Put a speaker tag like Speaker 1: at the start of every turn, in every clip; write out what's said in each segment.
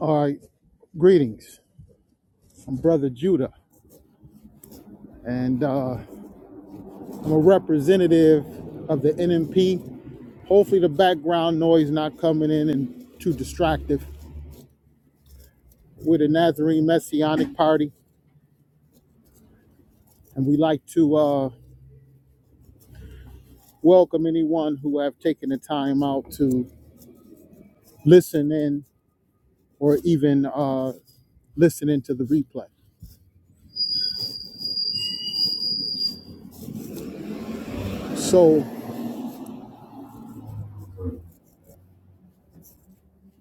Speaker 1: All right, greetings. I'm Brother Judah, and uh, I'm a representative of the NMP. Hopefully, the background noise not coming in and too distractive. We're the Nazarene Messianic Party, and we like to uh, welcome anyone who have taken the time out to listen in or even uh, listen into the replay. So,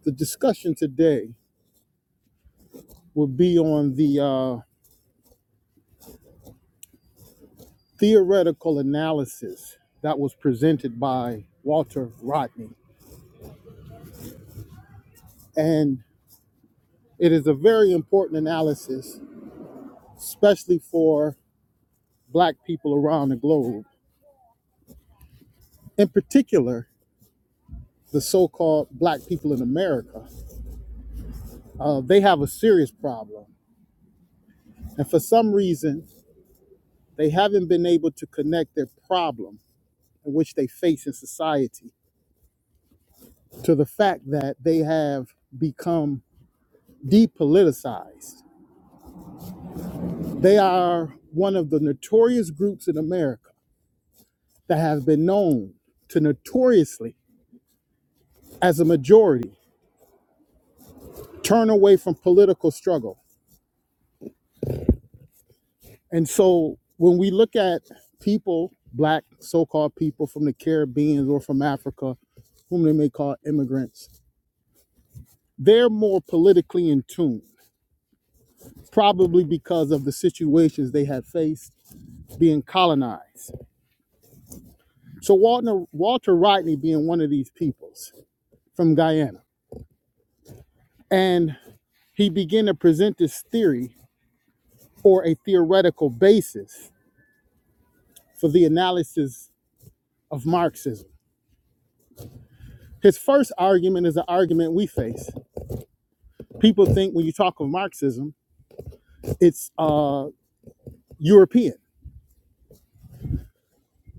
Speaker 1: the discussion today will be on the uh, theoretical analysis that was presented by Walter Rodney. And it is a very important analysis, especially for Black people around the globe. In particular, the so called Black people in America, uh, they have a serious problem. And for some reason, they haven't been able to connect their problem in which they face in society to the fact that they have become depoliticized They are one of the notorious groups in America that have been known to notoriously, as a majority, turn away from political struggle. And so when we look at people, black so called people from the Caribbean or from Africa, whom they may call immigrants, they're more politically in tune, probably because of the situations they have faced being colonized. So Walter, Walter Rodney being one of these peoples from Guyana. And He began to present this theory or a theoretical basis for the analysis of Marxism. His first argument is an argument we face. People think when you talk of Marxism, it's uh, European.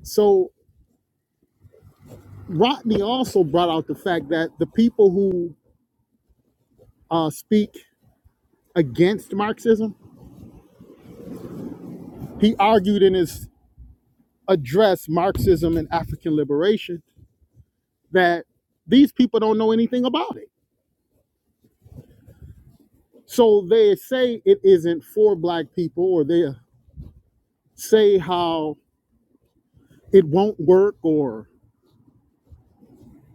Speaker 1: So Rodney also brought out the fact that the people who uh, speak against Marxism, he argued in his address, Marxism and African Liberation, that these people don't know anything about it So they say it isn't for black people, or they say how it won't work, or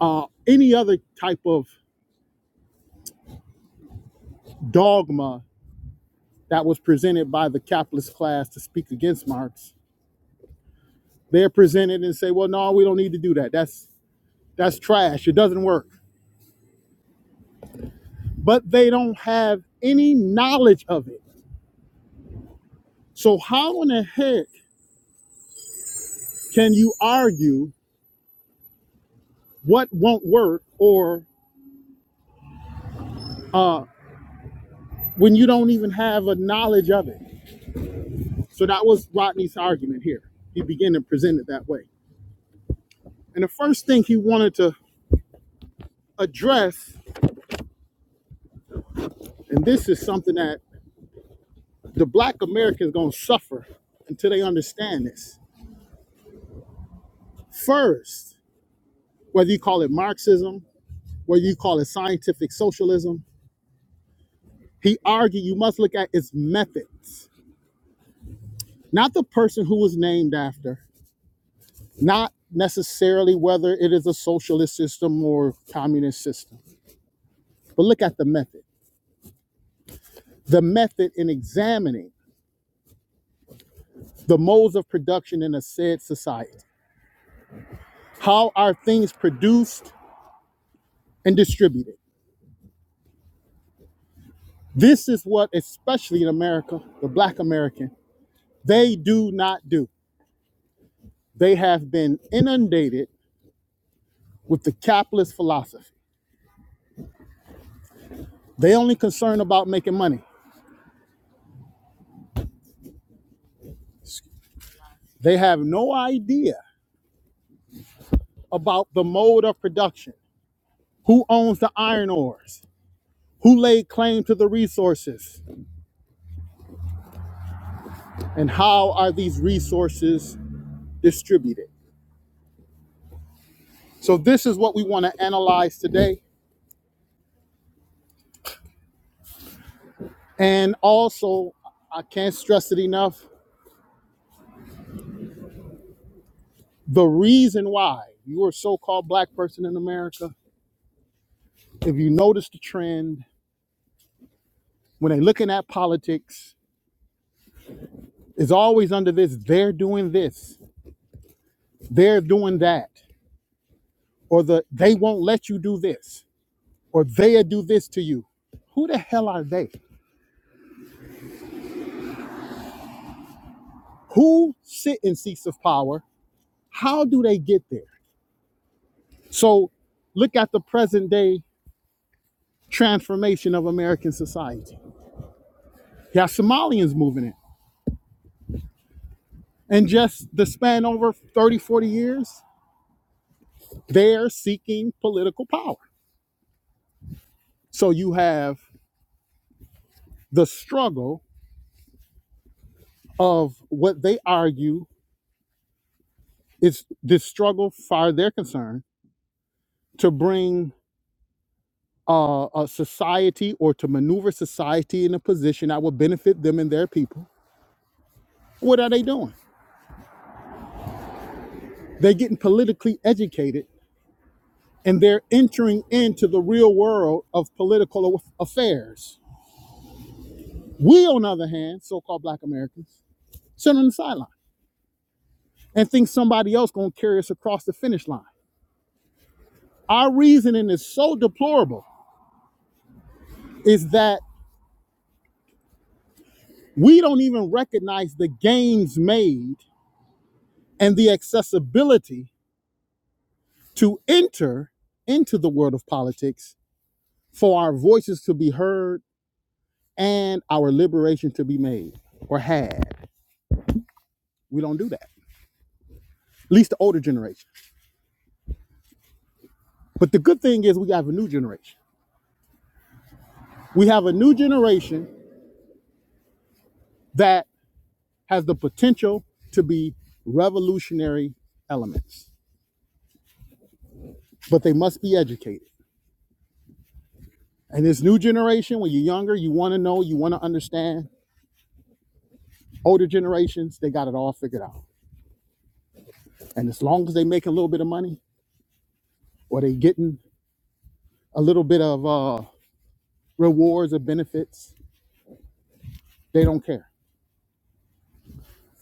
Speaker 1: uh, any other type of dogma that was presented by the capitalist class to speak against Marx. They're presented and say, "Well, no, we don't need to do that. That's that's trash. It doesn't work." But they don't have any knowledge of it. So how in the heck can you argue what won't work, or when you don't even have a knowledge of it? So that was Rodney's argument here. He began to present it that way. And the first thing he wanted to address, and this is something that the black American is going to suffer until they understand this. First, whether you call it Marxism, whether you call it scientific socialism, he argued you must look at its methods, not the person who was named after, not necessarily whether it is a socialist system or communist system, but look at the method. The method in examining the modes of production in a said society. How are things produced and distributed? This is what, especially in America, the Black American, they do not do. They have been inundated with the capitalist philosophy. They only concerned about making money. They have no idea about the mode of production, who owns the iron ores, who laid claim to the resources, and how are these resources distributed. So this is what we want to analyze today And also, I can't stress it enough the reason why you're a so called black person in America, if you notice the trend, when they're looking at politics, it's always under this they're doing this, they're doing that, or the they won't let you do this, or they'll do this to you. Who the hell are they? Who sit in seats of power? How do they get there? So look at the present day transformation of American society. You have Somalians moving in. And just the span over 30, 40 years, they're seeking political power. So you have the struggle of what they argue is the struggle, far their concern, to bring uh, a society or to maneuver society in a position that will benefit them and their people. What are they doing? They're getting politically educated and they're entering into the real world of political affairs. We, on the other hand, so called black Americans, sit on the sideline. and think somebody else gonna carry us across the finish line. Our reasoning is so deplorable is that we don't even recognize the gains made and the accessibility to enter into the world of politics for our voices to be heard and our liberation to be made or had. We don't do that. At least the older generation. But the good thing is we have a new generation. We have a new generation that has the potential to be revolutionary elements but they must be educated. And this new generation, when you're younger, you want to know, you want to understand. Older generations, they got it all figured out. And as long as they making a little bit of money or they getting a little bit of uh, rewards or benefits, they don't care.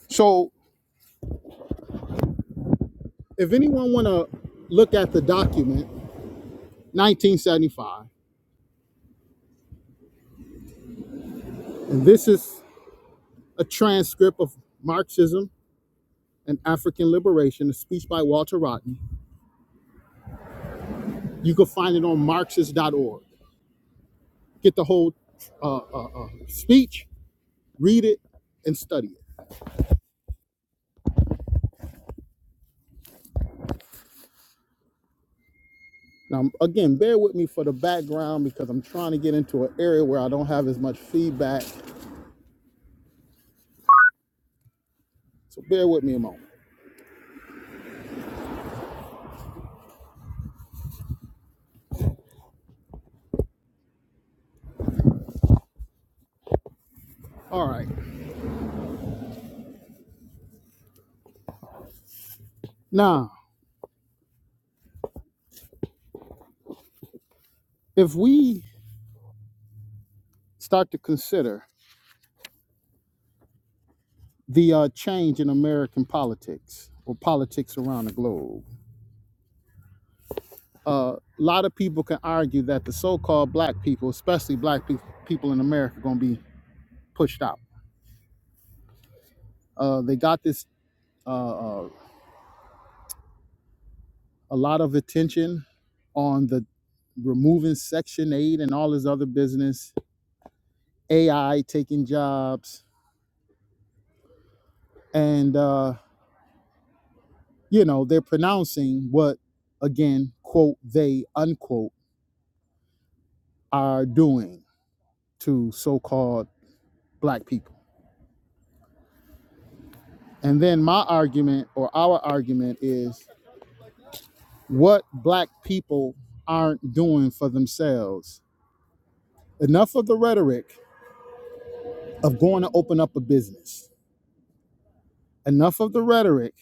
Speaker 1: So if anyone want to look at the document, 1975, and this is a transcript of Marxism and African Liberation, a speech by Walter Rodney. You can find it on Marxist.org. get the whole uh, uh, uh, speech, read it, and study it. Now, again, bear with me for the background because I'm trying to get into an area where I don't have as much feedback. So bear with me a moment. All right. Now, if we start to consider the uh, change in American politics or politics around the globe, uh, a lot of people can argue that the so-called black people, especially black pe- people in America, are going to be pushed out. Uh, they got this a lot of attention on the removing Section 8 and all this other business, AI taking jobs. And, uh, you know, they're pronouncing what, again, quote, they, unquote, are doing to so called black people. And then my argument or our argument is what black people aren't doing for themselves. Enough of the rhetoric of going to open up a business, enough of the rhetoric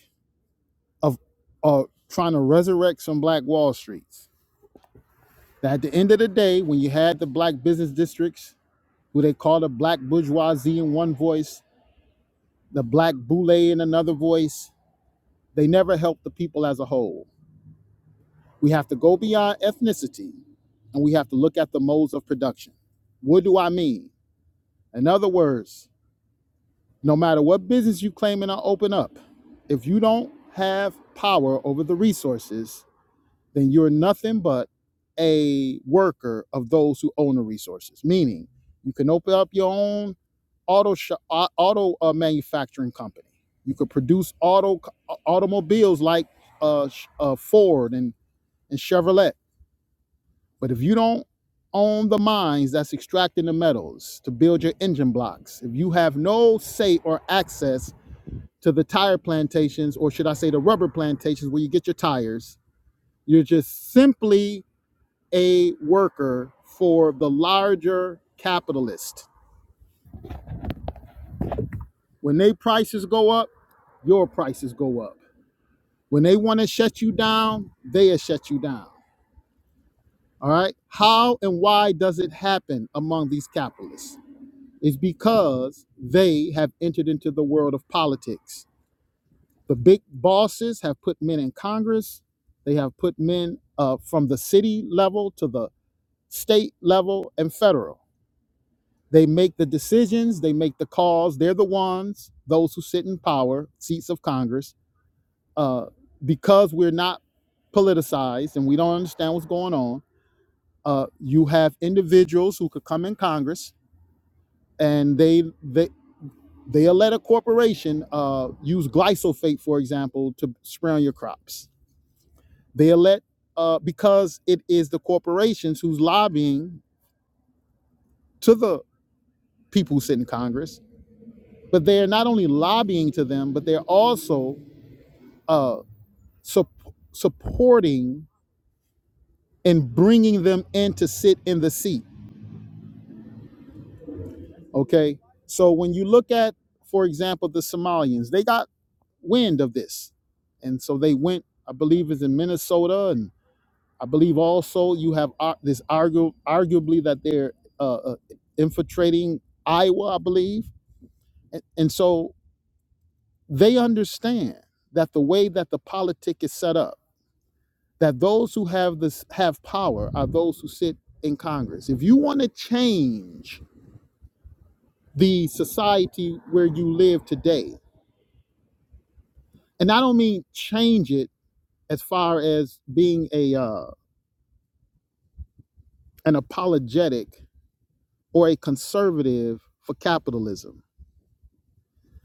Speaker 1: of uh, trying to resurrect some black Wall Streets Now, at the end of the day, when you had the black business districts, who they called the black bourgeoisie in one voice, the black boule in another voice, they never helped the people as a whole. We have to go beyond ethnicity and we have to look at the modes of production. What do I mean? In other words, no matter what business you claim and open up, if you don't have power over the resources, then you're nothing but a worker of those who own the resources. Meaning, you can open up your own auto shop, auto uh, manufacturing company. You could produce auto uh, automobiles like uh, uh, Ford and, and Chevrolet. But if you don't own the mines that's extracting the metals to build your engine blocks, if you have no say or access to the tire plantations, or should I say the rubber plantations where you get your tires, you're just simply a worker for the larger capitalist. When they prices go up, your prices go up. When they want to shut you down, they'll shut you down. All right. How and why does it happen among these capitalists? It's because they have entered into the world of politics. The big bosses have put men in Congress. They have put men uh, from the city level to the state level and federal They make the decisions, they make the calls. They're the ones, those who sit in power, seats of Congress, uh, because we're not politicized and we don't understand what's going on. Uh, you have individuals who could come in Congress and they they they'll let a corporation uh, use glyphosate, for example, to spray on your crops. They'll let uh, because it is the corporations who's lobbying to the people who sit in Congress but they're not only lobbying to them, but they're also uh, sup- supporting and bringing them in to sit in the seat. Okay. So when you look at, for example, the Somalians, they got wind of this. And so they went, I believe is in Minnesota. And I believe also you have ar- this argu- arguably that they're uh, uh, infiltrating Iowa, I believe. And, and so they understand that the way that the politic is set up, that those who have this have power are those who sit in Congress. If you want to change the society where you live today, and I don't mean change it as far as being a uh, an apologetic or a conservative for capitalism.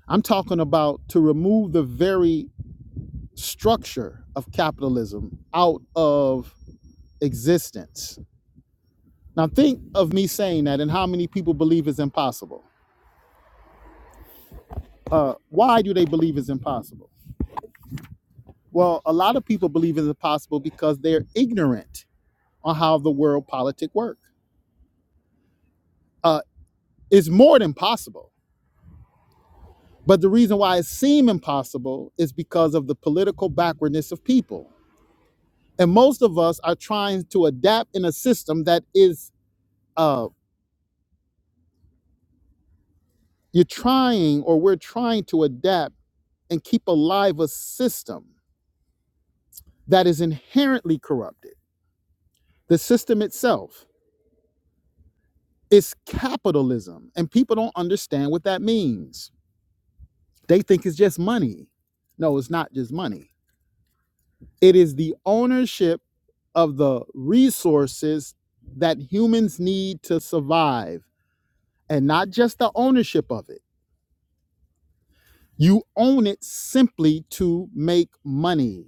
Speaker 1: I'm talking about to remove the very structure of capitalism out of existence. Now think of me saying that and how many people believe it's impossible. uh, why do they believe it's impossible? Well, a lot of people believe it's impossible because they're ignorant on how the world politic work. Uh, it's more than possible, but the reason why it seems impossible is because of the political backwardness of people, and most of us are trying to adapt in a system that is uh, you're trying or we're trying to adapt and keep alive a system that is inherently corrupted. The system itself It's capitalism, and people don't understand what that means. They think it's just money. No, it's not just money. It is the ownership of the resources that humans need to survive, and not just the ownership of it. You own it simply to make money.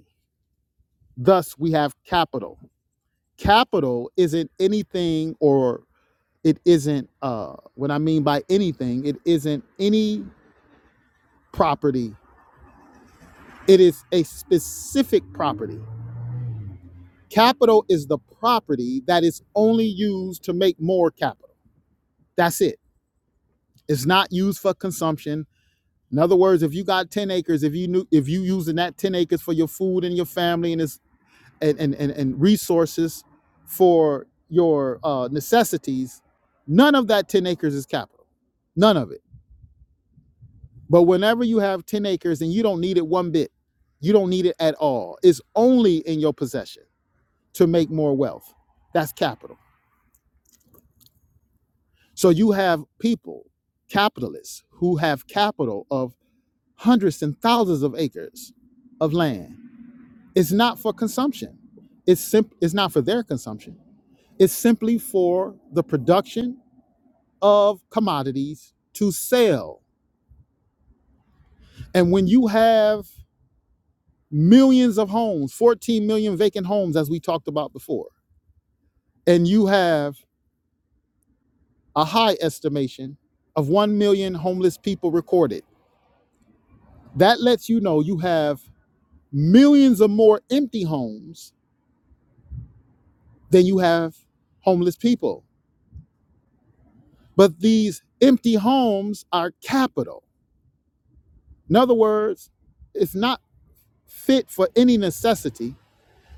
Speaker 1: Thus, we have capital. Capital isn't anything, or it isn't, uh, what I mean by anything, it isn't any property It is a specific property. Capital is the property that is only used to make more capital. That's it. It's not used for consumption. In other words, if you got 10 acres, if you knew if you using that 10 acres for your food and your family and is and, and, and, and resources for your uh, necessities, none of that 10 acres is capital. None of it. But whenever you have 10 acres and you don't need it one bit, you don't need it at all. It's only in your possession to make more wealth. That's capital. So you have people, capitalists, who have capital of hundreds and thousands of acres of land. It's not for consumption. It's simp- it's not for their consumption. It's simply for the production of commodities to sell. And when you have millions of homes, 14 million vacant homes as we talked about before, and you have a high estimation of 1 million homeless people recorded That lets you know you have millions of more empty homes than you have homeless people. But these empty homes are capital. In other words, it's not fit for any necessity.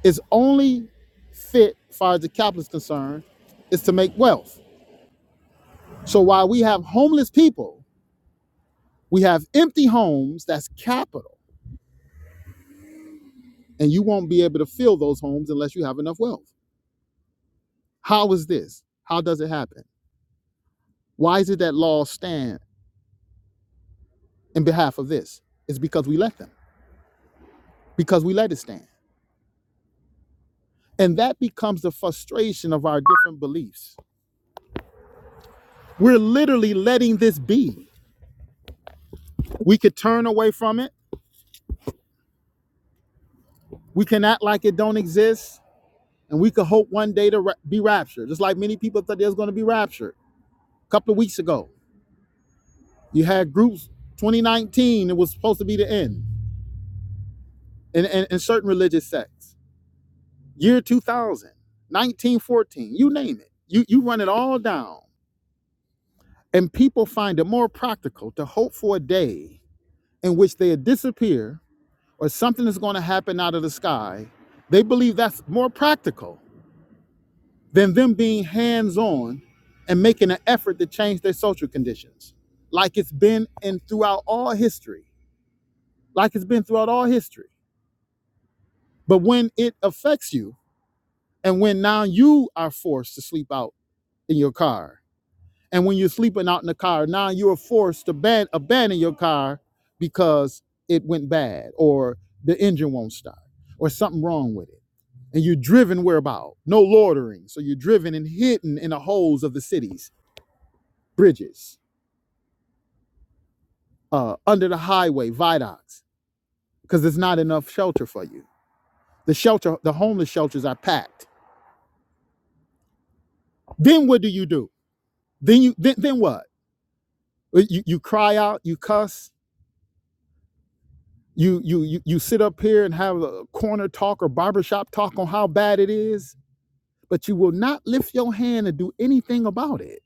Speaker 1: It's only fit, as far as the capital is concerned, is to make wealth. So while we have homeless people, we have empty homes, that's capital. And you won't be able to fill those homes unless you have enough wealth. How is this? How does it happen? Why is it that laws stand? in behalf of this is because we let them, because we let it stand. And that becomes the frustration of our different beliefs. We're literally letting this be. We could turn away from it, we can act like it don't exist, and we could hope one day to ra- be raptured. Just like many people thought they was going to be raptured a couple of weeks ago. You had groups 2019, it was supposed to be the end in, in, in certain religious sects. Year 2000, 1914, you name it. You, you run it all down And people find it more practical to hope for a day in which they disappear or something is going to happen out of the sky. They believe that's more practical than them being hands on and making an effort to change their social conditions, like it's been in throughout all history, like it's been throughout all history. But when it affects you, and when now you are forced to sleep out in your car And when you're sleeping out in the car, now you're forced to ban- abandon your car because it went bad or the engine won't start or something wrong with it. And you're driven whereabout? No loitering. So you're driven and hidden in the holes of the cities, bridges, uh, under the highway, viaducts, because there's not enough shelter for you. The shelter, the homeless shelters are packed. Then what do you do? Then you then, then what? Well, You, you cry out, you cuss, You you you you sit up here and have a corner talk or barbershop talk on how bad it is, but you will not lift your hand and do anything about it.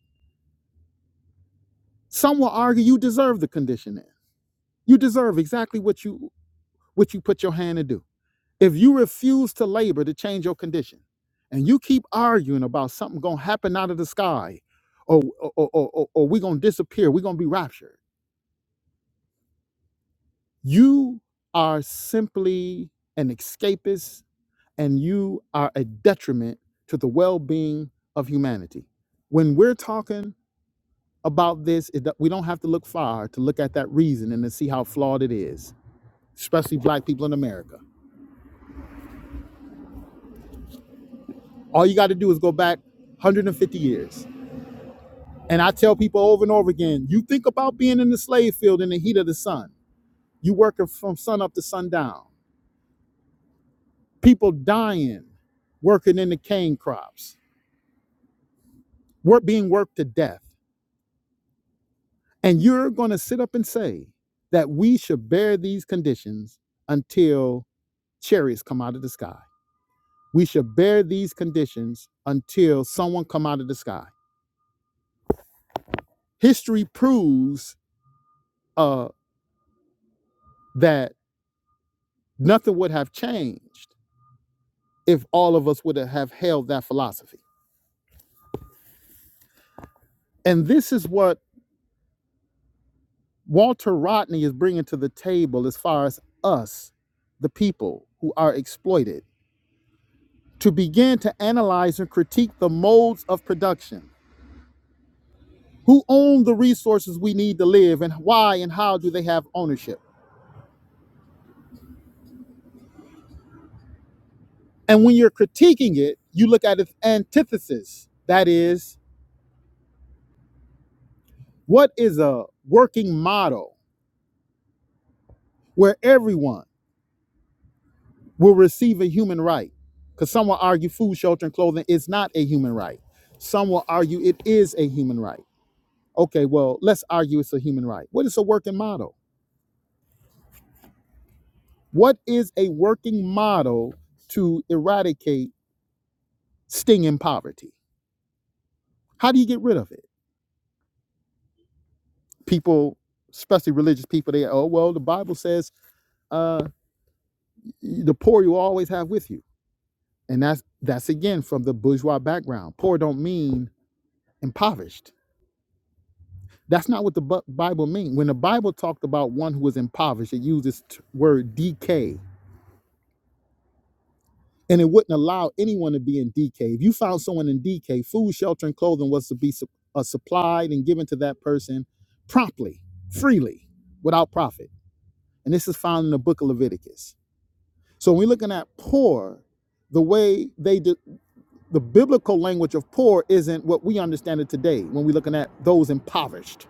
Speaker 1: Some will argue you deserve the conditioning. You deserve exactly what you what you put your hand to do. If you refuse to labor to change your condition, and you keep arguing about something gonna happen out of the sky, or or or, or, or we gonna disappear, we're gonna be raptured. You are simply an escapist and you are a detriment to the well-being of humanity. When we're talking about this, it, we don't have to look far to look at that reason and to see how flawed it is, especially black people in America. All you got to do is go back 150 years. And I tell people over and over again, you think about being in the slave field in the heat of the sun. You working from sun up to sundown. People dying, working in the cane crops, work being worked to death And you're going to sit up and say that we should bear these conditions until chariots come out of the sky. We should bear these conditions until someone come out of the sky. History proves uh, that nothing would have changed if all of us would have held that philosophy. And this is what Walter Rodney is bringing to the table as far as us, the people who are exploited, to begin to analyze and critique the modes of production Who own the resources we need to live and why and how do they have ownership? And when you're critiquing it, you look at its antithesis. That is, what is a working model where everyone will receive a human right? Because some will argue food, shelter, and clothing is not a human right. Some will argue it is a human right. Okay, well, let's argue it's a human right. What is a working model? What is a working model to eradicate stinging poverty? How do you get rid of it? people, especially religious people, they oh well, the Bible says uh, the poor you always have with you, and that's that's again from the bourgeois background. Poor don't mean impoverished. That's not what the Bible means. When the Bible talked about one who was impoverished, it used this word decay, and it wouldn't allow anyone to be in decay. If you found someone in decay, food, shelter, and clothing was to be su- uh, supplied and given to that person promptly, freely, without profit. And this is found in the book of Leviticus. So when we're looking at poor, the way they do the biblical language of poor isn't what we understand it today. When we're looking at those impoverished,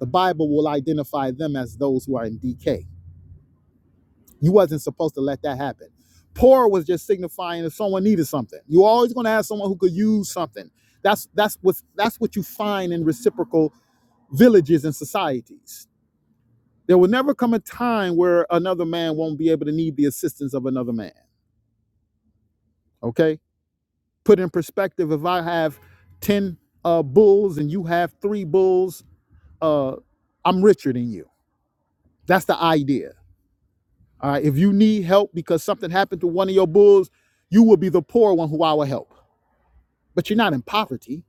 Speaker 1: the Bible will identify them as those who are in decay. You wasn't supposed to let that happen. Poor was just signifying if someone needed something. You're always going to have someone who could use something. That's that's what that's what you find in reciprocal villages and societies. There will never come a time where another man won't be able to need the assistance of another man. Okay Put in perspective, if I have 10 uh, bulls and you have three bulls, uh, I'm richer than you. That's the idea. All right. If you need help because something happened to one of your bulls, you will be the poor one who I will help. But you're not in poverty.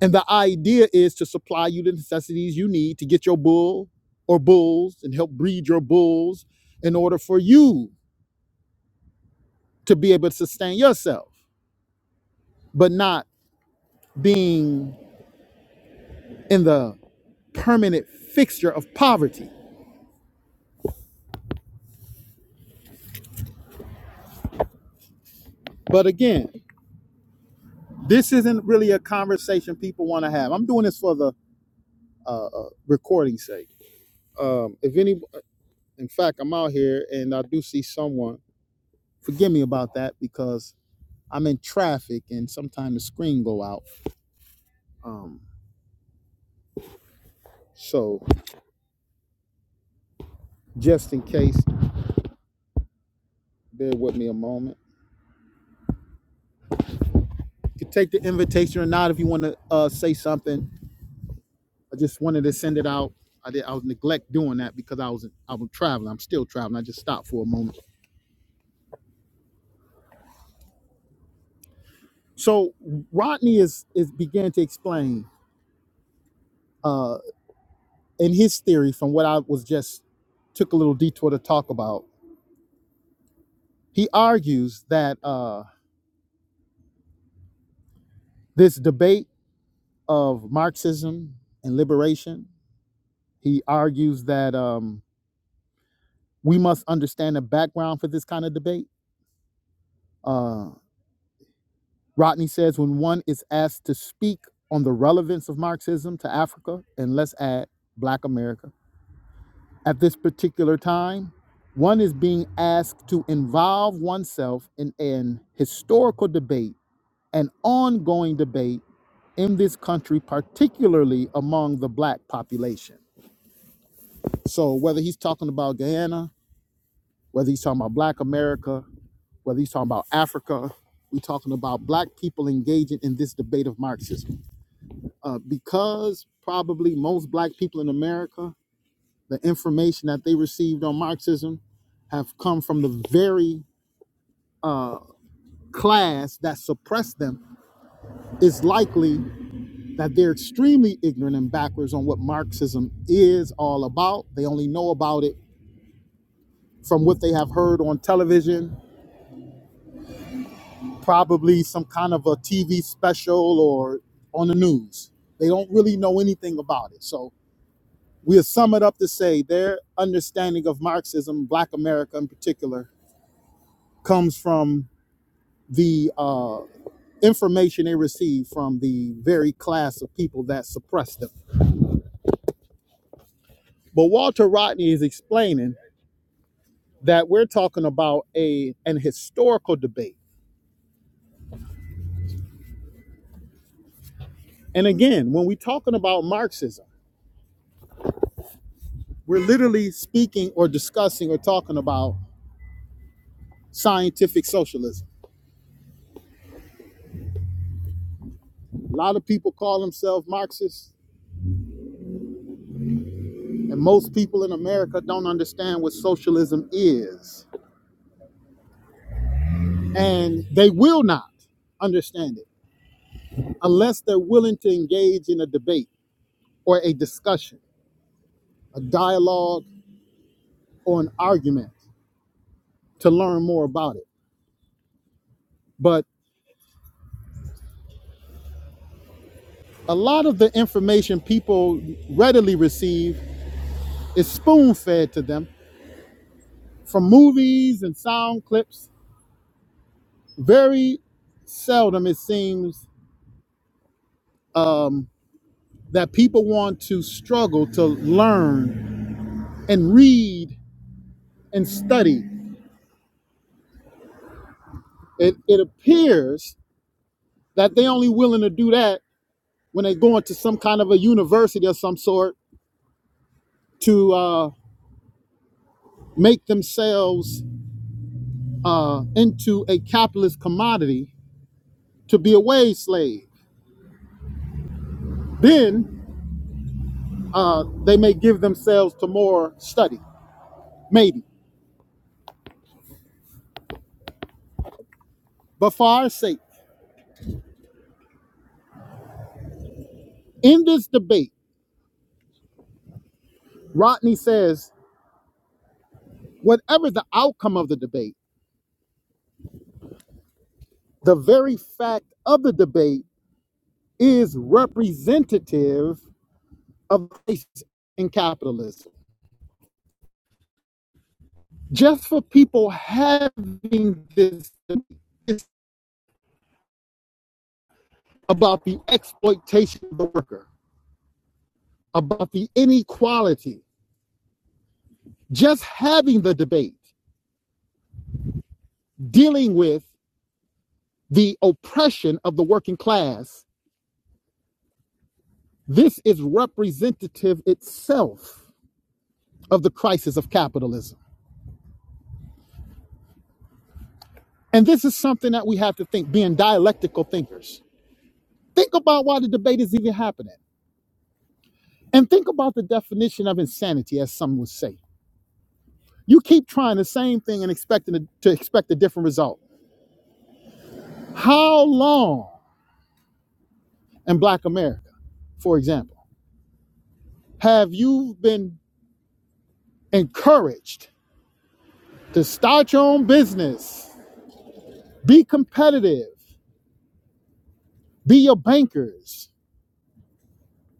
Speaker 1: And the idea is to supply you the necessities you need to get your bull or bulls and help breed your bulls in order for you to be able to sustain yourself, but not being in the permanent fixture of poverty. But again, this isn't really a conversation people want to have. I'm doing this for the uh, uh, recording sake. Um, if any, in fact, I'm out here and I do see someone. Forgive me about that because I'm in traffic and sometimes the screen go out. Um, so just in case, bear with me a moment. You can take the invitation or not if you want to uh, say something. I just wanted to send it out. I did. I was neglect doing that because I was I was traveling. I'm still traveling. I just stopped for a moment So Rodney is is began to explain uh, in his theory from what I was just took a little detour to talk about. He argues that uh, this debate of Marxism and liberation. He argues that um, we must understand the background for this kind of debate. Uh, Rodney says when one is asked to speak on the relevance of Marxism to Africa, and let's add Black America at this particular time. One is being asked to involve oneself in an historical debate, an ongoing debate in this country, particularly among the black population. So, whether he's talking about Guyana, whether he's talking about black America, whether he's talking about Africa, we're talking about black people engaging in this debate of Marxism. Uh, because probably most black people in America the information that they received on Marxism have come from the very class that suppressed them, it's likely that they're extremely ignorant and backwards on what Marxism is all about. They only know about it from what they have heard on television, probably some kind of a TV special or on the news. They don't really know anything about it. So we'll sum it up to say their understanding of Marxism, Black America in particular, comes from the uh, information they received from the very class of people that suppressed them. But Walter Rodney is explaining that we're talking about a an historical debate. And again, when we're talking about Marxism, we're literally speaking or discussing or talking about scientific socialism. A lot of people call themselves Marxists, and most people in America don't understand what socialism is. And they will not understand it unless they're willing to engage in a debate or a discussion, a dialogue, or an argument to learn more about it. But a lot of the information people readily receive is spoon fed to them from movies and sound clips. Very seldom, it seems, um, that people want to struggle to learn and read and study. It, it appears that they are only willing to do that when they go into some kind of a university of some sort to uh, make themselves uh, into a capitalist commodity to be a wage slave. Then uh, they may give themselves to more study, maybe. But for our sake, in this debate, Rodney says, whatever the outcome of the debate, the very fact of the debate is representative of race in capitalism. Just for people having this debate, it's about the exploitation of the worker about the inequality, just having the debate, dealing with the oppression of the working class, this is representative itself of the crisis of capitalism. And this is something that we have to think, being dialectical thinkers. Think about why the debate is even happening. And think about the definition of insanity, as some would say. You keep trying the same thing and expecting to, to expect a different result. How long in Black America, for example, have you been encouraged to start your own business, be competitive, be your bankers,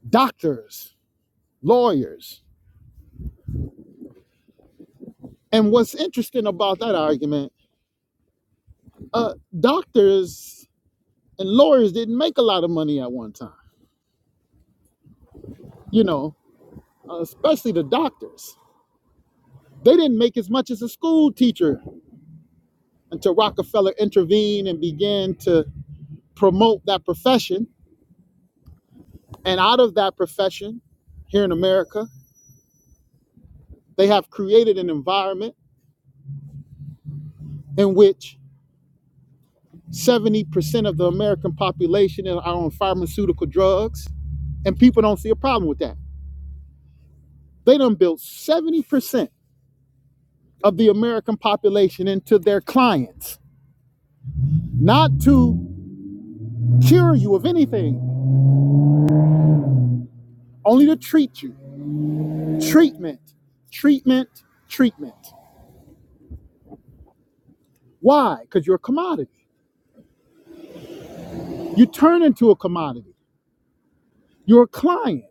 Speaker 1: doctors, lawyers. And what's interesting about that argument, uh, doctors and lawyers didn't make a lot of money at one time, you know, uh, especially the doctors. They didn't make as much as a school teacher until Rockefeller intervened and began to promote that profession. And out of that profession here in America, they have created an environment in which 70% of the American population are on pharmaceutical drugs, and people don't see a problem with that. They done built 70% of the American population into their clients, not to cure you of anything, only to treat you. Treatment, treatment, treatment. Why? Because you're a commodity. You turn into a commodity. You're a client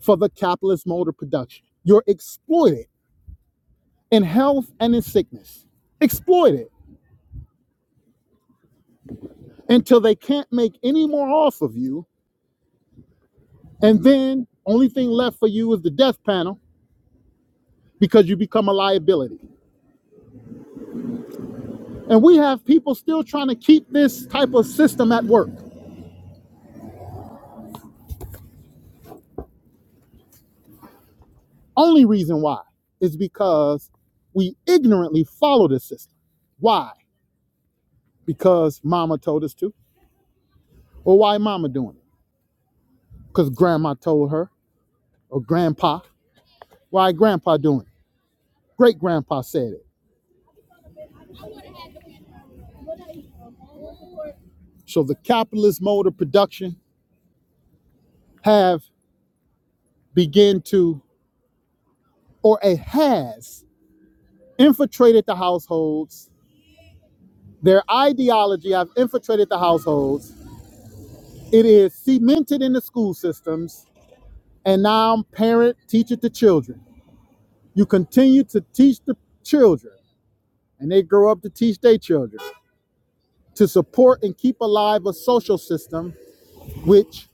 Speaker 1: for the capitalist mode of production. You're exploited in health and in sickness. Exploited until they can't make any more off of you. And then only thing left for you is the death panel because you become a liability. And we have people still trying to keep this type of system at work. Only reason why is because we ignorantly follow this system. Why? Because mama told us to. Or why mama doing it? Because grandma told her or grandpa. Why grandpa doing it? Great grandpa said it. So the capitalist mode of production have begin to or a has infiltrated the households. Their ideology have infiltrated the households. It is cemented in the school systems, and now parent teach it to children. You continue to teach the children, and they grow up to teach their children to support and keep alive a social system which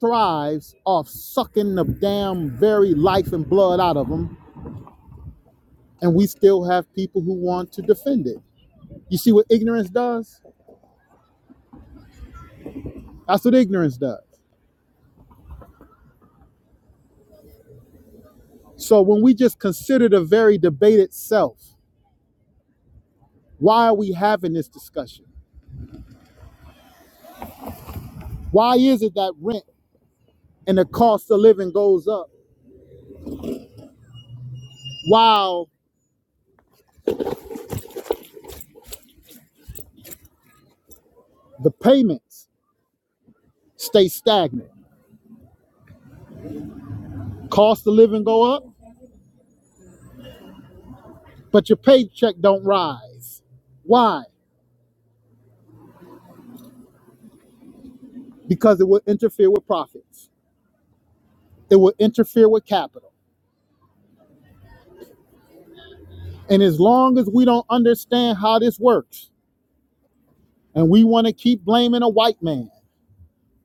Speaker 1: thrives off sucking the damn very life and blood out of them, and we still have people who want to defend it. You see what ignorance does? That's what ignorance does. So when we just consider the very debate itself, why are we having this discussion? Why is it that rent and the cost of living goes up while the payments stay stagnant? Cost of living go up, but your paycheck don't rise. Why? Because it will interfere with profits. It will interfere with capital. And as long as we don't understand how this works, and we want to keep blaming a white man,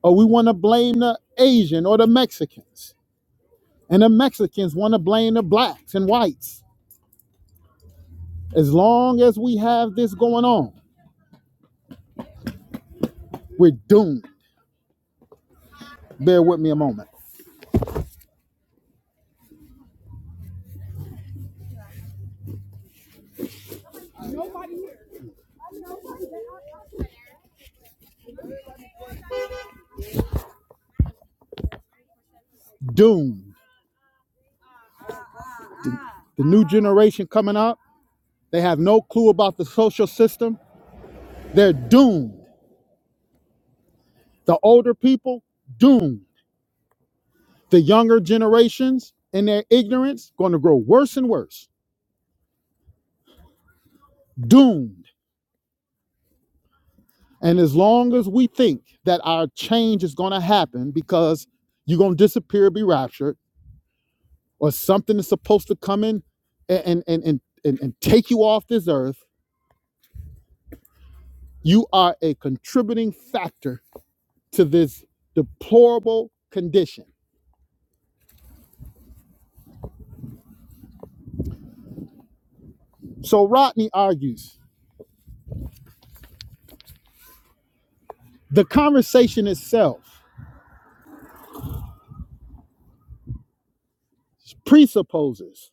Speaker 1: or we want to blame the Asian or the Mexicans, And the Mexicans want to blame the blacks and whites. As long as we have this going on, we're doomed. Bear with me a moment. Doomed. The new generation coming up, they have no clue about the social system. They're doomed. The older people, doomed. The younger generations, in their ignorance, going to grow worse and worse. Doomed. And as long as we think that our change is going to happen because you're going to disappear, be raptured, or something is supposed to come in and and and and, and, take you off this earth you are a contributing factor to this deplorable condition so rodney argues the conversation itself presupposes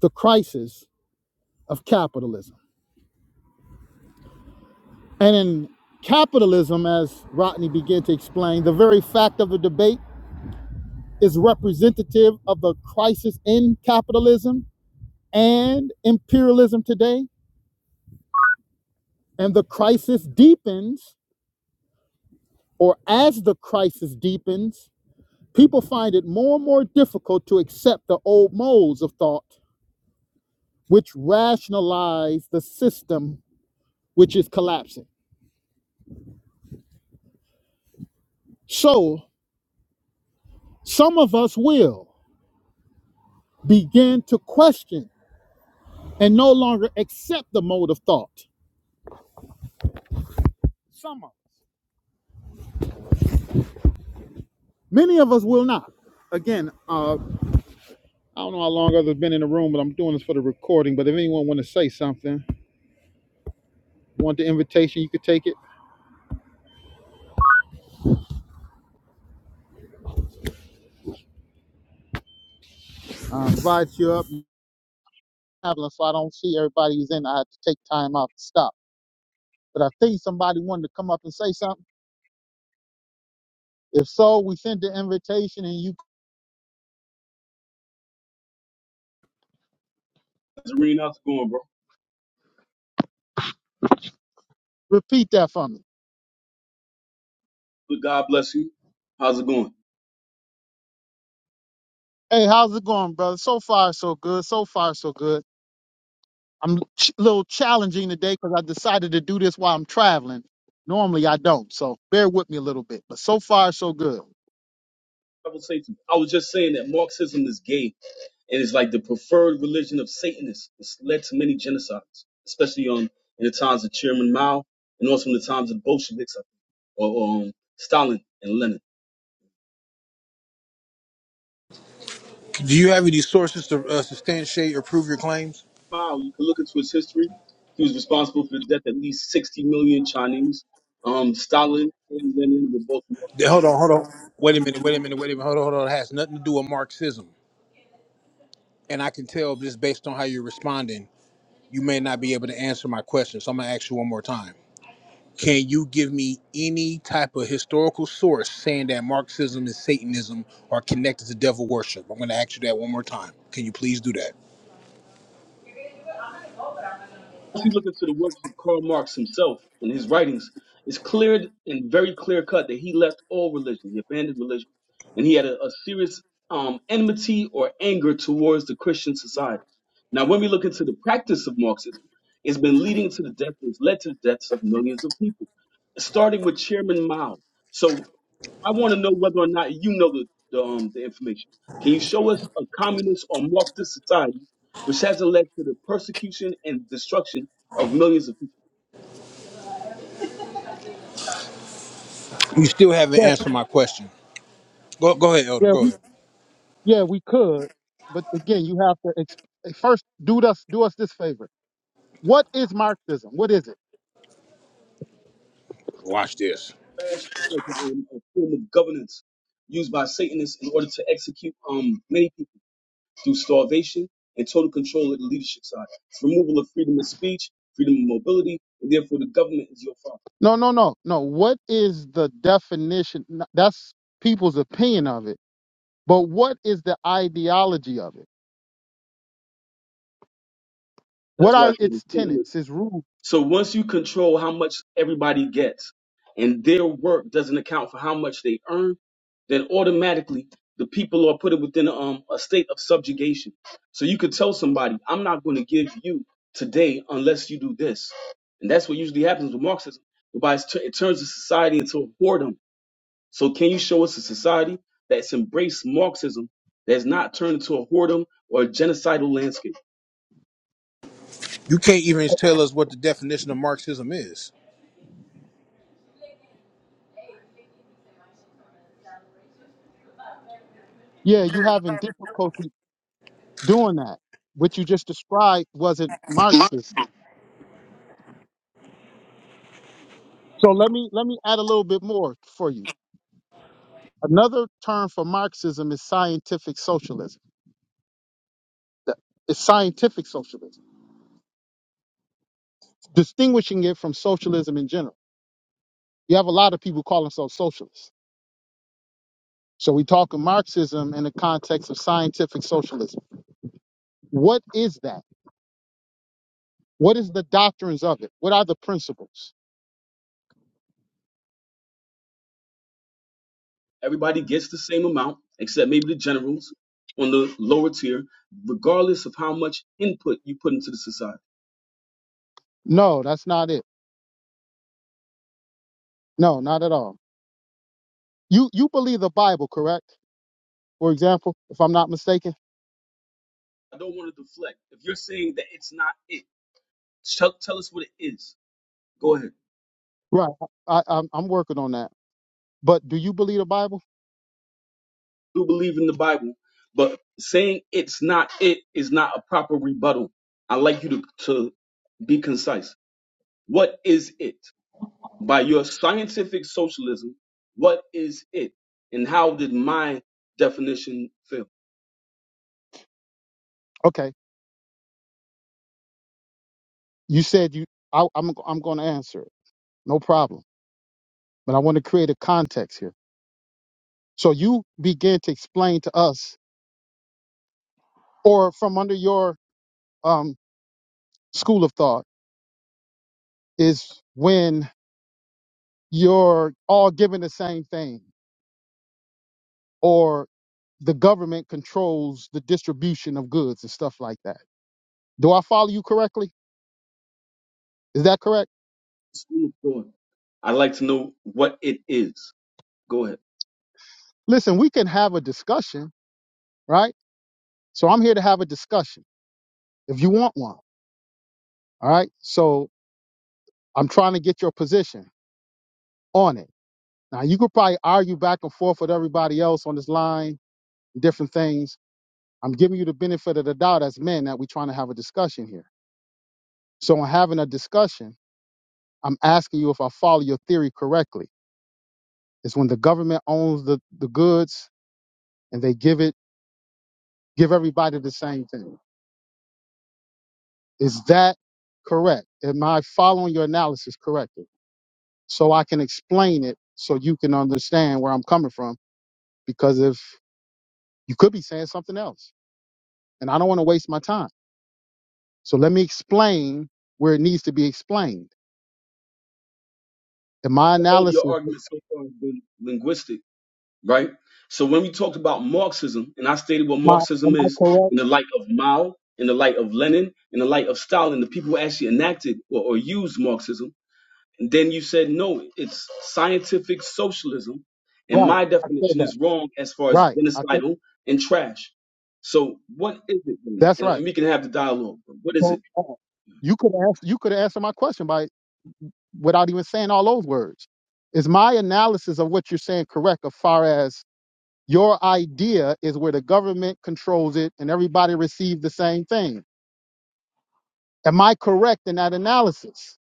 Speaker 1: the crisis of capitalism and in capitalism as rodney began to explain the very fact of the debate is representative of the crisis in capitalism and imperialism today And the crisis deepens, or as the crisis deepens, people find it more and more difficult to accept the old molds of thought which rationalize the system which is collapsing. So, some of us will begin to question and no longer accept the mode of thought. Some of us. Many of us will not. Again, uh, I don't know how long others have been in the room, but I'm doing this for the recording. But if anyone want to say something, want the invitation, you could take it. um, invite you up, and traveling, so I don't see everybody who's in. I have to take time out to stop. But I think somebody wanted to come up and say something. If so, we send the invitation and you
Speaker 2: Zareen, how's it going, bro?
Speaker 1: repeat that for me.
Speaker 2: Good God bless you. How's it going?
Speaker 1: Hey, how's it going, brother? So far, so good. So far, so good. I'm ch- a little challenging today because I decided to do this while I'm traveling. Normally, I don't, so bear with me a little bit. But so far, so good.
Speaker 2: I was, saying, I was just saying that Marxism is gay and it's like the preferred religion of Satanists. It's led to many genocides, especially on in the times of Chairman Mao and also in the times of Bolsheviks I or um, Stalin and Lenin.
Speaker 3: Do you have any sources to uh, substantiate or prove your claims?
Speaker 2: Mao, you can look into his history. He was responsible for the death of at least 60 million Chinese. Um, Stalin and Lenin were both
Speaker 3: Th- Hold on, hold on. Wait a minute, wait a minute, wait a minute. Hold on, hold on. It has nothing to do with Marxism. And I can tell just based on how you're responding, you may not be able to answer my question. So I'm going to ask you one more time. Can you give me any type of historical source saying that Marxism and Satanism are connected to devil worship? I'm going to ask you that one more time. Can you please do that?
Speaker 2: If you look into the works of Karl Marx himself and his writings, it's clear and very clear cut that he left all religion, he abandoned religion, and he had a, a serious um, enmity or anger towards the Christian society. Now, when we look into the practice of Marxism, it's been leading to the death, it's led to the deaths of millions of people, starting with Chairman Mao. So I want to know whether or not you know the the, um, the information. Can you show us a communist or Marxist society which has led to the persecution and destruction of millions of people.
Speaker 3: You still haven't
Speaker 1: Yeah,
Speaker 3: answered my question. Go, go ahead, Elder.
Speaker 1: yeah,
Speaker 3: Go
Speaker 1: we,
Speaker 3: ahead.
Speaker 1: yeah, we could. But again, you have to ex- hey, first do us do us this favor. What is Marxism? What is it?
Speaker 3: Watch this.
Speaker 2: Trash is like a, um, a form of governance used by Satanists in order to execute um, many people through starvation and total control of the leadership side, removal of freedom of speech, freedom of mobility, and therefore the government is your father.
Speaker 1: No, no, no, no. What is the definition? N- That's people's opinion of it. But what is the ideology of it? What
Speaker 2: That's why I
Speaker 1: are
Speaker 2: say that
Speaker 1: its
Speaker 2: Satan
Speaker 1: tenets, its rules?
Speaker 2: So once you control how much everybody gets and their work doesn't account for how much they earn, then automatically the people are put within um, a state of subjugation. So you could tell somebody, I'm not going to give you today unless you do this. And that's what usually happens with Marxism. whereby it's tu- It turns the society into a whoredom. So can you show us a society that's embraced Marxism that's not turned into a whoredom or a genocidal landscape?
Speaker 3: You can't even tell us what the definition of Marxism is.
Speaker 1: Yeah, you having difficulty doing that. What you just described wasn't Marxism. So let me let me add a little bit more for you. Another term for Marxism is scientific socialism. Th- It's scientific socialism, distinguishing it from socialism in general. You have a lot of people call themselves socialists So we talk of Marxism in the context of scientific socialism. What is that? What is the doctrines of it? What are the principles?
Speaker 2: Everybody gets the same amount, except maybe the generals on the lower tier, regardless of how much input you put into the society.
Speaker 1: No, that's not it. No, not at all. You you believe the Bible, correct? For example, if I'm not mistaken,
Speaker 2: I don't want to deflect. If you're saying that it's not it, tell, tell us what it is. Go ahead.
Speaker 1: right? I, I'm I'm working on that. But do you believe the Bible?
Speaker 2: I Do believe in the Bible, but saying it's not it is not a proper rebuttal. I'd like you to, to be concise. What is it? By your scientific socialism, what is it? And how did my definition fail?
Speaker 1: Okay, you said you. I, I'm I'm going to answer it. No problem. But I want to create a context here. So you begin to explain to us, or from under your um, school of thought, is when you're all given the same thing or the government controls the distribution of goods and stuff like that. Do I follow you correctly? Is that correct?
Speaker 2: school of thought. I'd like to know what it is. Go ahead.
Speaker 1: Listen, we can have a discussion, right? So I'm here to have a discussion if you want one. All right. So I'm trying to get your position on it. Now you could probably argue back and forth with everybody else on this line, different things. I'm giving you the benefit of the doubt as men that we're trying to have a discussion here. So in having a discussion, I'm asking you if I follow your theory correctly. It's when the government owns the, the goods and they give it give everybody the same thing. Is that correct? Am I following your analysis correctly? So I can explain it so you can understand where I'm coming from. Because if you could be saying something else, and I don't want to waste my time. So let me explain where it needs to be explained. In my
Speaker 2: All
Speaker 1: analysis,
Speaker 2: your arguments so far have been linguistic, right? So when we talked about Marxism, and I stated what
Speaker 1: am I
Speaker 2: Marxism is
Speaker 1: correct?
Speaker 2: in the light of Mao, in the light of Lenin, in the light of Stalin, the people who actually enacted or, or used Marxism. And then you said, no, it's scientific socialism. And
Speaker 1: Right.
Speaker 2: my
Speaker 1: I said
Speaker 2: definition
Speaker 1: that.
Speaker 2: is wrong as far as
Speaker 1: Right. I said
Speaker 2: genocidal and trash. So what is it then?
Speaker 1: that's
Speaker 2: And,
Speaker 1: right.
Speaker 2: and we can have the dialogue. But What is
Speaker 1: so
Speaker 2: it?
Speaker 1: wrong. You could ask you could answer my question by without even saying all those words. Is my analysis of what you're saying correct as far as your idea is where the government controls it and everybody receives the same thing? Am I correct in that analysis?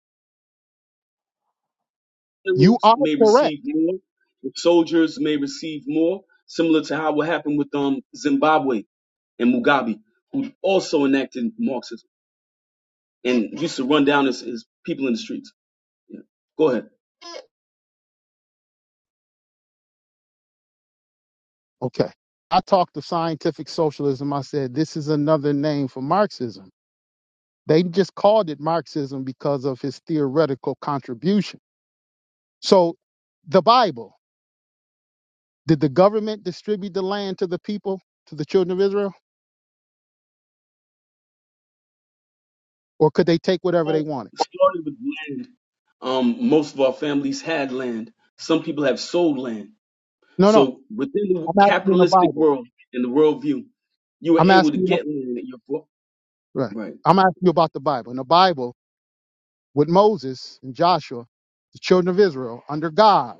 Speaker 1: You
Speaker 2: generals
Speaker 1: are
Speaker 2: may
Speaker 1: correct.
Speaker 2: receive more, the soldiers may receive more, similar to how what happened with um Zimbabwe and Mugabe, who also enacted Marxism and used to run down his, his people in the streets. Yeah. Go ahead.
Speaker 1: Okay. I talked to scientific socialism. I said, this is another name for Marxism. They just called it Marxism because of his theoretical contribution. So, the Bible, did the government distribute the land to the people, to the children of Israel? or could they take whatever
Speaker 2: Well,
Speaker 1: they wanted?
Speaker 2: started with land. Um, most of our families had land. Some people have sold land.
Speaker 1: No, no.
Speaker 2: So within the
Speaker 1: I'm asking you in the
Speaker 2: capitalistic
Speaker 1: Bible.
Speaker 2: world and the worldview, you were
Speaker 1: I'm
Speaker 2: able to
Speaker 1: asking you.
Speaker 2: get land at your
Speaker 1: Right.
Speaker 2: right.
Speaker 1: I'm asking you about the Bible. In the Bible, with Moses and Joshua, the children of Israel under God,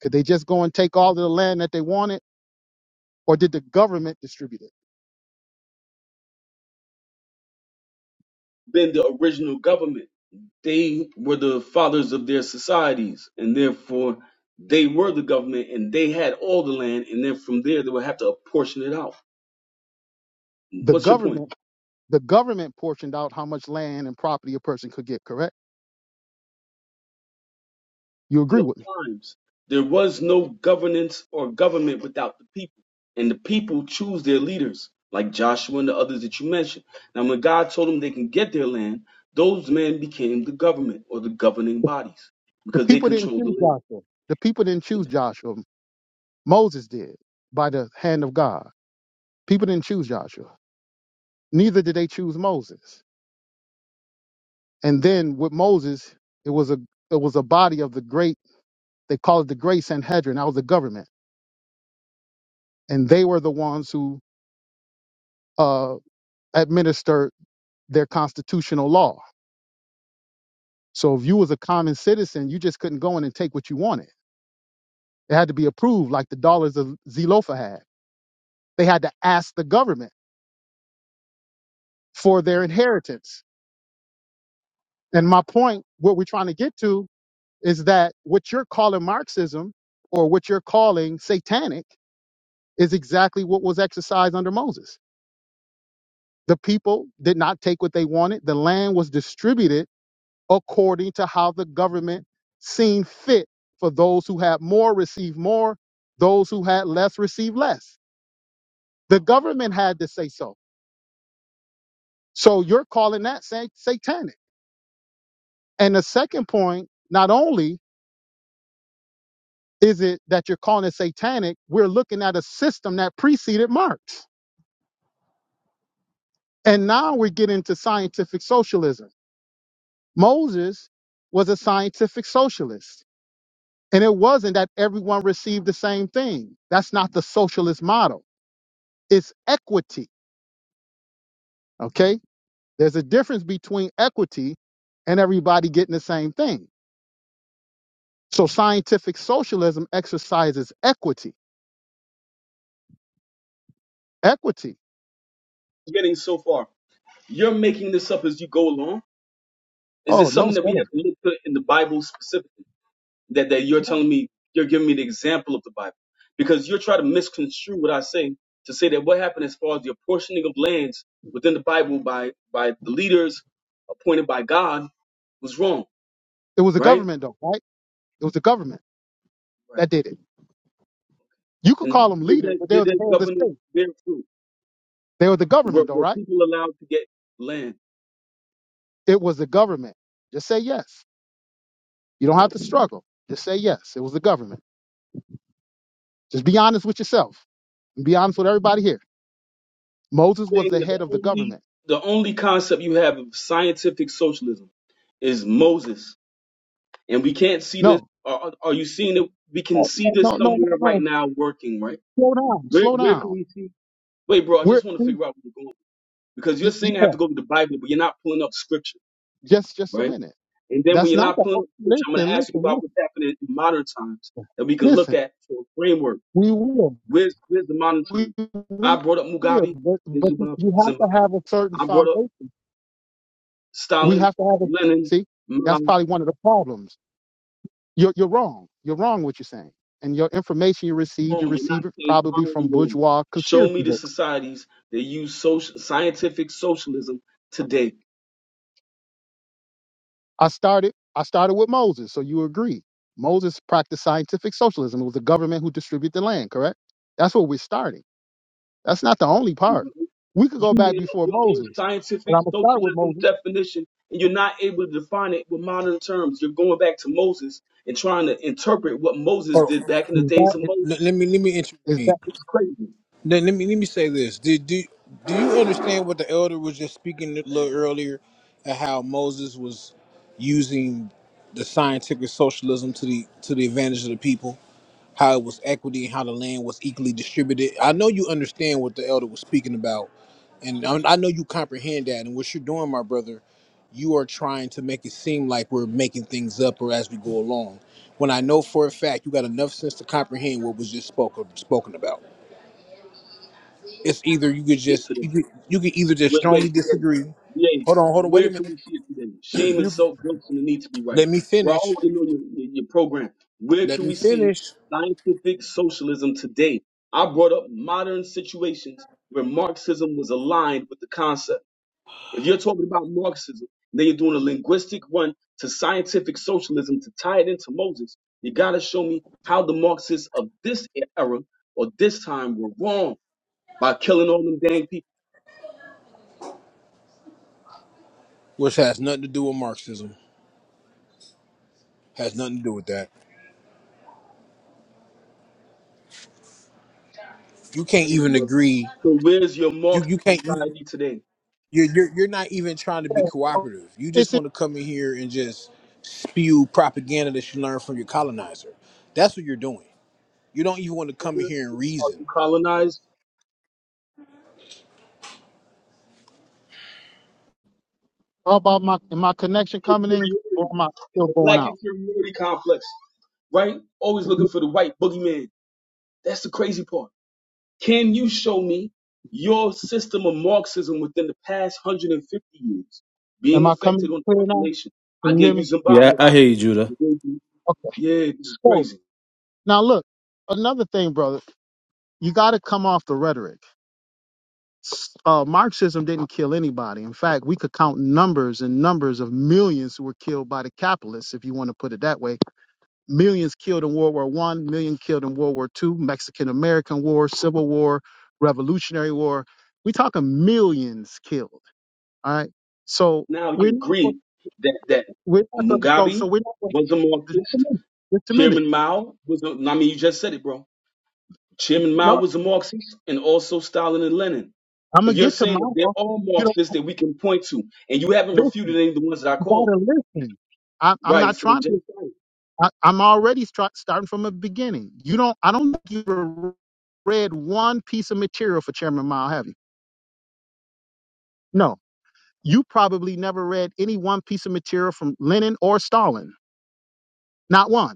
Speaker 1: could they just go and take all of the land that they wanted, or did the government distribute it?
Speaker 2: Then the original government. They were the fathers of their societies, and therefore they were the government, and they had all the land, and then from there they would have to apportion it out.
Speaker 1: The
Speaker 2: What's your point?
Speaker 1: government, the government portioned out how much land and property a person could get. Correct? You
Speaker 2: In
Speaker 1: agree
Speaker 2: the
Speaker 1: with me?
Speaker 2: times, there was no governance or government without the people, and the people choose their leaders, like Joshua and the others that you mentioned. Now, when God told them they can get their land, those men became the government or the governing bodies
Speaker 1: The
Speaker 2: because they
Speaker 1: people didn't
Speaker 2: controlled the
Speaker 1: choose
Speaker 2: land.
Speaker 1: Joshua. The people didn't
Speaker 2: You're
Speaker 1: choose Joshua. Moses did by the hand of God. People didn't choose Joshua. Neither did they choose Moses. And then with Moses, it was a it was a body of the great they call it the Great Sanhedrin. That was the government, and they were the ones who uh, administered their constitutional law. So if you was a common citizen, you just couldn't go in and take what you wanted. It had to be approved, like the dollars of Zilopha had. They had to ask the government for their inheritance. And my point, what we're trying to get to, is that what you're calling Marxism or what you're calling satanic is exactly what was exercised under Moses The people did not take what they wanted. The land was distributed according to how the government seen fit for those who had more received more, those who had less received less. The government had to say so. So you're calling that sa- satanic. And the second point, not only is it that you're calling it satanic, we're looking at a system that preceded Marx. And now we're getting to scientific socialism. Moses was a scientific socialist And it wasn't that everyone received the same thing. That's not the socialist model. It's equity. Okay. There's a difference between equity and everybody getting the same thing. So scientific socialism exercises equity. Equity.
Speaker 2: Getting so far, you're making this up as you go along Is
Speaker 1: Oh,
Speaker 2: this
Speaker 1: no,
Speaker 2: something that we
Speaker 1: sir.
Speaker 2: have to look to in the Bible specifically? That that you're telling me, you're giving me the example of the Bible, because you're trying to misconstrue what I say to say that what happened as far as the apportioning of lands within the Bible by by the leaders appointed by God was wrong,
Speaker 1: It was the
Speaker 2: right?
Speaker 1: government, though, right? It was the government
Speaker 2: Right.
Speaker 1: that did it. You could
Speaker 2: And
Speaker 1: call them
Speaker 2: did
Speaker 1: leaders,
Speaker 2: that
Speaker 1: but they
Speaker 2: did
Speaker 1: were the
Speaker 2: that
Speaker 1: head of the
Speaker 2: governance
Speaker 1: state.
Speaker 2: bear fruit?
Speaker 1: They were the
Speaker 2: Were,
Speaker 1: government, though,
Speaker 2: were
Speaker 1: right?
Speaker 2: people allowed to get land?
Speaker 1: It was the government. Just say yes. You don't have to struggle. Just say yes. It was the government. Just be honest with yourself. and be honest with everybody here. Moses was
Speaker 2: Saying
Speaker 1: the
Speaker 2: that the
Speaker 1: head of the
Speaker 2: only
Speaker 1: government.
Speaker 2: the only concept you have of scientific socialism is Moses And we can't see this.
Speaker 1: No,
Speaker 2: Are, are you seeing it? We can
Speaker 1: no,
Speaker 2: see this
Speaker 1: no, no, no.
Speaker 2: somewhere right
Speaker 1: no.
Speaker 2: now working, right?
Speaker 1: Slow down,
Speaker 2: Where
Speaker 1: slow
Speaker 2: where can
Speaker 1: down.
Speaker 2: we see? Wait, bro, I
Speaker 1: We're
Speaker 2: just want to figure
Speaker 1: y-
Speaker 2: out where you're going. Because you're saying I have
Speaker 1: yeah,
Speaker 2: to go to the Bible, but you're not pulling up scripture,
Speaker 1: just just a
Speaker 2: right?
Speaker 1: minute.
Speaker 2: And then when
Speaker 1: That's
Speaker 2: you're
Speaker 1: not
Speaker 2: not
Speaker 1: the
Speaker 2: pulling
Speaker 1: oh,
Speaker 2: up scripture,
Speaker 1: listen,
Speaker 2: I'm going to ask you about
Speaker 1: listen,
Speaker 2: what's happening in modern times
Speaker 1: listen,
Speaker 2: that we can look
Speaker 1: listen.
Speaker 2: at for a framework.
Speaker 1: We will,
Speaker 2: Where's, where's the modern
Speaker 1: we
Speaker 2: time? I
Speaker 1: will,
Speaker 2: brought up Mugabe
Speaker 1: but,
Speaker 2: in
Speaker 1: but you
Speaker 2: Zimbabwe.
Speaker 1: you have to
Speaker 2: Zimbabwe.
Speaker 1: have a certain
Speaker 2: I brought up
Speaker 1: foundation. We
Speaker 2: Stalin,
Speaker 1: have to have a
Speaker 2: Lenin,
Speaker 1: see.
Speaker 2: Mao.
Speaker 1: That's probably one of the problems. You're you're wrong. You're wrong what you're saying. And your information you received, you
Speaker 2: wrong. You're not
Speaker 1: received it
Speaker 2: saying
Speaker 1: probably from
Speaker 2: I'm wrong.
Speaker 1: bourgeois
Speaker 2: Show
Speaker 1: conspiracy
Speaker 2: me the
Speaker 1: books
Speaker 2: societies that use social, scientific socialism today.
Speaker 1: I started I started with Moses, so you agree. Moses practiced scientific socialism. It was the government who distributed the land, correct? That's where we're starting. That's not the only
Speaker 2: You
Speaker 1: part. We could go
Speaker 2: made
Speaker 1: back
Speaker 2: up
Speaker 1: before
Speaker 2: your own
Speaker 1: Moses, but
Speaker 2: scientific
Speaker 1: I'm gonna start with
Speaker 2: socialism
Speaker 1: Moses.
Speaker 2: definition, and you're not able to define it with modern terms. You're going back to Moses and trying to interpret what Moses
Speaker 3: Hold
Speaker 2: did back in the
Speaker 1: Is that
Speaker 2: days of
Speaker 1: is,
Speaker 3: Let,
Speaker 2: Moses.
Speaker 3: let me let me
Speaker 1: is
Speaker 3: intervene.
Speaker 1: that
Speaker 2: It's crazy.
Speaker 3: Let, let me let me say this. Did do do you understand what the elder was just speaking a little earlier, and how Moses was using the scientific socialism to the to the advantage of the people? how it was equity and how the land was equally distributed. I know you understand what the elder was speaking about, and I I know you comprehend that. And what you're doing, my brother, you are trying to make it seem like we're making things up or as we go along. When I know for a fact you got enough sense to comprehend what was just spoken spoken about. It's either you could
Speaker 2: Get
Speaker 3: just
Speaker 2: to
Speaker 3: you could, you could either just
Speaker 2: Wait,
Speaker 3: strongly
Speaker 2: wait, BA,
Speaker 3: disagree. Hold on, hold on, wait
Speaker 2: where
Speaker 3: a
Speaker 2: can
Speaker 3: minute.
Speaker 2: we see it today? Shame and
Speaker 3: You-
Speaker 2: self guilt and the need to be right.
Speaker 3: let me
Speaker 2: We're
Speaker 3: finish.
Speaker 2: already know your, your, your program. Where
Speaker 3: Let
Speaker 2: can
Speaker 3: me
Speaker 2: we see
Speaker 3: finish.
Speaker 2: scientific socialism today? I brought up modern situations where Marxism was aligned with the concept. If you're talking about Marxism, then you're doing a linguistic run to scientific socialism to tie it into Moses. You got to show me how the Marxists of this era or this time were wrong by killing all them dang people.
Speaker 3: Which has nothing to do with Marxism. Has nothing to do with that. You can't
Speaker 2: Thank you,
Speaker 3: even
Speaker 2: brother.
Speaker 3: agree.
Speaker 2: So where's your
Speaker 3: You you
Speaker 2: Marxist
Speaker 3: can't you
Speaker 2: society today?
Speaker 3: you're, you're you're not even trying to be
Speaker 1: fair?
Speaker 3: cooperative. You
Speaker 1: Is
Speaker 3: just
Speaker 1: it
Speaker 3: want to come in here and just spew propaganda that you learned from your colonizer. That's what you're doing. You don't even want to
Speaker 2: Is
Speaker 3: come in
Speaker 2: it-
Speaker 3: here and
Speaker 2: Are
Speaker 3: reason.
Speaker 2: you colonized?
Speaker 1: about my am my connection coming in or
Speaker 2: Inferiority.
Speaker 1: am I
Speaker 2: It's
Speaker 1: still
Speaker 2: a
Speaker 1: going
Speaker 2: black
Speaker 1: out?
Speaker 2: inferiority complex, right? Always looking for the white boogeyman. That's the crazy part. Can you show me your system of Marxism within the past 150 years
Speaker 1: Am
Speaker 2: being
Speaker 1: I
Speaker 2: affected
Speaker 1: coming
Speaker 2: on the
Speaker 1: clear now?
Speaker 2: population? I
Speaker 1: Can you
Speaker 2: gave
Speaker 1: hear
Speaker 2: you
Speaker 1: me?
Speaker 4: Yeah,
Speaker 2: Zimbabwe.
Speaker 4: I hear you,
Speaker 2: I
Speaker 4: Judah.
Speaker 2: gave you-
Speaker 1: Okay.
Speaker 2: Yeah, this is
Speaker 1: So
Speaker 2: crazy.
Speaker 1: now look, another thing, brother, you gotta come off the rhetoric. uh, Marxism didn't kill anybody. In fact, we could count numbers and numbers of millions who were killed by the capitalists, if you want to put it that way. Millions killed in World War One, million killed in World War Two, Mexican American War, Civil War, Revolutionary War. We talking millions killed. All right. So
Speaker 2: Now
Speaker 1: we're
Speaker 2: you agree that, that
Speaker 1: we're not going to so so
Speaker 2: Mugabe
Speaker 1: we're not going
Speaker 2: was a
Speaker 1: to just a
Speaker 2: Marxist.
Speaker 1: minute. Just a minute.
Speaker 2: Chairman Mao was a, I mean, you just said it, bro. Chairman Mao
Speaker 1: No,
Speaker 2: was a Marxist and also Stalin and Lenin.
Speaker 1: I'm gonna
Speaker 2: If you're
Speaker 1: get to
Speaker 2: saying
Speaker 1: my
Speaker 2: that they're all
Speaker 1: you know.
Speaker 2: Marxists that we can point to, and you haven't
Speaker 1: Listen,
Speaker 2: refuted any of the ones that I
Speaker 1: you
Speaker 2: called,
Speaker 1: gotta listen. I, I'm
Speaker 2: right?
Speaker 1: not
Speaker 2: So the
Speaker 1: trying to.
Speaker 2: genocide,
Speaker 1: I, I'm already start, starting from a beginning. You don't. I don't think you've read one piece of material for Chairman Mao, have you? No. You probably never read any one piece of material from Lenin or Stalin, not one.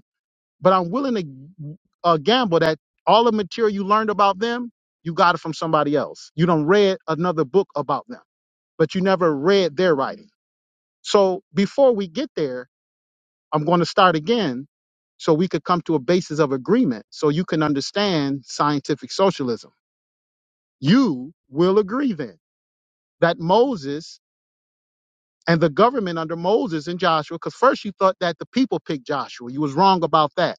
Speaker 1: But I'm willing to uh, gamble that all the material you learned about them, you got it from somebody else. You don't read another book about them, but you never read their writing. So before we get there, I'm going to start again so we could come to a basis of agreement so you can understand scientific socialism. You will agree then that Moses and the government under Moses and Joshua, because first you thought that the people picked Joshua. You was wrong about that.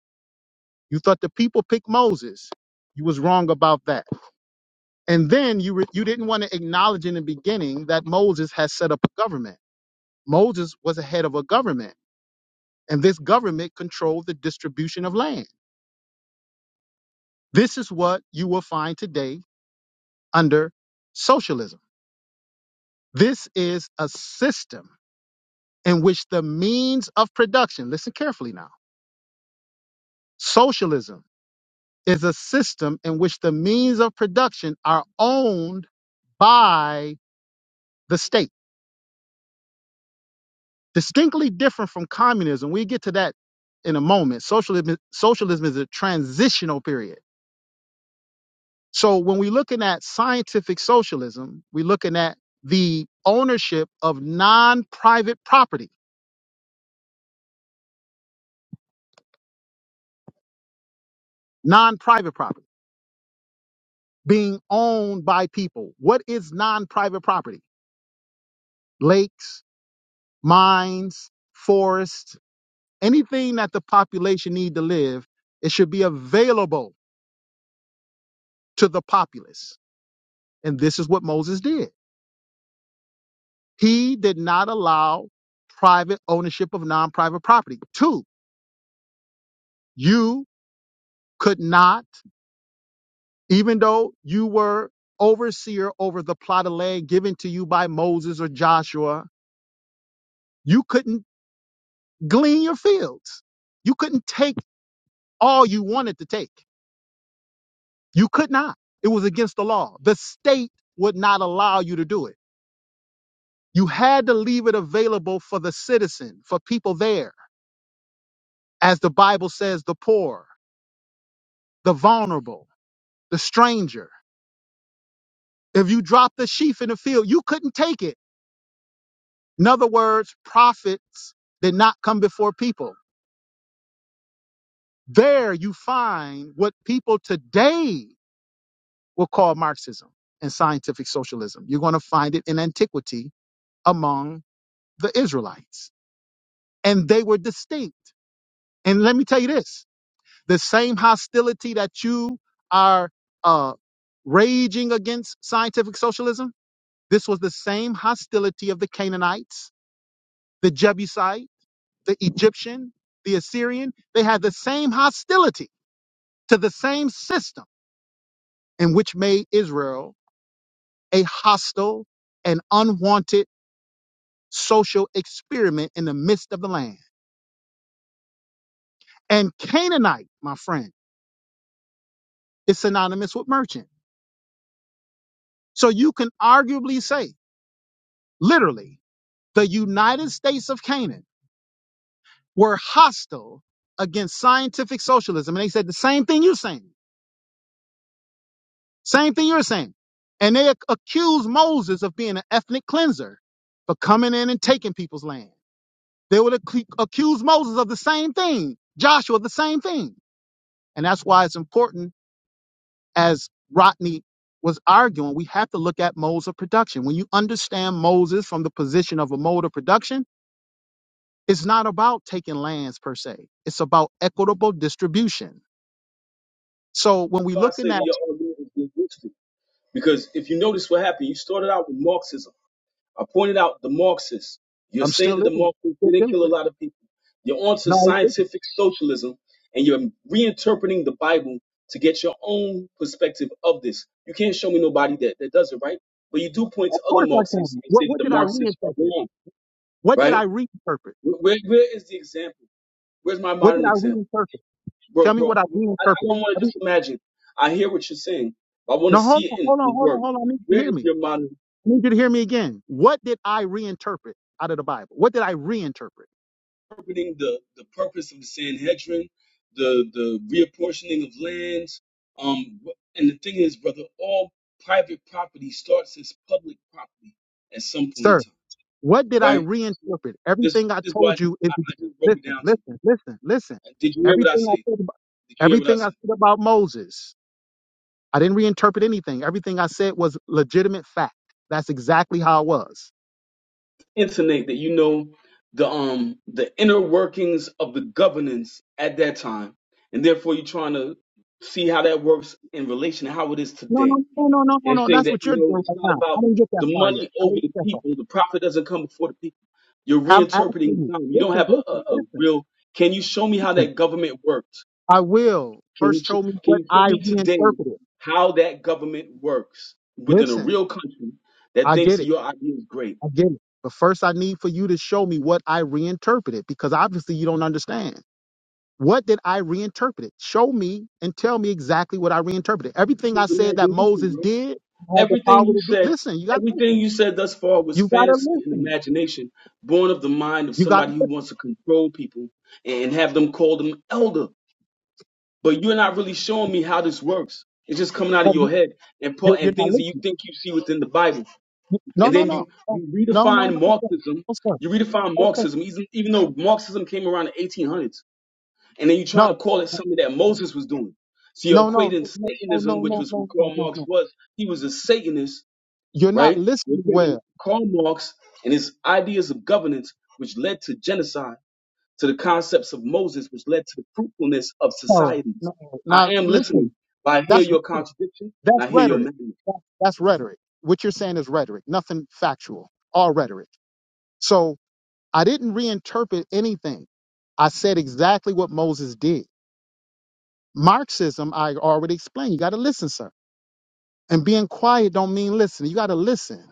Speaker 1: You thought the people picked Moses. You was wrong about that. And then you re- you didn't want to acknowledge in the beginning that Moses has set up a government. Moses was a head of a government, and this government controlled the distribution of land. This is what you will find today under socialism. This is a system in which the means of production, listen carefully now, socialism is a system in which the means of production are owned by the state. Distinctly different from communism. We get to that in a moment. Socialism, socialism is a transitional period So when we're looking at scientific socialism, we're looking at the ownership of non-private property, non-private property being owned by people. What is non-private property? Lakes, mines, forests, anything that the population need to live, it should be available to the populace. And this is what Moses did. He did not allow private ownership of non-private property. Two, you could not even though you were overseer over the plot of land given to you by Moses or Joshua, you couldn't glean your fields. You couldn't take all you wanted to take. You could not. It was against the law. The state would not allow you to do it. You had to leave it available for the citizen, for people there. As the Bible says, the poor, the vulnerable, the stranger. If you dropped the sheaf in the field, you couldn't take it. In other words, prophets did not come before people There you find what people today will call Marxism and scientific socialism. You're going to find it in antiquity among the Israelites. And they were distinct. And let me tell you this the same hostility that you are uh, raging against scientific socialism, this was the same hostility of the Canaanites, the Jebusite, the Egyptian, the Assyrian. They had the same hostility to the same system in which made Israel a hostile and unwanted social experiment in the midst of the land. And Canaanite, my friend, is synonymous with merchant. So you can arguably say, literally, the United States of Canaan were hostile against scientific socialism. And they said the same thing you're saying, same thing you're saying. And they ac- accused Moses of being an ethnic cleanser for coming in and taking people's land. They would ac- accuse Moses of the same thing, Joshua, the same thing. And that's why it's important, as Rodney was arguing, we have to look at modes of production. When you understand Moses from the position of a mode of production, it's not about taking lands per se. It's about equitable distribution. So when we're
Speaker 2: if I
Speaker 1: looking
Speaker 2: say that
Speaker 1: at,
Speaker 2: your argument is linguistic, because if you notice what happened, you started out with Marxism. I pointed out the Marxists. You're
Speaker 1: I'm
Speaker 2: saying
Speaker 1: still
Speaker 2: that the
Speaker 1: living,
Speaker 2: Marxists
Speaker 1: still
Speaker 2: didn't
Speaker 1: dealing
Speaker 2: kill a
Speaker 1: with it.
Speaker 2: lot of people. You're onto
Speaker 1: No, it isn't.
Speaker 2: scientific socialism and you're reinterpreting the Bible to get your own perspective of this. You can't show me nobody that, that does it, right? But you do point to
Speaker 1: of
Speaker 2: other
Speaker 1: course I can.
Speaker 2: Marxists and say
Speaker 1: What,
Speaker 2: that
Speaker 1: what
Speaker 2: the
Speaker 1: did I
Speaker 2: Marxists are
Speaker 1: reinterpret?
Speaker 2: wrong,
Speaker 1: What did
Speaker 2: right?
Speaker 1: I reinterpret?
Speaker 2: Where, where where is the example? Where's my
Speaker 1: What did
Speaker 2: modern
Speaker 1: I
Speaker 2: example?
Speaker 1: reinterpret? Tell
Speaker 2: Bro,
Speaker 1: me
Speaker 2: bro,
Speaker 1: what I
Speaker 2: I, I
Speaker 1: reinterpreted.
Speaker 2: don't want
Speaker 1: I
Speaker 2: to
Speaker 1: mean,
Speaker 2: just imagine. I hear what you're saying. but I want to
Speaker 1: no, hold
Speaker 2: see it
Speaker 1: on,
Speaker 2: in,
Speaker 1: hold on,
Speaker 2: in
Speaker 1: hold on,
Speaker 2: work.
Speaker 1: hold on. I need you
Speaker 2: Where
Speaker 1: to hear
Speaker 2: is
Speaker 1: me.
Speaker 2: your modern
Speaker 1: I need you to hear me again. What did I reinterpret out of the Bible? What did I reinterpret?
Speaker 2: interpreting the, the purpose of the Sanhedrin, the the reapportioning of lands. Um, and the thing is, brother, all private property starts as public property at some point in
Speaker 1: Sir,
Speaker 2: time,
Speaker 1: what did I
Speaker 2: right?
Speaker 1: reinterpret?
Speaker 2: This
Speaker 1: Everything I
Speaker 2: this is why
Speaker 1: told you is
Speaker 2: I, I just broke it
Speaker 1: listen,
Speaker 2: down to you.
Speaker 1: listen, listen, listen.
Speaker 2: Did you hear what I
Speaker 1: Everything I
Speaker 2: say?
Speaker 1: said about,
Speaker 2: Did you hear what I
Speaker 1: everything I
Speaker 2: said?
Speaker 1: said about Moses, I didn't reinterpret anything. Everything I said was legitimate fact. That's exactly how it was.
Speaker 2: Intonate that you know the um the inner workings of the governance at that time, and therefore you're trying to see how that works in relation to how it is
Speaker 1: No,
Speaker 2: today
Speaker 1: no, no, no, no, no,
Speaker 2: and
Speaker 1: no.
Speaker 2: say
Speaker 1: That's
Speaker 2: that,
Speaker 1: what
Speaker 2: you
Speaker 1: you're
Speaker 2: know,
Speaker 1: doing
Speaker 2: it's
Speaker 1: right
Speaker 2: not
Speaker 1: now.
Speaker 2: about
Speaker 1: I didn't get that
Speaker 2: the
Speaker 1: far yet.
Speaker 2: money
Speaker 1: I
Speaker 2: over
Speaker 1: didn't
Speaker 2: the
Speaker 1: get that far.
Speaker 2: people. The profit doesn't come before the people. You're
Speaker 1: I'm asking
Speaker 2: reinterpreting the
Speaker 1: you.
Speaker 2: time. You don't
Speaker 1: Listen,
Speaker 2: have a, a,
Speaker 1: listen,
Speaker 2: a
Speaker 1: listen,
Speaker 2: real. Can you show me how
Speaker 1: listen.
Speaker 2: that government works?
Speaker 1: I will.
Speaker 2: Can you,
Speaker 1: First
Speaker 2: sh-
Speaker 1: show me
Speaker 2: can
Speaker 1: what
Speaker 2: you show
Speaker 1: I
Speaker 2: me today
Speaker 1: reinterpreted.
Speaker 2: how that government works within a
Speaker 1: Listen.
Speaker 2: real country that
Speaker 1: I
Speaker 2: thinks
Speaker 1: get
Speaker 2: that
Speaker 1: it.
Speaker 2: your idea is great?
Speaker 1: I get it. But first, I need for you to show me what I reinterpreted because obviously you don't understand. What did I reinterpret? Show me and tell me exactly what I reinterpreted. Everything I
Speaker 2: It's
Speaker 1: said that
Speaker 2: imagination,
Speaker 1: Moses
Speaker 2: bro.
Speaker 1: did, I had the
Speaker 2: Everything
Speaker 1: power
Speaker 2: you
Speaker 1: to do.
Speaker 2: said,
Speaker 1: Listen, you got to
Speaker 2: everything
Speaker 1: listen.
Speaker 2: you said thus far was
Speaker 1: You got to
Speaker 2: fantasy and
Speaker 1: listen.
Speaker 2: imagination, born of the mind of
Speaker 1: You got to
Speaker 2: somebody who
Speaker 1: listen.
Speaker 2: wants to control people and have them call them elder. but you're not really showing me how this works. It's just coming out
Speaker 1: So
Speaker 2: of your
Speaker 1: you-
Speaker 2: head and pu-
Speaker 1: you- You're
Speaker 2: and
Speaker 1: not
Speaker 2: things that you
Speaker 1: listening.
Speaker 2: think you see within the Bible.
Speaker 1: You- No,
Speaker 2: And
Speaker 1: no,
Speaker 2: then
Speaker 1: no.
Speaker 2: you
Speaker 1: No,
Speaker 2: you
Speaker 1: no, no,
Speaker 2: redefine
Speaker 1: no, sir.
Speaker 2: Marxism.
Speaker 1: No, sir.
Speaker 2: You redefine
Speaker 1: No, sir.
Speaker 2: Marxism, even even though Marxism came around the 1800s, and then you're trying to
Speaker 1: No,
Speaker 2: call it something that Moses was doing. So you're
Speaker 1: no, no, no,
Speaker 2: equating
Speaker 1: no,
Speaker 2: Satanism,
Speaker 1: no,
Speaker 2: which
Speaker 1: no, no,
Speaker 2: was what
Speaker 1: no, no.
Speaker 2: Karl
Speaker 1: no.
Speaker 2: Marx
Speaker 1: no.
Speaker 2: was. He was a Satanist,
Speaker 1: You're not
Speaker 2: right? You're
Speaker 1: listening
Speaker 2: equating
Speaker 1: well.
Speaker 2: Karl Marx and his ideas of governance, which led to genocide to the concepts of Moses, which led to the fruitfulness of
Speaker 1: No,
Speaker 2: societies.
Speaker 1: no,
Speaker 2: I
Speaker 1: not
Speaker 2: am listening,
Speaker 1: listen.
Speaker 2: but I hear
Speaker 1: That's
Speaker 2: your
Speaker 1: real.
Speaker 2: contradiction and
Speaker 1: That's
Speaker 2: I hear your
Speaker 1: rhetoric.
Speaker 2: madness.
Speaker 1: That- That's rhetoric. What you're saying is rhetoric, nothing factual, all rhetoric. So I didn't reinterpret anything. I said exactly what Moses did. Marxism, I already explained. You got to listen, sir. And being quiet don't mean listen. You got to listen.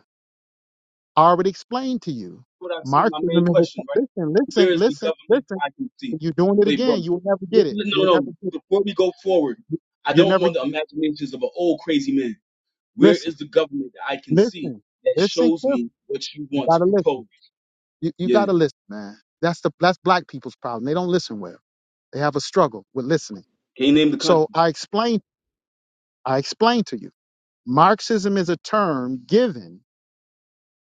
Speaker 1: I already explained to you.
Speaker 2: What I see, my main
Speaker 1: Marxism is a,
Speaker 2: question, right?
Speaker 1: listen, listen,
Speaker 2: Where is the
Speaker 1: listen,
Speaker 2: government
Speaker 1: listen.
Speaker 2: that I can see?
Speaker 1: You're doing it
Speaker 2: Wait, bro.
Speaker 1: again. You will never
Speaker 2: li-
Speaker 1: get it.
Speaker 2: li-
Speaker 1: You
Speaker 2: No,
Speaker 1: will
Speaker 2: no.
Speaker 1: never get.
Speaker 2: Before we go forward, I
Speaker 1: You'll
Speaker 2: don't
Speaker 1: never
Speaker 2: want the imaginations of an old crazy man. Where
Speaker 1: listen,
Speaker 2: is the government that I can
Speaker 1: listen,
Speaker 2: see that
Speaker 1: listen,
Speaker 2: shows
Speaker 1: Cliff.
Speaker 2: me what you
Speaker 1: You
Speaker 2: want
Speaker 1: got
Speaker 2: to
Speaker 1: to listen.
Speaker 2: propose?
Speaker 1: You you
Speaker 2: Yeah.
Speaker 1: gotta listen, man. That's the that's black people's problem. They don't listen well. They have a struggle with listening.
Speaker 2: Can you name the country?
Speaker 1: So I explain I explained to you. Marxism is a term given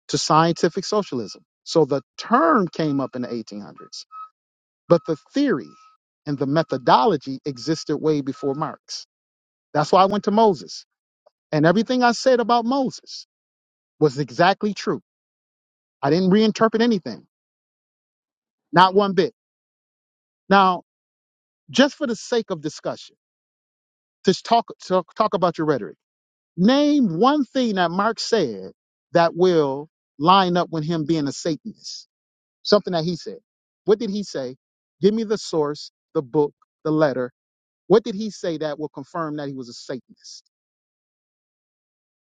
Speaker 1: to scientific socialism. So the term came up in the 1800s, but the theory and the methodology existed way before Marx. That's why I went to Moses. And everything I said about Moses was exactly true. I didn't reinterpret anything, not one bit. Now, just for the sake of discussion, to talk, talk talk about your rhetoric. Name one thing that Marx said that will line up with him being a Satanist. Something that he said. What did he say? Give me the source, the book, the letter. What did he say that will confirm that he was a Satanist?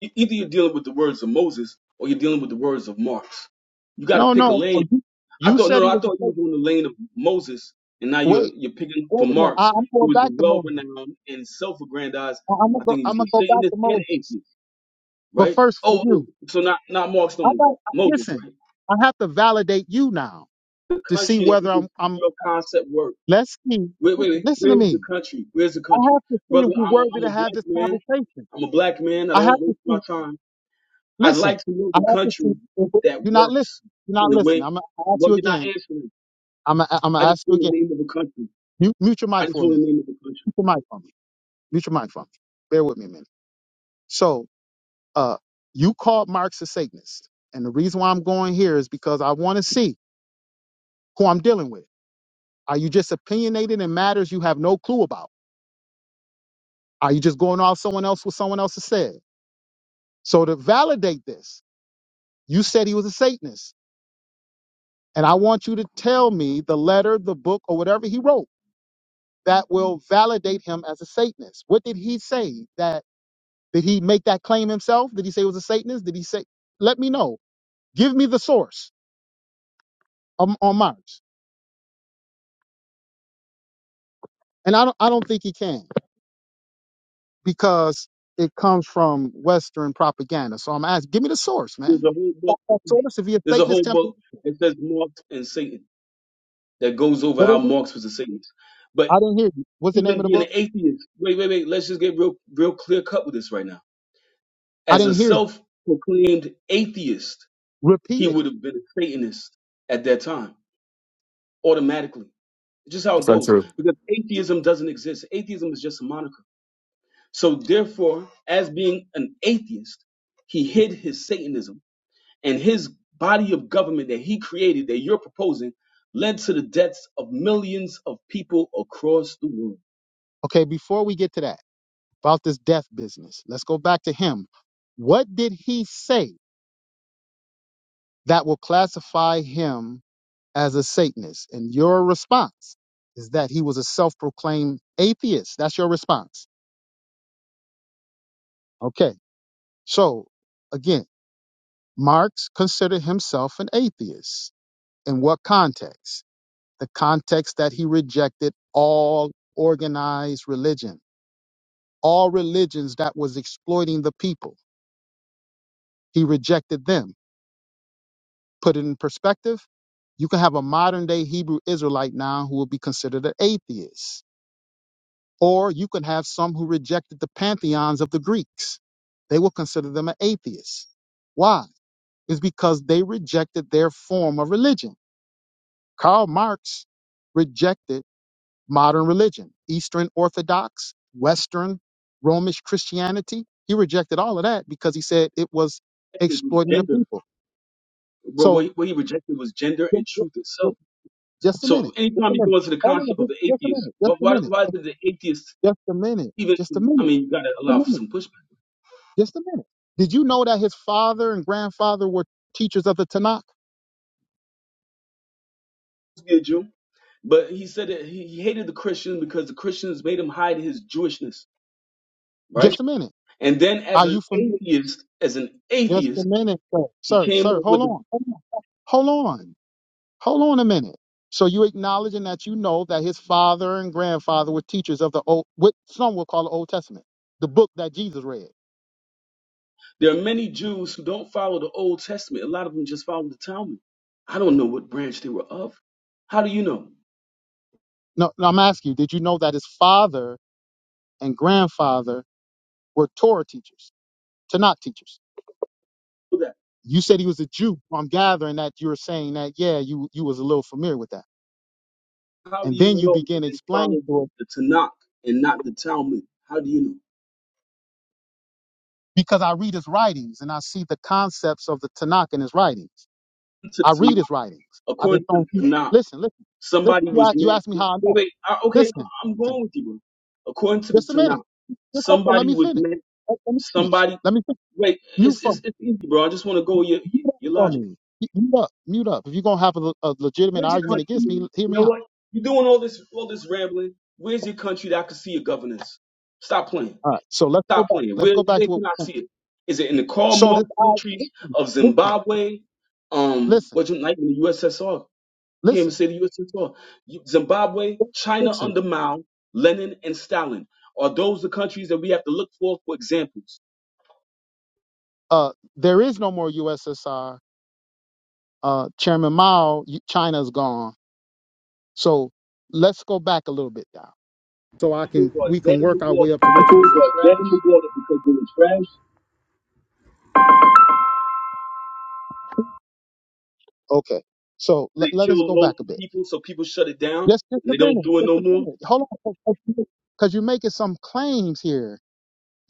Speaker 2: E- Either you're dealing with the words of Moses or you're dealing with the words of Marx. You got to
Speaker 1: No,
Speaker 2: pick a
Speaker 1: no.
Speaker 2: lane
Speaker 1: no, You,
Speaker 2: I
Speaker 1: you
Speaker 2: thought no,
Speaker 1: said
Speaker 2: no,
Speaker 1: he
Speaker 2: I
Speaker 1: was a
Speaker 2: thought you were doing
Speaker 1: Satanist.
Speaker 2: the lane of Moses, and now you're
Speaker 1: Wait,
Speaker 2: you're picking for
Speaker 1: wait a minute. I,
Speaker 2: Marx,
Speaker 1: I'm
Speaker 2: who
Speaker 1: going
Speaker 2: was
Speaker 1: back to
Speaker 2: well
Speaker 1: Moses.
Speaker 2: renowned and self-aggrandized.
Speaker 1: I, am gonna
Speaker 2: I
Speaker 1: go.
Speaker 2: think he was
Speaker 1: I'm
Speaker 2: a
Speaker 1: gonna go back
Speaker 2: Satanist
Speaker 1: to
Speaker 2: and an
Speaker 1: Moses.
Speaker 2: atheist,
Speaker 1: But
Speaker 2: right?
Speaker 1: first, for
Speaker 2: Oh, oh,
Speaker 1: you,
Speaker 2: so not not Marx no
Speaker 1: I
Speaker 2: more,
Speaker 1: got.
Speaker 2: Moses,
Speaker 1: Listen,
Speaker 2: right?
Speaker 1: I have to validate you now
Speaker 2: The
Speaker 1: to see
Speaker 2: country that you
Speaker 1: whether
Speaker 2: can
Speaker 1: I'm.
Speaker 2: see
Speaker 1: I'm
Speaker 2: your concept work.
Speaker 1: Let's see.
Speaker 2: Wait, wait, wait,
Speaker 1: Listen, listen to
Speaker 2: where's the
Speaker 1: me.
Speaker 2: country? Where's the
Speaker 1: I
Speaker 2: country,
Speaker 1: have to see
Speaker 2: brother?
Speaker 1: if we're
Speaker 2: I'm a,
Speaker 1: worthy
Speaker 2: I'm a
Speaker 1: to have
Speaker 2: black
Speaker 1: this
Speaker 2: man.
Speaker 1: conversation.
Speaker 2: I'm a black man. I
Speaker 1: I have
Speaker 2: don't
Speaker 1: to
Speaker 2: waste my
Speaker 1: see.
Speaker 2: time. I'd
Speaker 1: Listen,
Speaker 2: like to know
Speaker 1: I
Speaker 2: the
Speaker 1: have to see.
Speaker 2: country
Speaker 1: If it-
Speaker 2: that
Speaker 1: you're not
Speaker 2: works
Speaker 1: listening. You're
Speaker 2: in
Speaker 1: not
Speaker 2: the
Speaker 1: listening.
Speaker 2: way.
Speaker 1: I'm gonna ask
Speaker 2: Well,
Speaker 1: you
Speaker 2: you're not
Speaker 1: again.
Speaker 2: answering.
Speaker 1: I'm gonna, I'm
Speaker 2: I
Speaker 1: gonna
Speaker 2: just
Speaker 1: ask you
Speaker 2: want the
Speaker 1: again.
Speaker 2: name of a country.
Speaker 1: Mute, mute your
Speaker 2: I
Speaker 1: mic
Speaker 2: just
Speaker 1: for a
Speaker 2: want the
Speaker 1: minute.
Speaker 2: name of a country.
Speaker 1: Mute your mic for me. Mute your mic for me. Bear with me a minute. So, uh, you called Marx a Satanist, and the reason why I'm going here is because I want to see who I'm dealing with. Are you just opinionated in matters you have no clue about? Are you just going off someone else what someone else has said? So to validate this, You said he was a Satanist. And I want you to tell me the letter, the book, or whatever he wrote that will validate him as a Satanist. What did he say? That did he make that claim himself? Did he say he was a Satanist? Did he say let me know. Give me the source on, on Mars. And I don't I don't think he can because it comes from Western propaganda. So I'm asking, give me the source,
Speaker 2: There's a
Speaker 1: man.
Speaker 2: whole
Speaker 1: That,
Speaker 2: book.
Speaker 1: that source, if you're a
Speaker 2: There's a whole
Speaker 1: Satanist, temple,
Speaker 2: book that says Marx and Satan that goes over
Speaker 1: what
Speaker 2: how
Speaker 1: is it?
Speaker 2: Marx was a Satanist. But
Speaker 1: I didn't hear you. What's the name
Speaker 2: even
Speaker 1: of the
Speaker 2: being an
Speaker 1: book?
Speaker 2: atheist, wait, wait, wait. Let's just get real, real clear cut with this right now.
Speaker 1: I
Speaker 2: As a
Speaker 1: didn't hear you.
Speaker 2: self-proclaimed atheist, he
Speaker 1: Repeat it.
Speaker 2: would have been a Satanist at that time automatically. Just how it
Speaker 4: That's
Speaker 2: goes,
Speaker 4: untrue.
Speaker 2: because atheism doesn't exist. Atheism is just a moniker. So therefore, as being an atheist, he hid his Satanism and his body of government that he created that you're proposing led to the deaths of millions of people across the world.
Speaker 1: Okay, before we get to that. about this death business. Let's go back to him. What did he say that will classify him as a Satanist? And your response is that he was a self proclaimed atheist. That's your response. Okay. So again, Marx considered himself an atheist. In what context? The context that he rejected all organized religion, all religions that was exploiting the people. He rejected them Put it in perspective, you can have a modern day Hebrew Israelite now who will be considered an atheist. Or you can have some who rejected the pantheons of the Greeks. They will consider them an atheist. Why? It's because they rejected their form of religion. Karl Marx rejected modern religion, Eastern Orthodox, Western, Romish Christianity. He rejected all of that because he said it was
Speaker 2: It was
Speaker 1: exploiting the
Speaker 2: Gender,
Speaker 1: people.
Speaker 2: but what
Speaker 1: So
Speaker 2: he what he rejected was gender and truth itself.
Speaker 1: Just a
Speaker 2: So
Speaker 1: minute. Just
Speaker 2: anytime
Speaker 1: a
Speaker 2: you
Speaker 1: minute.
Speaker 2: go into the
Speaker 1: Hold on.
Speaker 2: concept of
Speaker 1: Just,
Speaker 2: the
Speaker 1: just a
Speaker 2: atheist,
Speaker 1: minute.
Speaker 2: why,
Speaker 1: Just a
Speaker 2: why,
Speaker 1: minute.
Speaker 2: why did the atheist
Speaker 1: Just a minute.
Speaker 2: even?
Speaker 1: Just a
Speaker 2: I
Speaker 1: minute.
Speaker 2: mean, you got to
Speaker 1: Just a
Speaker 2: allow for
Speaker 1: minute.
Speaker 2: some pushback.
Speaker 1: Just a minute. Did you know that his father and grandfather were teachers of the Tanakh?
Speaker 2: He's a Jew, but he said that he he hated the Christians because the Christians made him hide his Jewishness, right?
Speaker 1: Just a minute.
Speaker 2: And then as
Speaker 1: Are
Speaker 2: an
Speaker 1: you familiar?
Speaker 2: atheist, as an
Speaker 1: Just a
Speaker 2: atheist,
Speaker 1: minute, sir.
Speaker 2: he
Speaker 1: Sir,
Speaker 2: came
Speaker 1: sir,
Speaker 2: up
Speaker 1: hold
Speaker 2: with the
Speaker 1: on. Hold on. Hold on. Hold on a minute. So you acknowledging that you know that his father and grandfather were teachers of the old, what some will call the Old Testament, the book that Jesus read.
Speaker 2: There are many Jews who don't follow the Old Testament. A lot of them just follow the Talmud. I don't know what branch they were of. How do you know
Speaker 1: No, no, I'm asking you, did you know that his father and grandfather were Torah teachers? Tanakh teachers.
Speaker 2: that?
Speaker 1: You said he was a Jew. Well, I'm gathering that you're saying that, yeah, you you was a little familiar with that.
Speaker 2: How do
Speaker 1: And
Speaker 2: you
Speaker 1: then you
Speaker 2: know
Speaker 1: begin
Speaker 2: that
Speaker 1: to
Speaker 2: they
Speaker 1: explain
Speaker 2: followed
Speaker 1: to him
Speaker 2: the Tanakh and not the Talmud? How do you know?
Speaker 1: because I read his writings and I see the concepts of the Tanakh in his writings.
Speaker 2: According To
Speaker 1: I
Speaker 2: the
Speaker 1: read his
Speaker 2: Tanakh,
Speaker 1: writings. I just
Speaker 2: according to the
Speaker 1: don't
Speaker 2: Tanakh,
Speaker 1: listen, listen, listen.
Speaker 2: somebody
Speaker 1: You
Speaker 2: was
Speaker 1: ask, you
Speaker 2: meant.
Speaker 1: ask me
Speaker 2: Wait,
Speaker 1: how I know.
Speaker 2: wait. I, okay,
Speaker 1: Listen,
Speaker 2: I'm
Speaker 1: listen,
Speaker 2: going with you, bro. According to the
Speaker 1: just a
Speaker 2: Tanakh,
Speaker 1: minute. Just hold on, let
Speaker 2: somebody
Speaker 1: me
Speaker 2: was
Speaker 1: finish.
Speaker 2: meant.
Speaker 1: Let, let me finish.
Speaker 2: Somebody.
Speaker 1: Let me finish.
Speaker 2: Wait,
Speaker 1: Mute
Speaker 2: it's
Speaker 1: for
Speaker 2: it's,
Speaker 1: me.
Speaker 2: it's easy, bro. I just want to go with your
Speaker 1: Mute up
Speaker 2: your
Speaker 1: for
Speaker 2: logic
Speaker 1: me. Mute up. Mute up. If you're gonna have a, le- a legitimate
Speaker 2: Where's your
Speaker 1: argument
Speaker 2: country,
Speaker 1: against me,
Speaker 2: man?
Speaker 1: hear
Speaker 2: You
Speaker 1: me
Speaker 2: know
Speaker 1: out.
Speaker 2: what? You're doing all this all this rambling. Where's your country that I can see your governance? Stop playing.
Speaker 1: All right. So let's go
Speaker 2: Stop
Speaker 1: back.
Speaker 2: playing.
Speaker 1: Let's
Speaker 2: Where
Speaker 1: go back
Speaker 2: they
Speaker 1: to
Speaker 2: can I
Speaker 1: what.
Speaker 2: see it? Is it in the Karl
Speaker 1: So this
Speaker 2: Marx
Speaker 1: I
Speaker 2: countries
Speaker 1: listen,
Speaker 2: of Zimbabwe? Um,
Speaker 1: listen,
Speaker 2: what you like in the USSR? You can't even
Speaker 1: listen,
Speaker 2: say the USSR. You- Zimbabwe,
Speaker 1: listen,
Speaker 2: China
Speaker 1: listen.
Speaker 2: under Mao, Lenin, and Stalin. Are those the countries that we have to look for for examples?
Speaker 1: Uh, there is no more USSR. Uh, Chairman Mao, you- China's gone. So let's go back a little bit now, so I
Speaker 2: Examples
Speaker 1: can
Speaker 2: are
Speaker 1: we
Speaker 2: dead
Speaker 1: can
Speaker 2: in the
Speaker 1: work our way
Speaker 2: water
Speaker 1: up to
Speaker 2: because
Speaker 1: what
Speaker 2: they
Speaker 1: you food said.
Speaker 2: were
Speaker 1: was dead in
Speaker 2: trash.
Speaker 1: the water because they were trash. Okay. So
Speaker 2: They
Speaker 1: let, let us
Speaker 2: killed
Speaker 1: go back
Speaker 2: loads
Speaker 1: a
Speaker 2: of
Speaker 1: bit.
Speaker 2: people, so people shut it down
Speaker 1: Just just
Speaker 2: and
Speaker 1: a
Speaker 2: they don't
Speaker 1: minute.
Speaker 2: do it
Speaker 1: Just
Speaker 2: no
Speaker 1: a
Speaker 2: more.
Speaker 1: minute. Hold on. Because you're making some claims here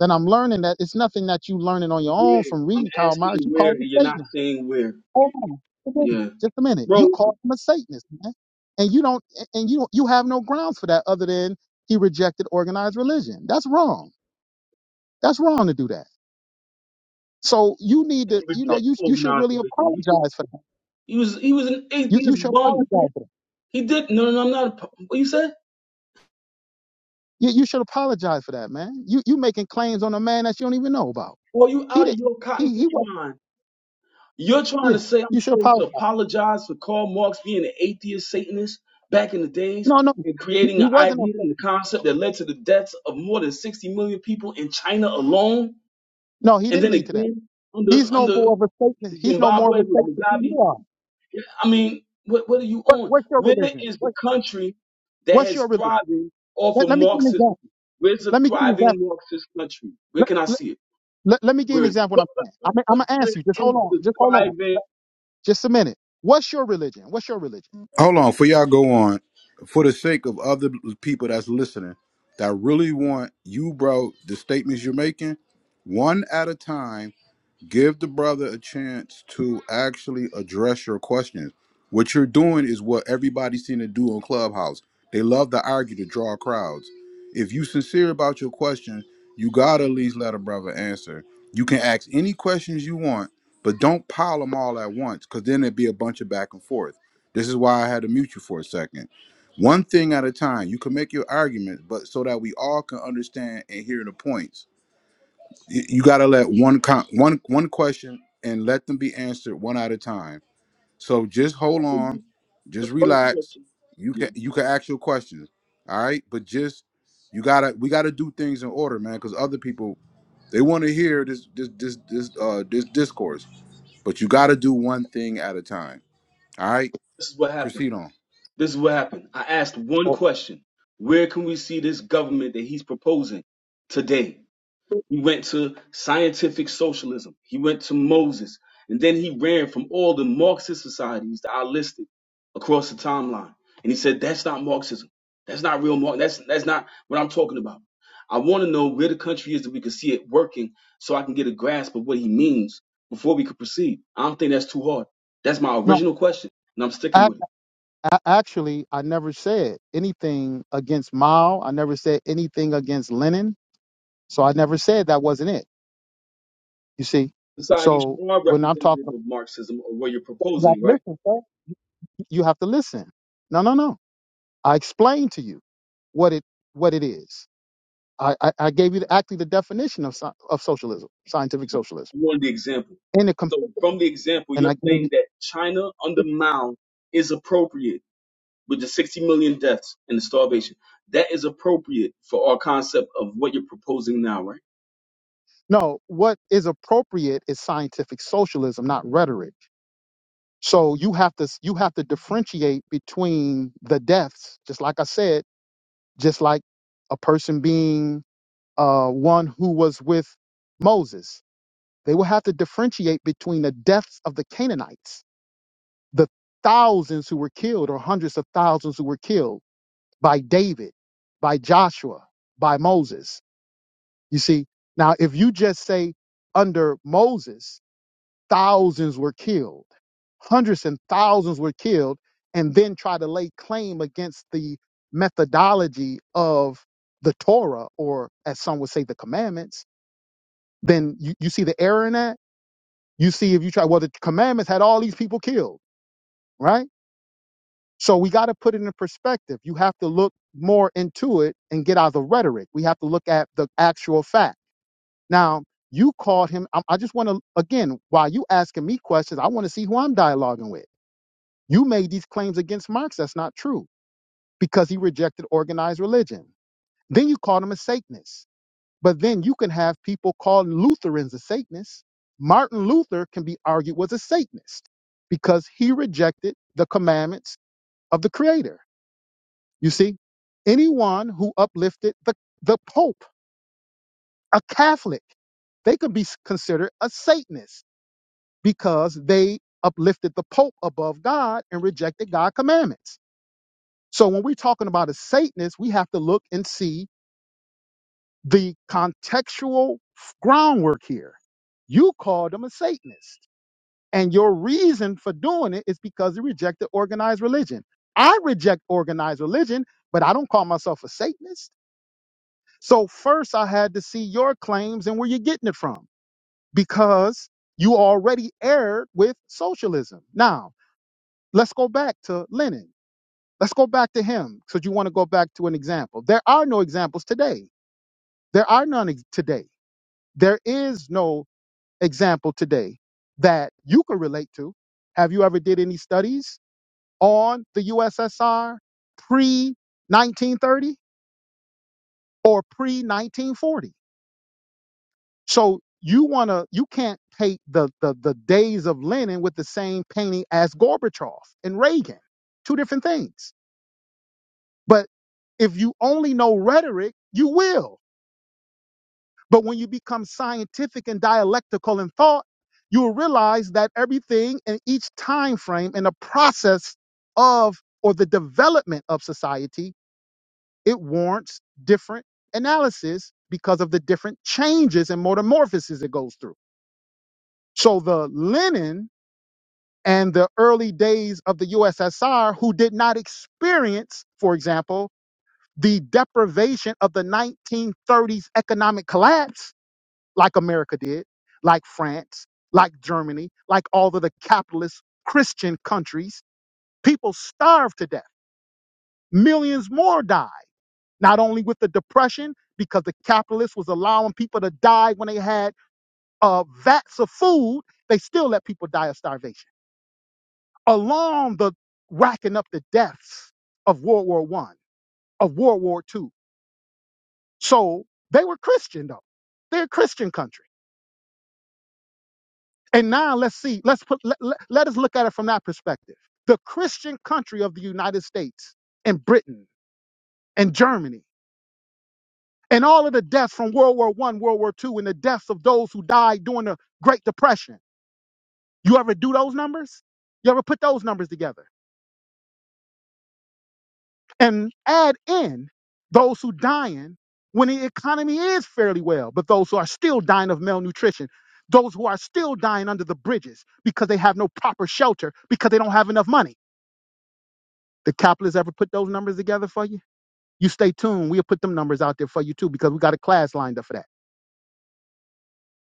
Speaker 1: that I'm learning that it's nothing that you learning on your
Speaker 2: where.
Speaker 1: own from
Speaker 2: I'm
Speaker 1: reading Karl
Speaker 2: asking
Speaker 1: Marx. You
Speaker 2: where,
Speaker 1: call
Speaker 2: and
Speaker 1: it
Speaker 2: you're
Speaker 1: a
Speaker 2: not
Speaker 1: statement.
Speaker 2: saying where.
Speaker 1: Hold on. Just a minute.
Speaker 2: Yeah.
Speaker 1: Just a minute. You
Speaker 2: Bro,
Speaker 1: called him a Satanist, man. And you don't and you you have no grounds for that other than he rejected organized religion. That's wrong. That's wrong to do that. So you need
Speaker 2: he
Speaker 1: to, you know,
Speaker 2: reject
Speaker 1: you you should
Speaker 2: organized
Speaker 1: really
Speaker 2: religion.
Speaker 1: apologize for that.
Speaker 2: He was, he was, he was an
Speaker 1: You you
Speaker 2: atheist
Speaker 1: should
Speaker 2: bum.
Speaker 1: apologize for that.
Speaker 2: He did. No, no, no, I'm not. A, p- what you say?
Speaker 1: You, you should apologize for that, man. You you making claims on a man that you don't even know about.
Speaker 2: Well, you
Speaker 1: He
Speaker 2: out of
Speaker 1: did
Speaker 2: your cotton
Speaker 1: he he
Speaker 2: picking
Speaker 1: was
Speaker 2: mind. You're trying
Speaker 1: yeah.
Speaker 2: to say
Speaker 1: You
Speaker 2: I'm
Speaker 1: should
Speaker 2: supposed to
Speaker 1: apologize.
Speaker 2: apologize for Karl Marx being an atheist Satanist back in the days
Speaker 1: No, no.
Speaker 2: and
Speaker 1: He
Speaker 2: creating
Speaker 1: he
Speaker 2: an
Speaker 1: wasn't a
Speaker 2: idea and the
Speaker 1: Satanist.
Speaker 2: concept that led to the deaths of more than 60 million people in China alone,
Speaker 1: No, he
Speaker 2: and
Speaker 1: didn't
Speaker 2: then
Speaker 1: lead to that.
Speaker 2: again under
Speaker 1: He's no
Speaker 2: under
Speaker 1: more of a Satanist. He's no more of
Speaker 2: Zimbabwe
Speaker 1: a
Speaker 2: with
Speaker 1: Satanist than
Speaker 2: Mugabe
Speaker 1: you are.
Speaker 2: I mean, what what are you
Speaker 1: What,
Speaker 2: on?
Speaker 1: what's your
Speaker 2: Where
Speaker 1: religion?
Speaker 2: is the
Speaker 1: What-
Speaker 2: country that
Speaker 1: What's
Speaker 2: has
Speaker 1: your religion?
Speaker 2: thriving off
Speaker 1: Let,
Speaker 2: of
Speaker 1: let me give you an
Speaker 2: Marxism?
Speaker 1: example.
Speaker 2: Where's the
Speaker 1: Let me give you an
Speaker 2: thriving
Speaker 1: example.
Speaker 2: Marxist country? Where
Speaker 1: Let,
Speaker 2: can I
Speaker 1: let,
Speaker 2: see it?
Speaker 1: let, let me give you
Speaker 2: Where
Speaker 1: an
Speaker 2: is it?
Speaker 1: example. What
Speaker 2: What,
Speaker 1: I'm saying. I'm,
Speaker 2: what
Speaker 1: I'm gonna
Speaker 2: where
Speaker 1: ask you. Just hold
Speaker 2: is
Speaker 1: on.
Speaker 2: the
Speaker 1: Just hold on.
Speaker 2: thriving?
Speaker 1: Just a minute. What's your religion? What's your religion?
Speaker 5: Hold on, for y'all go on, for the sake of other people that's listening, that really want you, bro, the statements you're making, one at a time give the brother a chance to actually address your questions. What you're doing is what everybody's seen to do on Clubhouse. They love to argue to draw crowds. If you sincere about your question, you gotta at least let a brother answer. You can ask any questions you want, but don't pile them all at once, because then it'd be a bunch of back and forth. This is why I had to mute you for a second. One thing at a time. You can make your arguments, but so that we all can understand and hear the points y- you got to let one con- one one question and let them be answered one at a time. So just hold on,
Speaker 2: The
Speaker 5: just
Speaker 2: first
Speaker 5: relax.
Speaker 2: question.
Speaker 5: You can
Speaker 2: yeah,
Speaker 5: you can ask your questions, all right? But just you gotta we gotta do things in order, man, because other people they want to hear this this this this uh this discourse, but you gotta do one thing at a time, all right?
Speaker 2: This is what happened.
Speaker 5: Proceed on.
Speaker 2: This is what happened. I asked one
Speaker 1: Oh,
Speaker 2: question. Where can we see this government that he's proposing today? He went to scientific socialism. He went to Moses. And then he ran from all the Marxist societies that I listed across the timeline. And he said, that's not Marxism. That's not real Marx. That's, that's not what I'm talking about. I want to know where the country is that we can see it working so I can get a grasp of what he means before we could proceed. I don't think that's too hard. That's my
Speaker 1: no,
Speaker 2: original question, and I'm sticking
Speaker 1: I,
Speaker 2: with it.
Speaker 1: I, actually, I never said anything against Mao. I never said anything against Lenin. So I never said that wasn't it. You see.
Speaker 2: Societies
Speaker 1: So
Speaker 2: are
Speaker 1: when I'm
Speaker 2: representative
Speaker 1: talking,
Speaker 2: of Marxism or what you're
Speaker 1: you have
Speaker 2: proposing,
Speaker 1: to
Speaker 2: right?
Speaker 1: listen. Sir. You have to listen. No, no, no. I explained to you what it what it is. I, I, I gave you the, actually the definition of, sci- of socialism, scientific socialism.
Speaker 2: one the example.
Speaker 1: And, it, com-
Speaker 2: So from the example,
Speaker 1: and
Speaker 2: you're
Speaker 1: I gave
Speaker 2: saying that China under
Speaker 1: you,
Speaker 2: Mao is appropriate with the 60 million deaths and the starvation. That is appropriate for our concept of what you're proposing now, right?
Speaker 1: no, what is appropriate is scientific socialism, not rhetoric. So you have to you have to differentiate between the deaths, just like I said, just like a person being uh, one who was with Moses. They will have to differentiate between the deaths of the Canaanites, the thousands who were killed, or hundreds of thousands who were killed by David, by Joshua, by Moses. You see, now if you just say under Moses, thousands were killed, hundreds and thousands were killed, and then try to lay claim against the methodology of the Torah, or as some would say, the commandments, then you, you see the error in that. You see, if you try, well, the commandments had all these people killed, right? So we got to put it in perspective. You have to look more into it and get out of the rhetoric. We have to look at the actual fact. Now, you called him. I, I just want to, again, while you asking me questions, I want to see who I'm dialoguing with. You made these claims against Marx. That's not true because he rejected organized religion. Then you called him a Satanist. But then you can have people call Lutherans a Satanist. Martin Luther can be argued was a Satanist because he rejected the commandments of the Creator. You see, anyone who uplifted the, the Pope, a Catholic, they could be s- considered a Satanist because they uplifted the Pope above God and rejected God's commandments. So when we're talking about a Satanist, we have to look and see the contextual f- groundwork here. You called them a Satanist, and your reason for doing it is because you rejected organized religion. I reject organized religion, but I don't call myself a Satanist. So first I had to see your claims and where you're getting it from because you already erred with socialism. Now, let's go back to Lenin. Let's go back to him because you want to go back to an example. There are no examples today. There are none ex- today. There is no example today that you could relate to. Have you ever did any studies on the USSR pre 1930 or pre 1940? So you wanna you can't paint the the the days of Lenin with the same painting as Gorbachev and Reagan. Two different things. But if you only know rhetoric, you will. But when you become scientific and dialectical in thought, you will realize that everything in each time frame in the process of or the development of society, it warrants different analysis because of the different changes and metamorphoses it goes through. So the Lenin and the early days of the USSR who did not experience, for example, the deprivation of the 1930s economic collapse like America did, like France, like Germany, like all of the capitalist Christian countries. People starved to death. Millions more died, not only with the depression, because the capitalist was allowing people to die when they had uh, vats of food, they still let people die of starvation along the racking up the deaths of World War One, of World War Two. So they were Christian though. They're a Christian country. And now let's see, let's put let, let, let us look at it from that perspective. The Christian country of the United States and Britain and Germany and all of the deaths from World War One, World War Two, and the deaths of those who died during the Great Depression. You ever do those numbers? You ever put those numbers together? and add in those who dying when the economy is fairly well, but those who are still dying of malnutrition, those who are still dying under the bridges because they have no proper shelter because they don't have enough money. The capitalists ever put those numbers together for you? You stay tuned. We'll put them numbers out there for you too because we got a class lined up for that.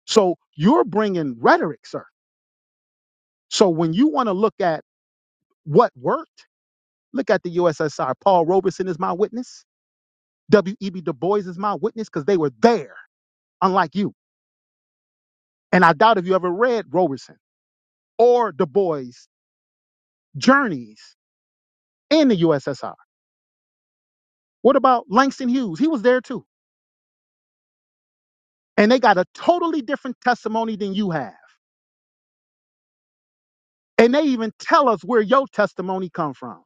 Speaker 1: So you're bringing rhetoric, sir. So when you want to look at what worked, look at the USSR. Paul Robeson is my witness. W.E.B. Du Bois is my witness because they were there, unlike you. And I doubt if you ever read Roberson or Du Bois' journeys in the USSR. What about Langston Hughes? He was there too. And they got a totally different testimony than you have. And they even tell us where your testimony come from.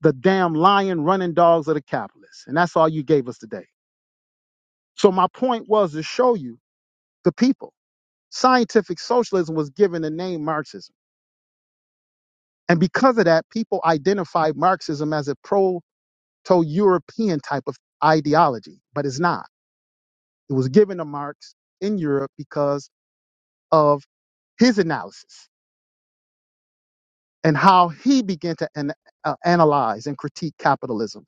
Speaker 1: The damn lion running dogs of the capitalists. And that's all you gave us today. So my point was to show you the people. Scientific socialism was given the name Marxism. And because of that, people identified Marxism as a proto-European type of ideology, but it's not. It was given to Marx in Europe because of his analysis and how he began to an, uh, analyze and critique capitalism,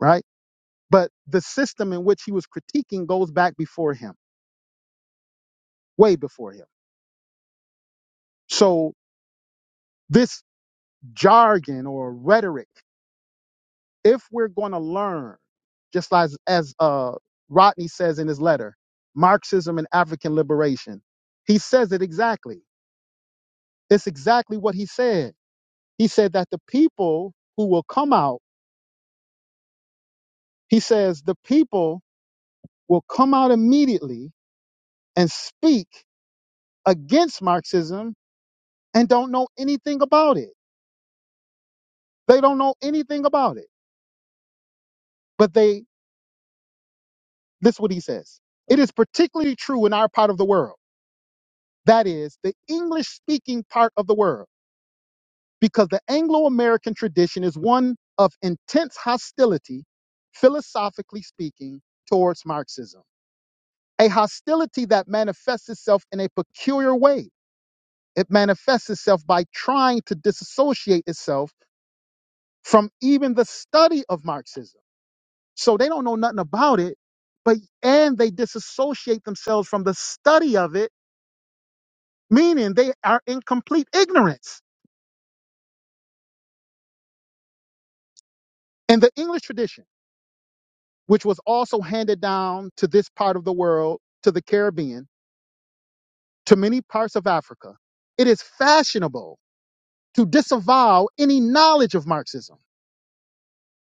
Speaker 1: right? But the system in which he was critiquing goes back before him, way before him. So this jargon or rhetoric, if we're going to learn, just as as uh, Rodney says in his letter, Marxism and African liberation, he says it exactly. It's exactly what he said He said that the people who will come out, he says the people will come out immediately and speak against Marxism and don't know anything about it. They don't know anything about it. But they, this is what he says. It is particularly true in our part of the world. That is the English speaking part of the world, because the Anglo American tradition is one of intense hostility, philosophically speaking, towards Marxism. a hostility that manifests itself in a peculiar way. It manifests itself by trying to disassociate itself from even the study of Marxism. So they don't know nothing about it, but and they disassociate themselves from the study of it, meaning they are in complete ignorance. In the English tradition, which was also handed down to this part of the world, to the Caribbean, to many parts of Africa, it is fashionable to disavow any knowledge of Marxism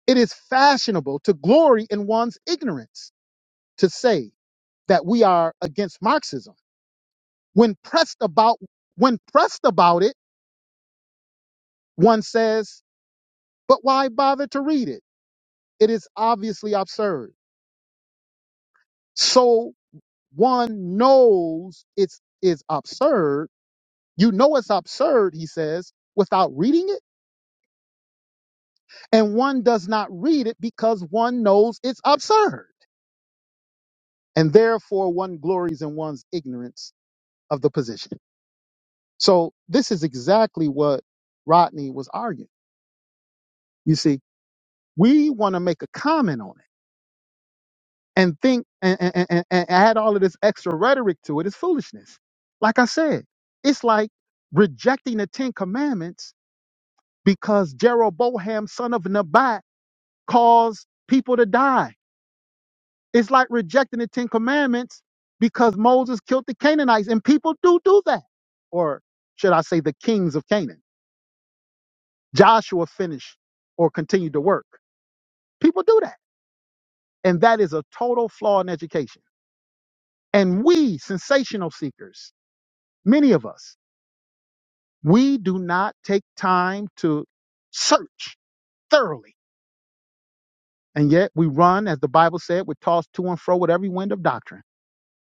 Speaker 1: It is fashionable to glory in one's ignorance to say that we are against Marxism. When pressed about when pressed about it, one says, but why bother to read it? It is obviously absurd. So one knows it's is absurd. You know it's absurd, he says, without reading it, and one does not read it because one knows it's absurd. And therefore one glories in one's ignorance of the position. So this is exactly what Rodney was arguing. You see, we want to make a comment on it and think and, and, and, and add all of this extra rhetoric to it is foolishness. Like I said, it's like rejecting the Ten Commandments because Jeroboam, son of Nebat, caused people to die. It's like rejecting the Ten Commandments because Moses killed the Canaanites, and people do do that. Or should I say, the kings of Canaan? Joshua finished or continued to work. People do that. And that is a total flaw in education. And we, sensational seekers, many of us, we do not take time to search thoroughly. And yet we run, as the Bible said, we're tossed to and fro with every wind of doctrine.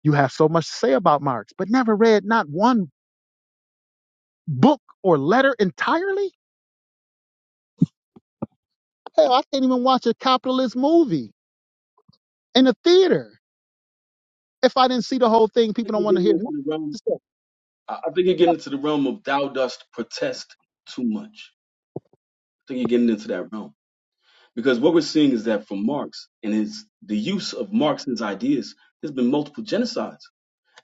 Speaker 1: You have so much to say about Marx, but never read not one book or letter entirely? Hell, I can't even watch a capitalist movie in the theater if I didn't see the whole thing.
Speaker 2: I
Speaker 1: People don't
Speaker 2: think
Speaker 1: want
Speaker 2: you're
Speaker 1: to
Speaker 2: getting
Speaker 1: hear.
Speaker 2: into the realm. I I think you're getting into the realm of thou dost protest too much. I think you're getting into that realm because what we're seeing is that from Marx and his the use of Marx's ideas, there's been multiple genocides.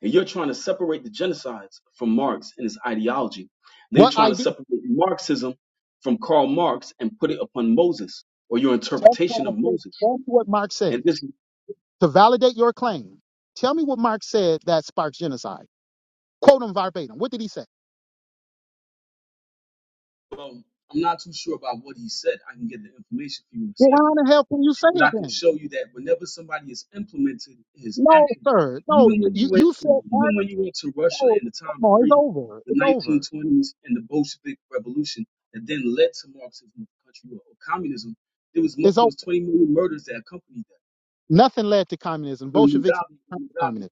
Speaker 2: And you're trying to separate the genocides from Marx and his ideology. They're
Speaker 1: What
Speaker 2: trying to
Speaker 1: ID?
Speaker 2: separate Marxism from Karl Marx and put it upon Moses or your
Speaker 1: That's
Speaker 2: interpretation
Speaker 1: what I
Speaker 2: of
Speaker 1: said.
Speaker 2: Moses.
Speaker 1: That's what Marx
Speaker 2: And
Speaker 1: said.
Speaker 2: this,
Speaker 1: To validate your claim, tell me what Marx said that sparks genocide. Quote him verbatim. What did he say?
Speaker 2: um, I'm not too sure about what he said. I can get the information for you in a
Speaker 1: Well, how
Speaker 2: second
Speaker 1: in the hell can you say
Speaker 2: But I
Speaker 1: it
Speaker 2: can
Speaker 1: then?
Speaker 2: show you that whenever somebody is implemented his
Speaker 1: No,
Speaker 2: actions,
Speaker 1: sir. No,
Speaker 2: even
Speaker 1: t-
Speaker 2: when you
Speaker 1: you,
Speaker 2: went
Speaker 1: you said
Speaker 2: to, even
Speaker 1: Marx.
Speaker 2: when you went to Russia
Speaker 1: Oh,
Speaker 2: in the
Speaker 1: come
Speaker 2: time
Speaker 1: on, it's
Speaker 2: pre
Speaker 1: over.
Speaker 2: the
Speaker 1: It's over.
Speaker 2: 1920s and the Bolshevik Revolution that then led to Marxism in the country or, or communism, there was mo-
Speaker 1: It's
Speaker 2: there was
Speaker 1: over.
Speaker 2: 20 million murders that accompanied that.
Speaker 1: Nothing led to communism.
Speaker 2: When
Speaker 1: Bolsheviks
Speaker 2: Mugabe,
Speaker 1: never
Speaker 2: when
Speaker 1: became
Speaker 2: Mugabe,
Speaker 1: communist.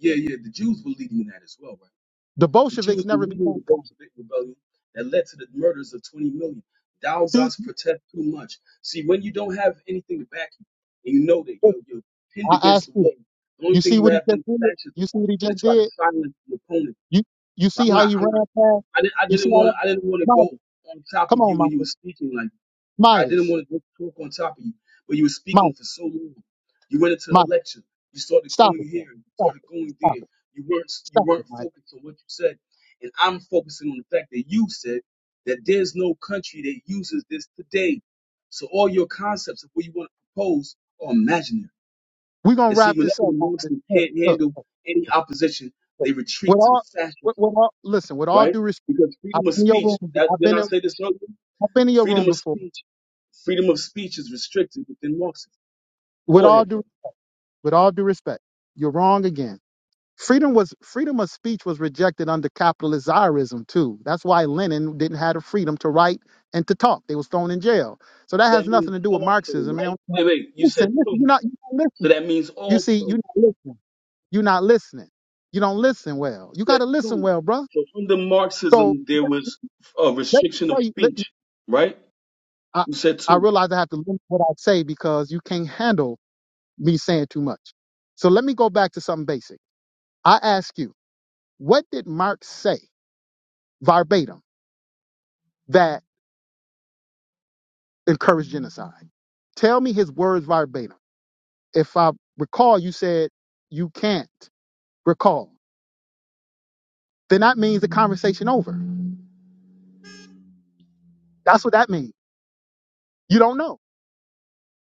Speaker 2: yeah, yeah, the Jews were leading in that as well, right?
Speaker 1: The
Speaker 2: The Jews
Speaker 1: Bolsheviks
Speaker 2: were
Speaker 1: never
Speaker 2: leading
Speaker 1: became
Speaker 2: the Bolshevik rebellion that led to the murders of 20 million. Thou
Speaker 1: communist. See,
Speaker 2: dost protest too much. See, when you don't have anything to back you, and you know that you're, you're pinned
Speaker 1: I
Speaker 2: against
Speaker 1: asked
Speaker 2: the
Speaker 1: you.
Speaker 2: wall, the only
Speaker 1: You
Speaker 2: thing
Speaker 1: see
Speaker 2: you
Speaker 1: what he
Speaker 2: have then
Speaker 1: just
Speaker 2: is
Speaker 1: did? You
Speaker 2: fascism
Speaker 1: see what he
Speaker 2: and
Speaker 1: just
Speaker 2: to try to
Speaker 1: did?
Speaker 2: silence the opponent.
Speaker 1: You you see
Speaker 2: I'm
Speaker 1: how
Speaker 2: not.
Speaker 1: he
Speaker 2: I'm
Speaker 1: ran
Speaker 2: not.
Speaker 1: past?
Speaker 2: I didn't. I
Speaker 1: You see
Speaker 2: didn't
Speaker 1: how
Speaker 2: want.
Speaker 1: that
Speaker 2: to. I didn't want to go
Speaker 1: Midas.
Speaker 2: on top
Speaker 1: Come
Speaker 2: of
Speaker 1: on,
Speaker 2: you when you were
Speaker 1: Midas.
Speaker 2: speaking. Like I didn't
Speaker 1: Midas.
Speaker 2: want to talk on top of you, but you were speaking
Speaker 1: Midas.
Speaker 2: for so long. You went into a
Speaker 1: Midas.
Speaker 2: lecture. You started
Speaker 1: Stop
Speaker 2: going
Speaker 1: it, man.
Speaker 2: here. You
Speaker 1: Stop
Speaker 2: started
Speaker 1: it.
Speaker 2: going there.
Speaker 1: Stop it.
Speaker 2: You weren't. You
Speaker 1: Stop it,
Speaker 2: weren't
Speaker 1: Midas.
Speaker 2: focused on what you said, and I'm focusing on the fact that you said that there's no country that uses this today. So all your concepts of what you want to propose are imaginary.
Speaker 1: We're gonna
Speaker 2: And see,
Speaker 1: wrap
Speaker 2: whenever
Speaker 1: this
Speaker 2: the
Speaker 1: up after
Speaker 2: Muslims
Speaker 1: look,
Speaker 2: can't
Speaker 1: look,
Speaker 2: handle any opposition, they
Speaker 1: look. With
Speaker 2: retreat to
Speaker 1: all
Speaker 2: fascism
Speaker 1: with, with all listen, with all
Speaker 2: right?
Speaker 1: due respect,
Speaker 2: Because
Speaker 1: I've
Speaker 2: freedom of
Speaker 1: been in your
Speaker 2: speech,
Speaker 1: room
Speaker 2: that
Speaker 1: I've
Speaker 2: did
Speaker 1: been
Speaker 2: I
Speaker 1: in
Speaker 2: say this earlier?
Speaker 1: I've been in your room
Speaker 2: Freedom of
Speaker 1: before.
Speaker 2: speech, freedom of speech is restricted within Marxism.
Speaker 1: With
Speaker 2: Go
Speaker 1: all
Speaker 2: ahead,
Speaker 1: due
Speaker 2: brother.
Speaker 1: with all due respect, you're wrong again. Freedom was freedom of speech was rejected under capitalist Czarism too. That's why Lenin didn't have the freedom to write and to talk. They was thrown in jail. So that
Speaker 2: That
Speaker 1: has nothing
Speaker 2: means
Speaker 1: to do with
Speaker 2: also,
Speaker 1: Marxism. And
Speaker 2: right?
Speaker 1: I'm-
Speaker 2: Wait, wait, you said
Speaker 1: listen, listen,
Speaker 2: two.
Speaker 1: you're not, you're not
Speaker 2: So
Speaker 1: listening.
Speaker 2: that means
Speaker 1: You
Speaker 2: also.
Speaker 1: see, you're
Speaker 2: You
Speaker 1: not listening. You're not listening. You don't listen well. You got
Speaker 2: Said
Speaker 1: to listen
Speaker 2: two.
Speaker 1: well, bruh.
Speaker 2: So under
Speaker 1: So
Speaker 2: Marxism there was a
Speaker 1: let me
Speaker 2: restriction of
Speaker 1: tell you. Let,
Speaker 2: speech, right?
Speaker 1: I
Speaker 2: You said
Speaker 1: I
Speaker 2: two.
Speaker 1: realize I have to limit what I say because you can't handle me saying too much. So let me go back to something basic. I ask you, what did Marx say verbatim? that? encourage genocide. Tell me his words verbatim. If I recall, you said you can't recall. Then that means the conversation over. That's what that means. You don't know.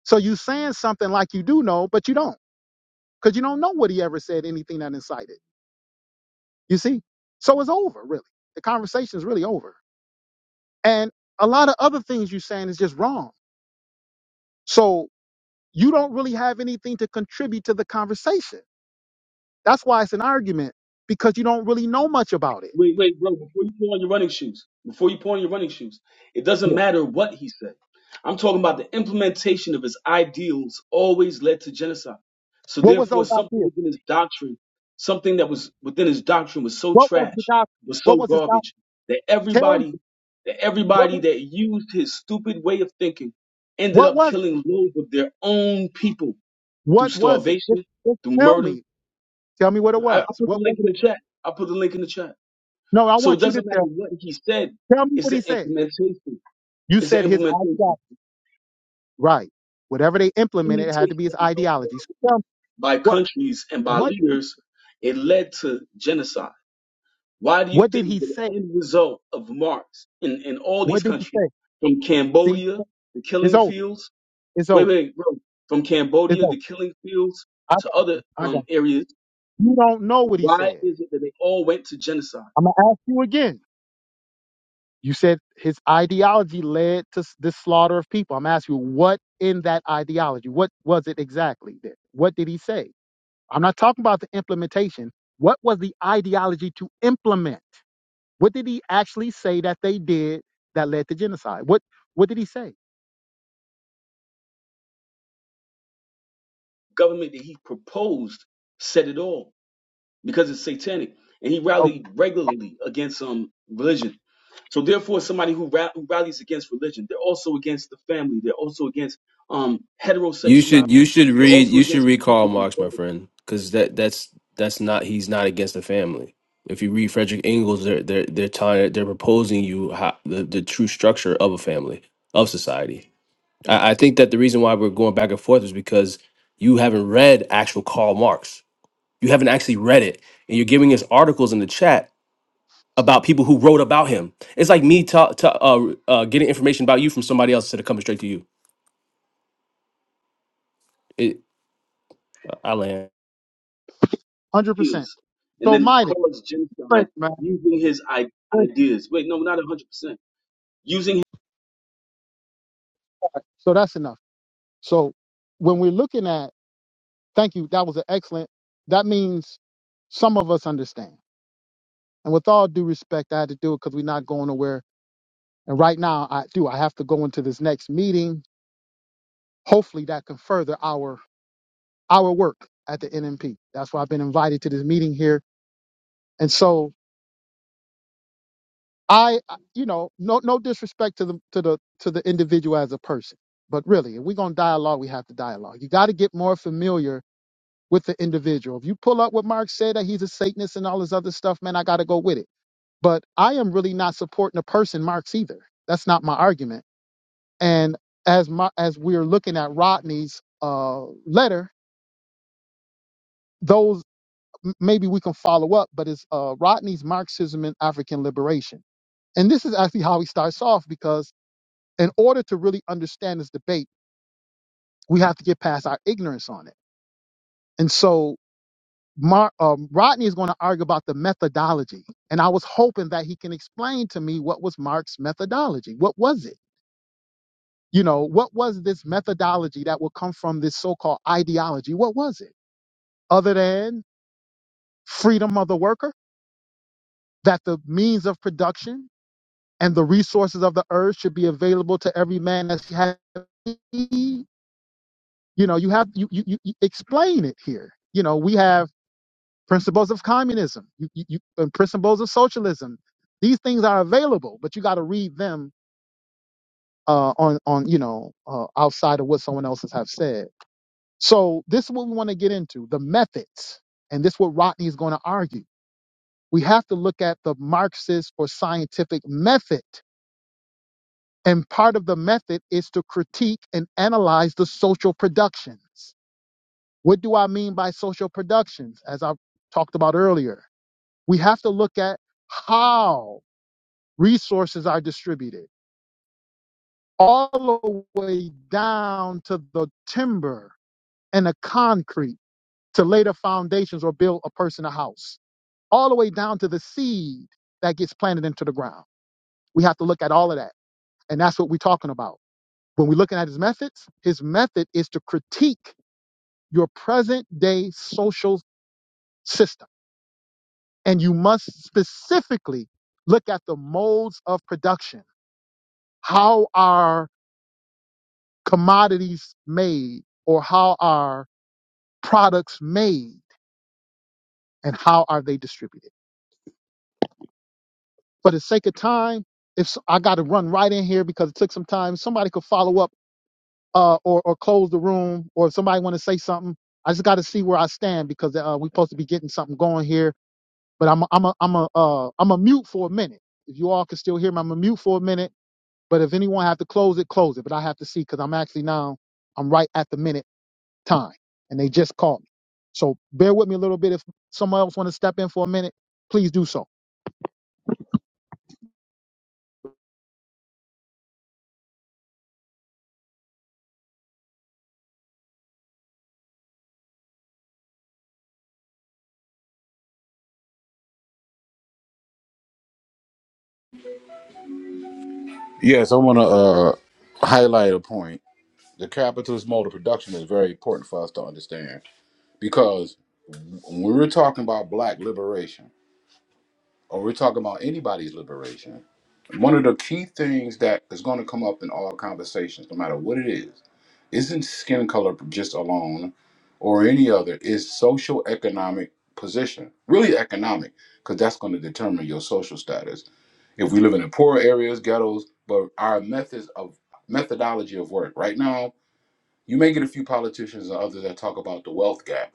Speaker 1: So you saying something like you do know, but you don't, because you don't know what he ever said, anything that incited. You see? So it's over, really. The conversation is really over. And a lot of other things you're saying is just wrong. So you don't really have anything to contribute to the conversation. That's why it's an argument, because you don't really know much about it.
Speaker 2: Wait, wait, bro, before you put on your running shoes, before you put on your running shoes, it doesn't matter what he said. I'm talking about the implementation of his ideals always led to genocide. So
Speaker 1: What was
Speaker 2: therefore,
Speaker 1: those
Speaker 2: something
Speaker 1: ideas?
Speaker 2: within his doctrine, something that was within his doctrine was so
Speaker 1: What was the
Speaker 2: trash,
Speaker 1: gospel?
Speaker 2: was so
Speaker 1: What was his gospel?
Speaker 2: garbage, that
Speaker 1: Tell me.
Speaker 2: everybody, that
Speaker 1: What
Speaker 2: everybody
Speaker 1: was
Speaker 2: that
Speaker 1: it?
Speaker 2: used his stupid way of thinking ended
Speaker 1: What
Speaker 2: up
Speaker 1: was,
Speaker 2: killing loads of their own people through
Speaker 1: what was it? Just,
Speaker 2: starvation,
Speaker 1: just
Speaker 2: through
Speaker 1: tell
Speaker 2: murder.
Speaker 1: me. Tell me what it
Speaker 2: I, I
Speaker 1: was.
Speaker 2: put the
Speaker 1: What was
Speaker 2: link in
Speaker 1: it?
Speaker 2: the chat. I put the link in the chat.
Speaker 1: No, I
Speaker 2: So it
Speaker 1: want you to
Speaker 2: doesn't matter
Speaker 1: tell.
Speaker 2: what he said.
Speaker 1: Tell me
Speaker 2: It's
Speaker 1: what he
Speaker 2: the
Speaker 1: said.
Speaker 2: implementation.
Speaker 1: You
Speaker 2: It's the
Speaker 1: said his
Speaker 2: implementation.
Speaker 1: ideology. Right. Whatever they implemented, it had to
Speaker 2: Implementation
Speaker 1: be his
Speaker 2: of those
Speaker 1: ideology. So tell
Speaker 2: doctrines
Speaker 1: me,
Speaker 2: by
Speaker 1: what,
Speaker 2: countries and by
Speaker 1: what,
Speaker 2: leaders, it led to genocide. Why do you
Speaker 1: what did
Speaker 2: think
Speaker 1: he
Speaker 2: that
Speaker 1: say?
Speaker 2: the end result of Marx in, in all these
Speaker 1: What did he
Speaker 2: countries,
Speaker 1: say?
Speaker 2: from
Speaker 1: See,
Speaker 2: Cambodia, the
Speaker 1: it's
Speaker 2: killing
Speaker 1: over.
Speaker 2: fields,
Speaker 1: It's
Speaker 2: wait,
Speaker 1: over.
Speaker 2: wait, bro, from
Speaker 1: It's
Speaker 2: Cambodia,
Speaker 1: over.
Speaker 2: the killing fields
Speaker 1: I,
Speaker 2: to
Speaker 1: got-
Speaker 2: other
Speaker 1: I got
Speaker 2: um, areas,
Speaker 1: You don't know what he
Speaker 2: why
Speaker 1: said.
Speaker 2: is it that they all went to genocide?
Speaker 1: I'm going to ask you again. You said his ideology led to s- this slaughter of people. I'm asking you, what in that ideology? What was it exactly? Then? What did he say? I'm not talking about the implementation. What was the ideology to implement? What did he actually say that they did that led to genocide? What What did he say?
Speaker 2: Government that he proposed said it all. because it's satanic. And he
Speaker 1: Oh,
Speaker 2: rallied regularly against um religion. So therefore, somebody who, ra- who rallies against religion, they're also against the family. They're also against um
Speaker 4: You should you
Speaker 2: heterosexuality.
Speaker 4: should
Speaker 2: They're
Speaker 4: read
Speaker 2: also
Speaker 4: you should
Speaker 2: against
Speaker 4: read Karl
Speaker 2: people
Speaker 4: Marx, my
Speaker 2: themselves,
Speaker 4: friend, because that that's that's not he's not against the family. If you read Frederick Engels, they're they're they're trying they're proposing you how, the the true structure of a family of society. I, I think that the reason why we're going back and forth is because you haven't read actual Karl Marx. You haven't actually read it, and you're giving us articles in the chat about people who wrote about him. It's like me ta- ta- uh, uh, getting information about you from somebody else instead of coming straight to you. I land.
Speaker 1: 100%.
Speaker 2: ideas, and
Speaker 1: So,
Speaker 2: then
Speaker 1: mind
Speaker 2: cause genocide
Speaker 1: Thanks, man.
Speaker 2: using his I- ideas. Wait, no, not 100%. Using
Speaker 1: So, that's enough. So, when we're looking at, thank you, that was an excellent, that means some of us understand. And with all due respect, I had to do it because we're not going nowhere. And right now, I do. I have to go into this next meeting. Hopefully, that can further our our work at the NMP. That's why I've been invited to this meeting here. And so I, you know, no no disrespect to the to the to the individual as a person, but really, if we're gonna dialogue, we have to dialogue. You got to get more familiar with the individual. If you pull up what Mark said that he's a Satanist and all this other stuff, man, I got to go with it. But I am really not supporting the person Marx either. That's not my argument And as my, as we're looking at Rodney's uh, letter, those m- maybe we can follow up. But it's uh, Rodney's Marxism and African Liberation, and this is actually how he starts off because in order to really understand this debate, we have to get past our ignorance on it. And so Mar- um, Rodney is going to argue about the methodology, and I was hoping that he can explain to me what was Marx's methodology. What was it? You know, what was this methodology that would come from this so-called ideology? What was it? other than freedom of the worker, that the means of production and the resources of the earth should be available to every man as he has need. You know, you have you, you you you explain it here. You know, we have principles of communism, you, you, you, and principles of socialism. These things are available, but you got to read them uh, on on you know uh, outside of what someone else has have said. So this is what we want to get into: the methods, and this is what Rodney is going to argue. we have to look at the Marxist or scientific method. And part of the method is to critique and analyze the social productions. What do I mean by social productions? As I talked about earlier, we have to look at how resources are distributed, all the way down to the timber and the concrete to lay the foundations or build a person a house, all the way down to the seed that gets planted into the ground. We have to look at all of that. And that's what we're talking about. When we're looking at his methods, his method is to critique your present day social system. And you must specifically look at the modes of production. How are commodities made or how are products made and how are they distributed? For the sake of time, if s- I got to run right in here because it took some time, somebody could follow up uh, or or close the room, or if somebody want to say something, I just got to see where I stand because uh, we're supposed to be getting something going here. But I'm a, I'm a, I'm a uh, I'm a mute for a minute. If you all can still hear me, I'm a mute for a minute. But if anyone have to close it, close it. But I have to see because I'm actually now I'm right at the minute time, and they just called me. So bear with me a little bit. If someone else want to step in for a minute, please do so.
Speaker 5: Yes, I want to uh highlight a point. The capitalist mode of production is very important for us to understand because when we're talking about black liberation or we're talking about anybody's liberation, one of the key things that is going to come up in all conversations, no matter what it is, isn't skin color just alone or any other, is social economic position, really economic, because that's going to determine your social status. If we live in the poor areas, ghettos, but our methods of methodology of work right now, you may get a few politicians and others that talk about the wealth gap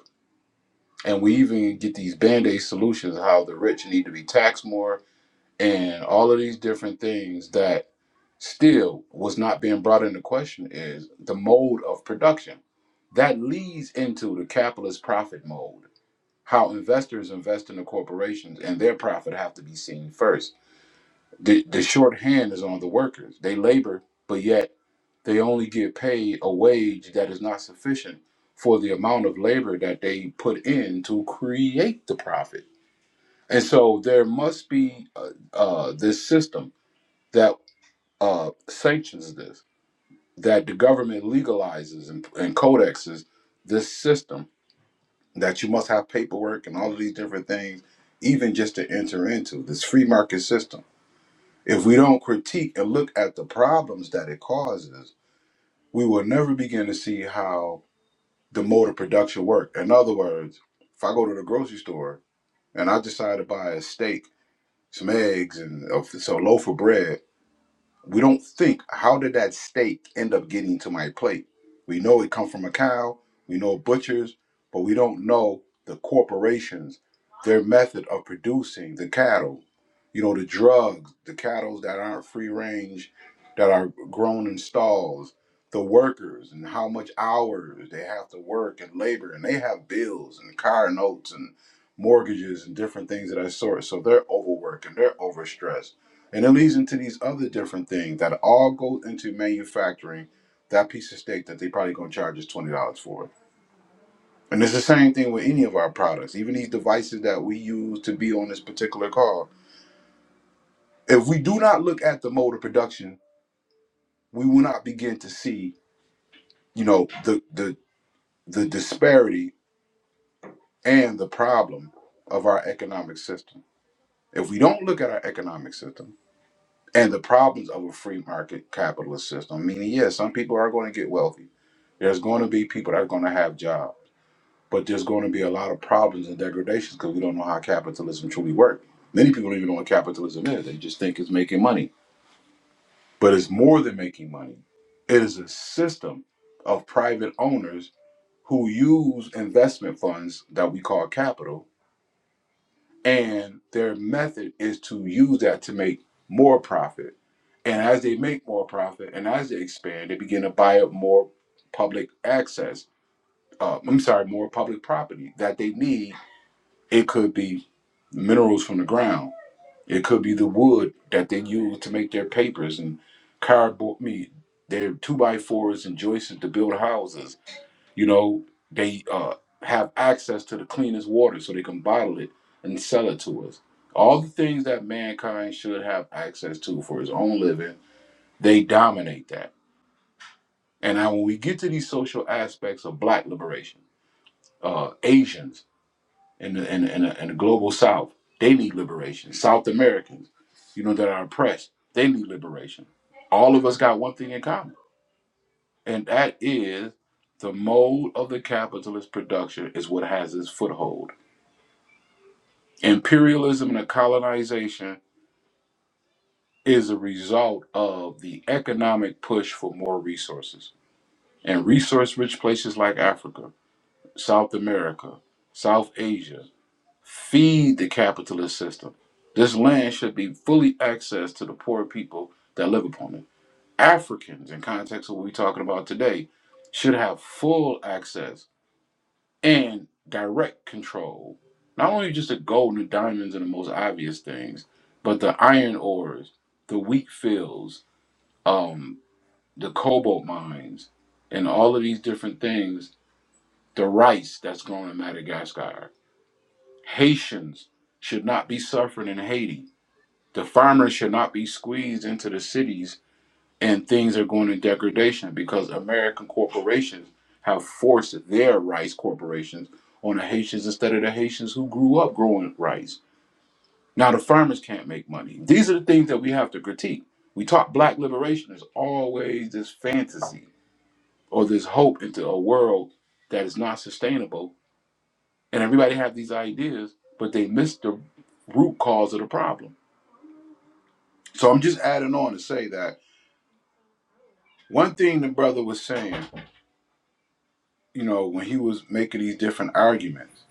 Speaker 5: And we even get these band aid solutions how the rich need to be taxed more and all of these different things that still was not being brought into question is the mode of production that leads into the capitalist profit mode how investors invest in the corporations and their profit have to be seen first the, the shorthand is on the workers they labor but yet they only get paid a wage that is not sufficient for the amount of labor that they put in to create the profit. And so there must be uh, uh, this system that uh, sanctions this, that the government legalizes and, and codexes this system, that you must have paperwork and all of these different things, even just to enter into this free market system. If we don't critique and look at the problems that it causes, we will never begin to see how the mode of production work. In other words, if I go to the grocery store and I decide to buy a steak, some eggs, and a, so a loaf of bread, we don't think how did that steak end up getting to my plate? We know it come from a cow, we know butchers, but we don't know the corporations, their method of producing the cattle, you know, the drugs, the cattle that aren't free range, that are grown in stalls, the workers and how much hours they have to work and labor and they have bills and car notes and mortgages and different things of that sort. So they're overworked and they're overstressed and it leads into these other different things that all go into manufacturing that piece of steak that they probably gonna charge us twenty dollars for it. And it's the same thing with any of our products, even these devices that we use to be on this particular call. If we do not look at the mode of production, we will not begin to see, you know, the the the disparity and the problem of our economic system. If we don't look at our economic system and the problems of a free market capitalist system, meaning yes, some people are going to get wealthy There's going to be people that are going to have jobs, but there's going to be a lot of problems and degradations because we don't know how capitalism truly works. Many people don't even know what capitalism is. They just think it's making money, but it's more than making money. It is a system of private owners who use investment funds that we call capital, and their method is to use that to make more profit. And as they make more profit and as they expand, they begin to buy up more public access uh, I'm sorry, more public property that they need. It could be minerals from the ground. It could be the wood that they use to make their papers and cardboard. I mean, their two by fours and joists to build houses. You know, they uh, have access to the cleanest water, so they can bottle it and sell it to us. All the things that mankind should have access to for his own living, they dominate that. And now, when we get to these social aspects of Black liberation, uh, Asians. and the, and, the- and, the, and the global South. They need liberation. South Americans, you know, that are oppressed, they need liberation. All of us got one thing in common, and that is the mold of the capitalist production is what has its foothold. Imperialism and colonization is a result of the economic push for more resources. And resource rich places like Africa, South America, South Asia, Feed the capitalist system. This land should be fully accessed to the poor people that live upon it. Africans, in context of what we're talking about today, should have full access and direct control. Not only just the gold and the diamonds and the most obvious things, but the iron ores, the wheat fields, um, the cobalt mines, and all of these different things. The rice that's grown in Madagascar. Haitians should not be suffering in Haiti The farmers should not be squeezed into the cities, and things are going in degradation because American corporations have forced their rice corporations on the Haitians instead of the Haitians who grew up growing rice. Now the farmers can't make money. These are the things that we have to critique. We talk black liberation is always this fantasy or this hope into a world that is not sustainable, and everybody have these ideas, but they miss the root cause of the problem. So I'm just adding on to say that One thing the brother was saying, you know, when he was making these different arguments,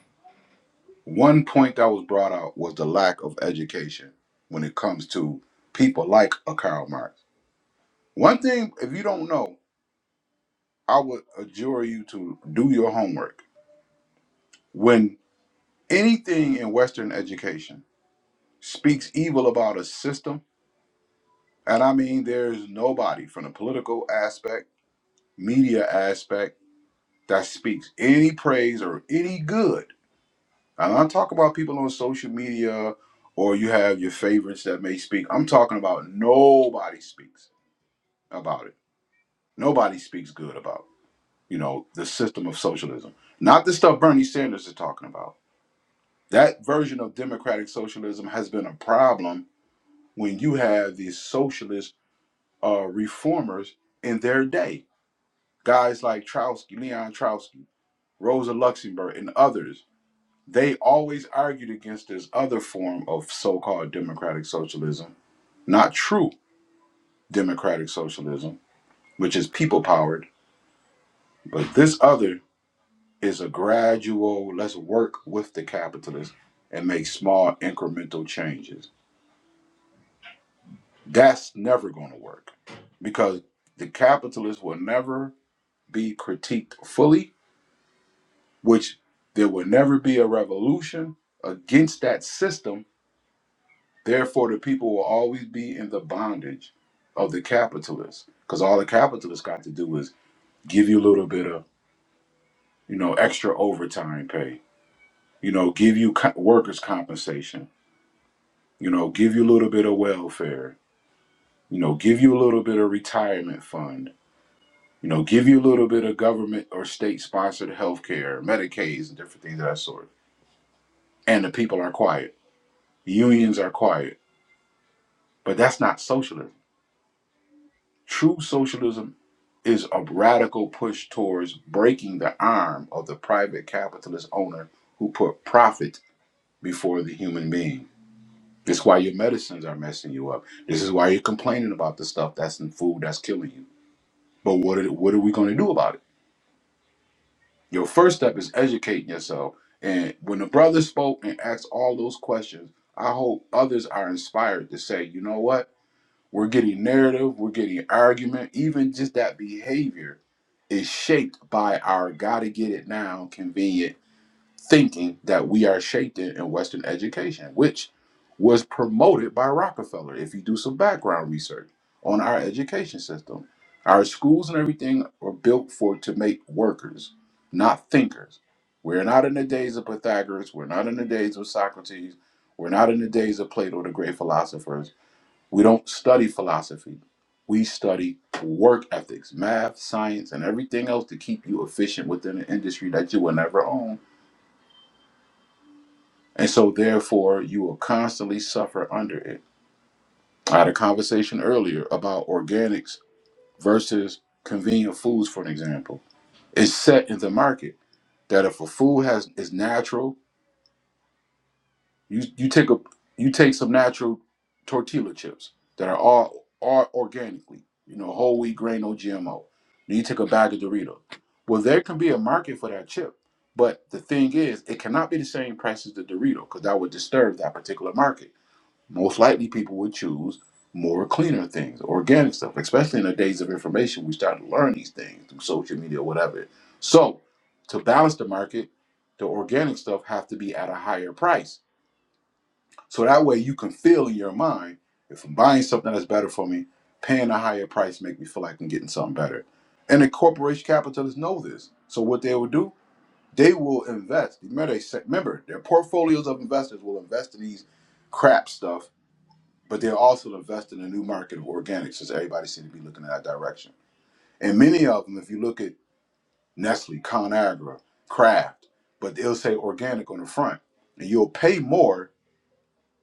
Speaker 5: one point that was brought out was the lack of education when it comes to people like a Karl Marx. One thing, if you don't know, I would adjure you to do your homework. When anything in Western education speaks evil about a system, and I mean, there's nobody from the political aspect, media aspect, that speaks any praise or any good And I talk about people on social media or you have your favorites that may speak. I'm talking about nobody speaks about it. Nobody speaks good about, you know, the system of socialism. Not the stuff Bernie Sanders is talking about. That version of democratic socialism has been a problem when you have these socialist uh, reformers in their day. Guys like Trotsky, Leon Trotsky, Rosa Luxemburg, and others they always argued against this other form of so-called democratic socialism, not true democratic socialism, which is people powered, but this other is a gradual, let's work with the capitalists and make small incremental changes. That's never going to work because the capitalists will never be critiqued fully, which there will never be a revolution against that system Therefore, the people will always be in the bondage of the capitalists, because all the capitalists got to do is give you a little bit of, you know, extra overtime pay, you know, give you co- workers' compensation, you know, give you a little bit of welfare, you know, give you a little bit of retirement fund, you know, give you a little bit of government or state-sponsored health care, Medicaid, and different things of that sort. And the people are quiet. Unions are quiet. But that's not socialism. True socialism is a radical push towards breaking the arm of the private capitalist owner who put profit before the human being. This is why your medicines are messing you up. This is why you're complaining about the stuff that's in food that's killing you. But what are, what are we going to do about it? Your first step is educating yourself. And when the brother spoke and asked all those questions, I hope others are inspired to say, you know what? We're getting narrative, we're getting argument, even just that behavior is shaped by our gotta get it now convenient thinking that we are shaped in, in Western education, which was promoted by Rockefeller. If you do some background research on our education system, our schools and everything are built for to make workers, not thinkers. We're not in the days of Pythagoras, we're not in the days of Socrates, we're not in the days of Plato, the great philosophers we don't study philosophy. We study work ethics, math, science, and everything else to keep you efficient within an industry that you will never own. And so, therefore, you will constantly suffer under it. I had a conversation earlier about organics versus convenient foods, for an example. It's set in the market that if a food has is natural You you take a you take some natural tortilla chips that are all all organically, you know, whole wheat grain, no GMO. Then you take a bag of Dorito. Well, there can be a market for that chip, but the thing is, it cannot be the same price as the Dorito because that would disturb that particular market. Most likely, people would choose more cleaner things, organic stuff, especially in the days of information. We start to learn these things through social media or whatever. So, to balance the market, the organic stuff have to be at a higher price so that way you can feel in your mind if I'm buying something that's better for me, paying a higher price make me feel like I'm getting something better. And the corporation capitalists know this. So what they will do, they will invest. Remember, they said, remember their portfolios of investors will invest in these crap stuff, but they'll also invest in a new market of organics since everybody seems to be looking in that direction. And many of them, if you look at Nestle, ConAgra, Kraft, but they'll say organic on the front. And you'll pay more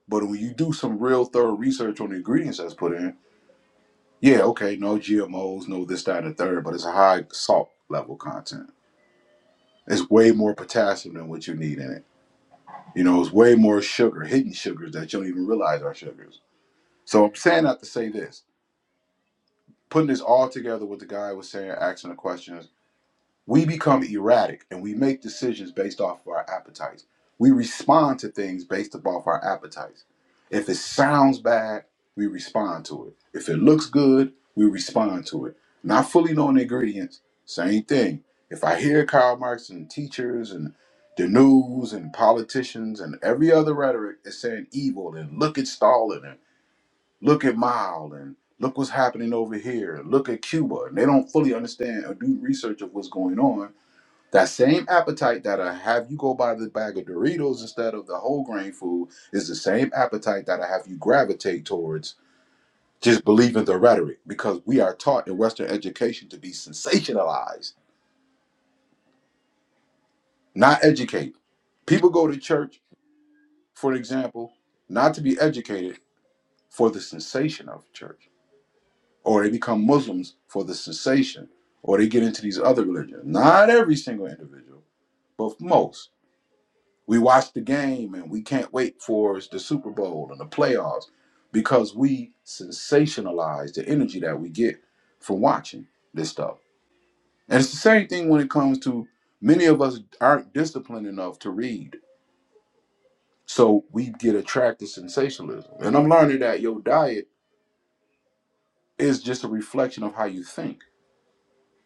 Speaker 5: but when you do some real thorough research on the ingredients that's put in, yeah, okay, no GMOs, no this, that, and the third, but it's a high salt level content. It's way more potassium than what you need in it. You know, it's way more sugar, hidden sugars that you don't even realize are sugars. So I'm saying that to say this. Putting this all together, what the guy was saying, asking the questions, We become erratic and we make decisions based off of our appetites. We respond to things based off our appetites. If it sounds bad, we respond to it. If it looks good, we respond to it. Not fully knowing the ingredients, same thing. If I hear Karl Marx and teachers and the news and politicians and every other rhetoric is saying evil and look at Stalin and look at Mao and look what's happening over here and look at Cuba and they don't fully understand or do research of what's going on, that same appetite that'll have you go buy the bag of Doritos instead of the whole grain food is the same appetite that'll have you gravitate towards just believing the rhetoric because we are taught in Western education to be sensationalized, not educate. People go to church, for example, not to be educated for the sensation of church, or they become Muslims for the sensation, or they get into these other religions. Not every single individual, but most. We watch the game and we can't wait for the Super Bowl and the playoffs because we sensationalize the energy that we get from watching this stuff. And it's the same thing when it comes to many of us aren't disciplined enough to read. So we get attracted to sensationalism. And I'm learning that your diet is just a reflection of how you think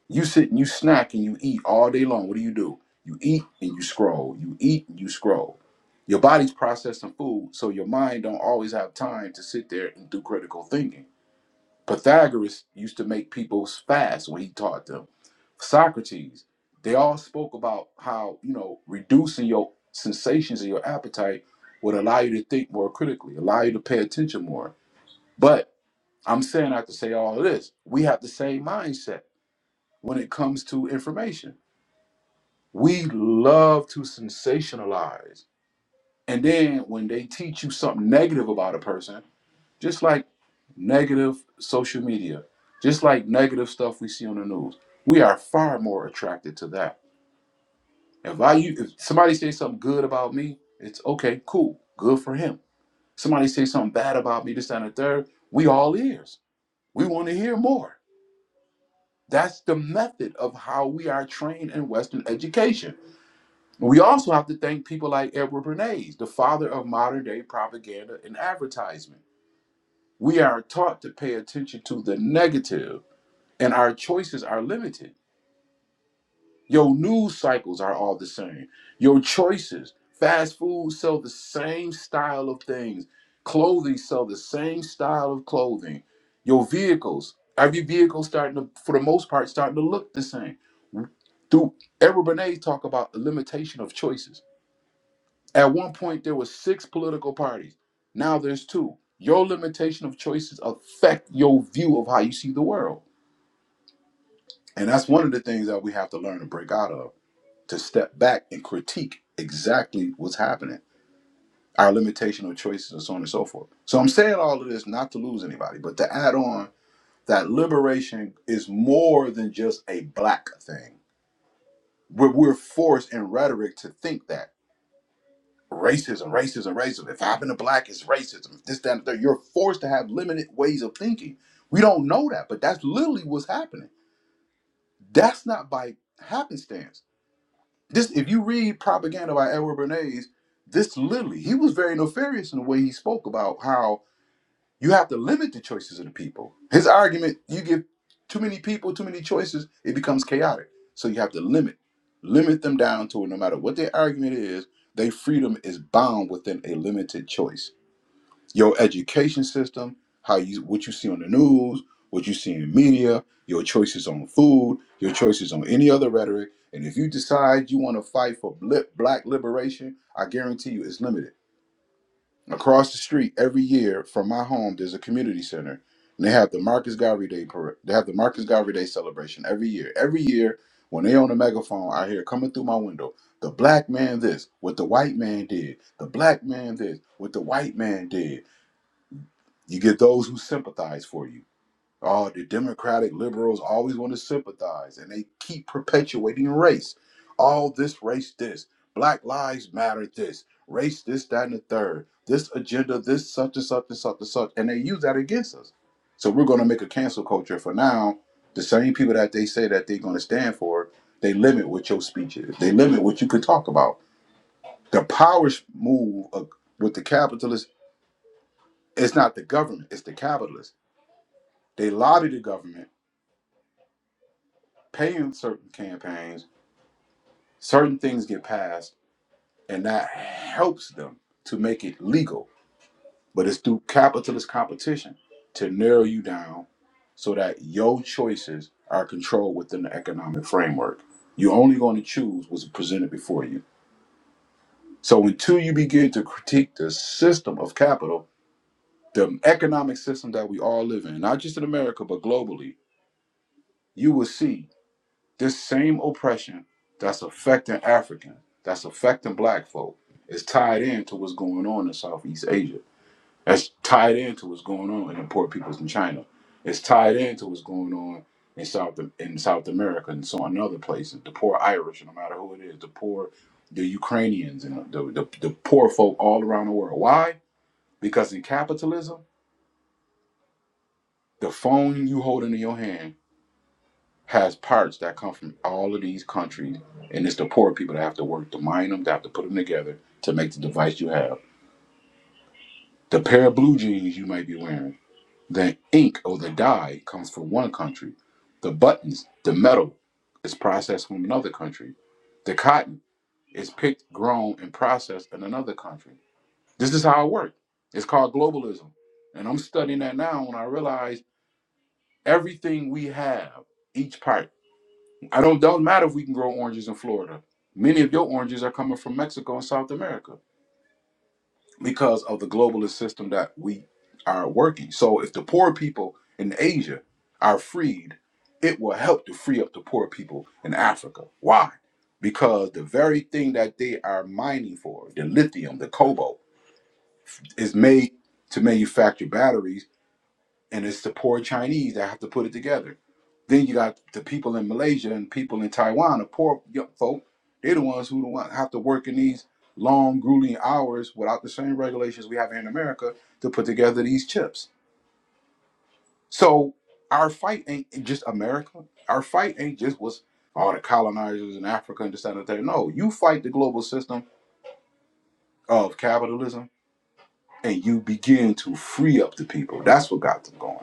Speaker 5: You sit and you snack and you eat all day long. What do you do? You eat and you scroll. You eat and you scroll. Your body's processing food, so your mind don't always have time to sit there and do critical thinking. Pythagoras used to make people fast when he taught them. Socrates, they all spoke about how, you know, reducing your sensations and your appetite would allow you to think more critically, allow you to pay attention more. But I'm saying I have to say all of this. We have the same mindset when it comes to information We love to sensationalize. And then when they teach you something negative about a person, just like negative social media, just like negative stuff we see on the news, we are far more attracted to that. If I, if somebody says something good about me, it's okay, cool, good for him. Somebody says something bad about me, this that, and the third, we all ears. We want to hear more. That's the method of how we are trained in Western education We also have to thank people like Edward Bernays, the father of modern day propaganda and advertisement. We are taught to pay attention to the negative, and our choices are limited. Your news cycles are all the same. Your choices, fast food sell the same style of things, clothing sell the same style of clothing. Your vehicles, every vehicle starting to, for the most part, starting to look the same. Through Edward Bernays talk about the limitation of choices At one point, there were six political parties. Now there's two. Your limitation of choices affect your view of how you see the world. And that's one of the things that we have to learn to break out of, to step back and critique exactly what's happening, our limitation of choices and so on and so forth. So I'm saying all of this not to lose anybody, but to add on that liberation is more than just a black thing. We're, we're forced in rhetoric to think that. racism, racism, racism. If I happen to black, it's racism. If this, that, and the third, you're forced to have limited ways of thinking. We don't know that, but that's literally what's happening. That's not by happenstance. This, if you read propaganda by Edward Bernays, this literally, he was very nefarious in the way he spoke about how you have to limit the choices of the people. His argument, you give too many people too many choices, it becomes chaotic. So you have to limit, limit them down to it. No matter what their argument is, their freedom is bound within a limited choice. Your education system, how you what you see on the news, what you see in media, your choices on food, your choices on any other rhetoric. And if you decide you want to fight for bli- black liberation, I guarantee you it's limited Across the street every year from my home, there's a community center, and they have the Marcus Garvey Day parade. They have the Marcus Garvey Day celebration every year. Every year, when they on the megaphone, I hear coming through my window, the black man this, what the white man did, the black man this, what the white man did. You get those who sympathize for you. Oh, the Democratic liberals always want to sympathize and they keep perpetuating race. All this, race, this. Black lives matter, this. Race, this, that, and the third. This agenda, this, such and such and such and such. And they use that against us. So we're going to make a cancel culture for now. The same people that they say that they're going to stand for, they limit what your speech is. They limit what you can talk about. The powers move of, with the capitalists. It's not the government, it's the capitalists. They lobby the government paying certain campaigns, certain things get passed, and that helps them to make it legal. But it's through capitalist competition to narrow you down so that your choices are controlled within the economic framework. You're only going to choose what's presented before you. So until you begin to critique the system of capital, the economic system that we all live in, not just in America, but globally, you will see This same oppression that's affecting African, that's affecting black folk, is tied into what's going on in Southeast Asia. That's tied into what's going on in the poor peoples in China. It's tied into what's going on in South in South America and so on other places. The poor Irish, no matter who it is, the poor, the Ukrainians, and the, the, the poor folk all around the world. Why? Because in capitalism, the phone you holding in your hand has parts that come from all of these countries, and it's the poor people that have to work to mine them, that have to put them together to make the device you have. The pair of blue jeans you might be wearing, the ink or the dye comes from one country. The buttons, the metal, is processed from another country. The cotton is picked, grown, and processed in another country. This is how it works. It's called globalism. And I'm studying that now when I realize everything we have, each part. I don't doesn't matter if we can grow oranges in Florida. Many of your oranges are coming from Mexico and South America because of the globalist system that we are working. So if the poor people in Asia are freed, it will help to free up the poor people in Africa. Why? Because the very thing that they are mining for, the lithium, the cobalt, is made to manufacture batteries and it's the poor Chinese that have to put it together. Then you got the people in Malaysia and people in Taiwan, the poor young folk. They're the ones who don't want- have to work in these long, grueling hours without the same regulations we have here in America to put together these chips. So our fight ain't just America. Our fight ain't just what's all the colonizers in Africa and this that, and the third. No, you fight the global system of capitalism and you begin to free up the people. That's what got them going.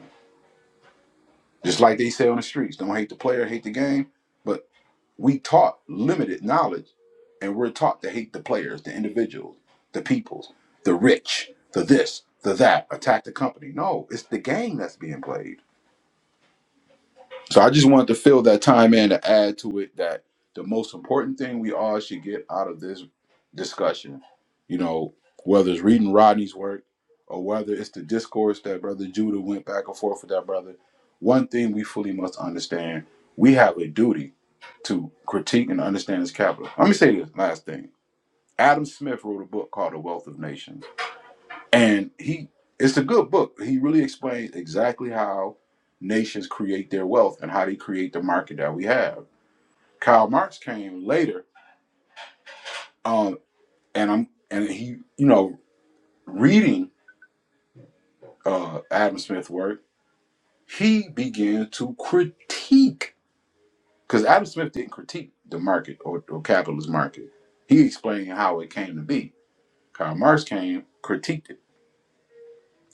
Speaker 5: Just like they say on the streets, don't hate the player, hate the game. But we taught limited knowledge, and we're taught to hate the players, the individuals, the peoples, the rich, the this, the that, attack the company. No, it's the game that's being played. So I just wanted to fill that time in to add to it that the most important thing we all should get out of this discussion, you know, whether it's reading Rodney's work or whether it's the discourse that Brother Judah went back and forth with that brother, one thing we fully must understand we have a duty to critique and understand this capital. Let me say this last thing Adam Smith wrote a book called The Wealth of Nations and he it's a good book. He really explains exactly how nations create their wealth and how they create the market that we have. Karl Marx came later, um, and I'm and he, you know, reading uh Adam Smith's work, he began to critique because Adam Smith didn't critique the market or, or capitalist market. He explained how it came to be. Karl Marx came, critiqued it.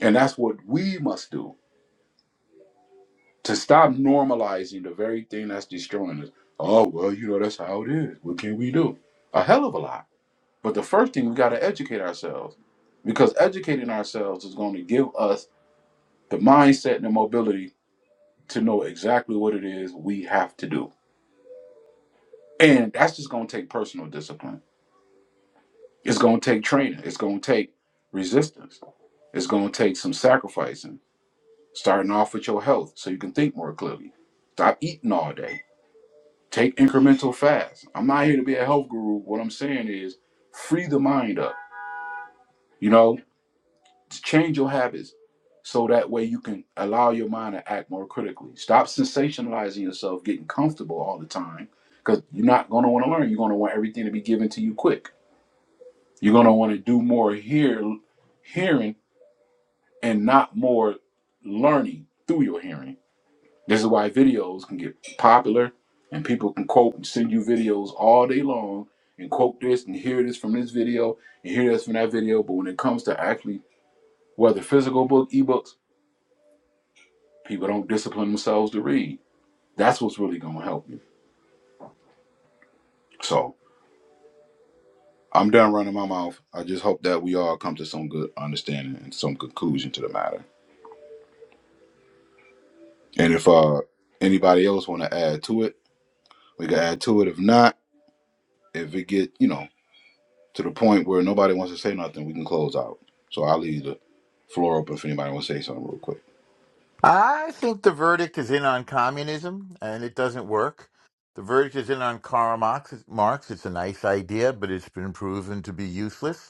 Speaker 5: And that's what we must do to stop normalizing the very thing that's destroying us. Oh, well, you know, that's how it is. What can we do? A hell of a lot. But the first thing we got to educate ourselves because educating ourselves is going to give us the mindset and the mobility to know exactly what it is we have to do. And that's just going to take personal discipline. It's going to take training. It's going to take resistance. It's going to take some sacrificing, starting off with your health so you can think more clearly. Stop eating all day Take incremental fast. I'm not here to be a health guru. What I'm saying is free the mind up, you know, to change your habits so that way you can allow your mind to act more critically. Stop sensationalizing yourself, getting comfortable all the time, because you're not going to want to learn. You're going to want everything to be given to you quick. You're going to want to do more hear, hearing and not more learning through your hearing. This is why videos can get popular and people can quote and send you videos all day long and quote this and hear this from this video and hear this from that video. But when it comes to actually whether physical book, ebooks, people don't discipline themselves to read. That's what's really gonna help you. So I'm done running my mouth. I just hope that we all come to some good understanding and some conclusion to the matter. And if uh anybody else wanna add to it, we can add to it. If not, if it get, you know, to the point where nobody wants to say nothing, we can close out. So I'll leave the floor open if anybody wants to say something real quick.
Speaker 6: I think the verdict is in on communism, and it doesn't work. The verdict is in on Karl Marx. Marx. It's a nice idea, but it's been proven to be useless.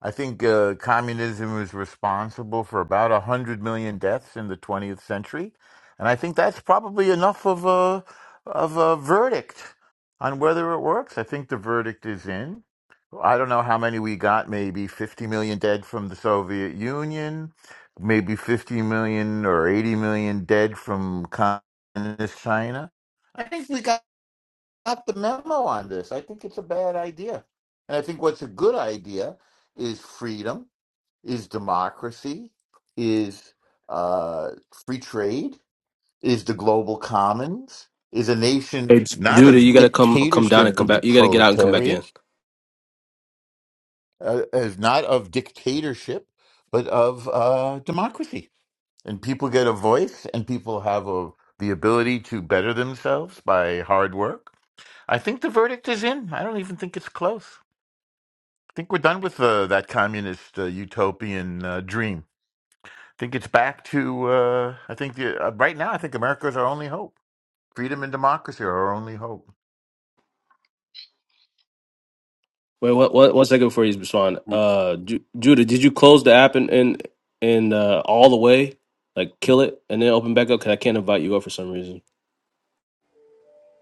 Speaker 6: I think uh, communism was responsible for about 100 million deaths in the 20th century. And I think that's probably enough of a, of a verdict on whether it works. I think the verdict is in. I don't know how many we got, maybe 50 million dead from the Soviet Union, maybe 50 million or 80 million dead from communist China. I think we got got the memo on this. I think it's a bad idea. And I think what's a good idea is freedom, is democracy, is uh, free trade, is the global commons, is a nation
Speaker 4: Hey,
Speaker 6: not
Speaker 4: Judah,
Speaker 6: of
Speaker 4: you gotta come come down
Speaker 6: dictatorship
Speaker 4: and come
Speaker 6: of the
Speaker 4: back. You gotta get out and come back in.
Speaker 6: proletariat, uh, is not of dictatorship, but of uh, democracy. And people get a voice and people have a, the ability to better themselves by hard work. I think the verdict is in. I don't even think it's close. think we're done with uh, that communist uh, utopian uh, dream. I think it's back to. Uh, I think the, uh, right now, I think America is our only hope. Freedom and democracy are our only hope.
Speaker 4: Wait, what? What? One second before you respond.
Speaker 5: Mm.
Speaker 4: Uh, Ju- Judah, did you close the app and and and uh, all the way, like kill it, and then open back up? Cause I can't invite you up for some reason.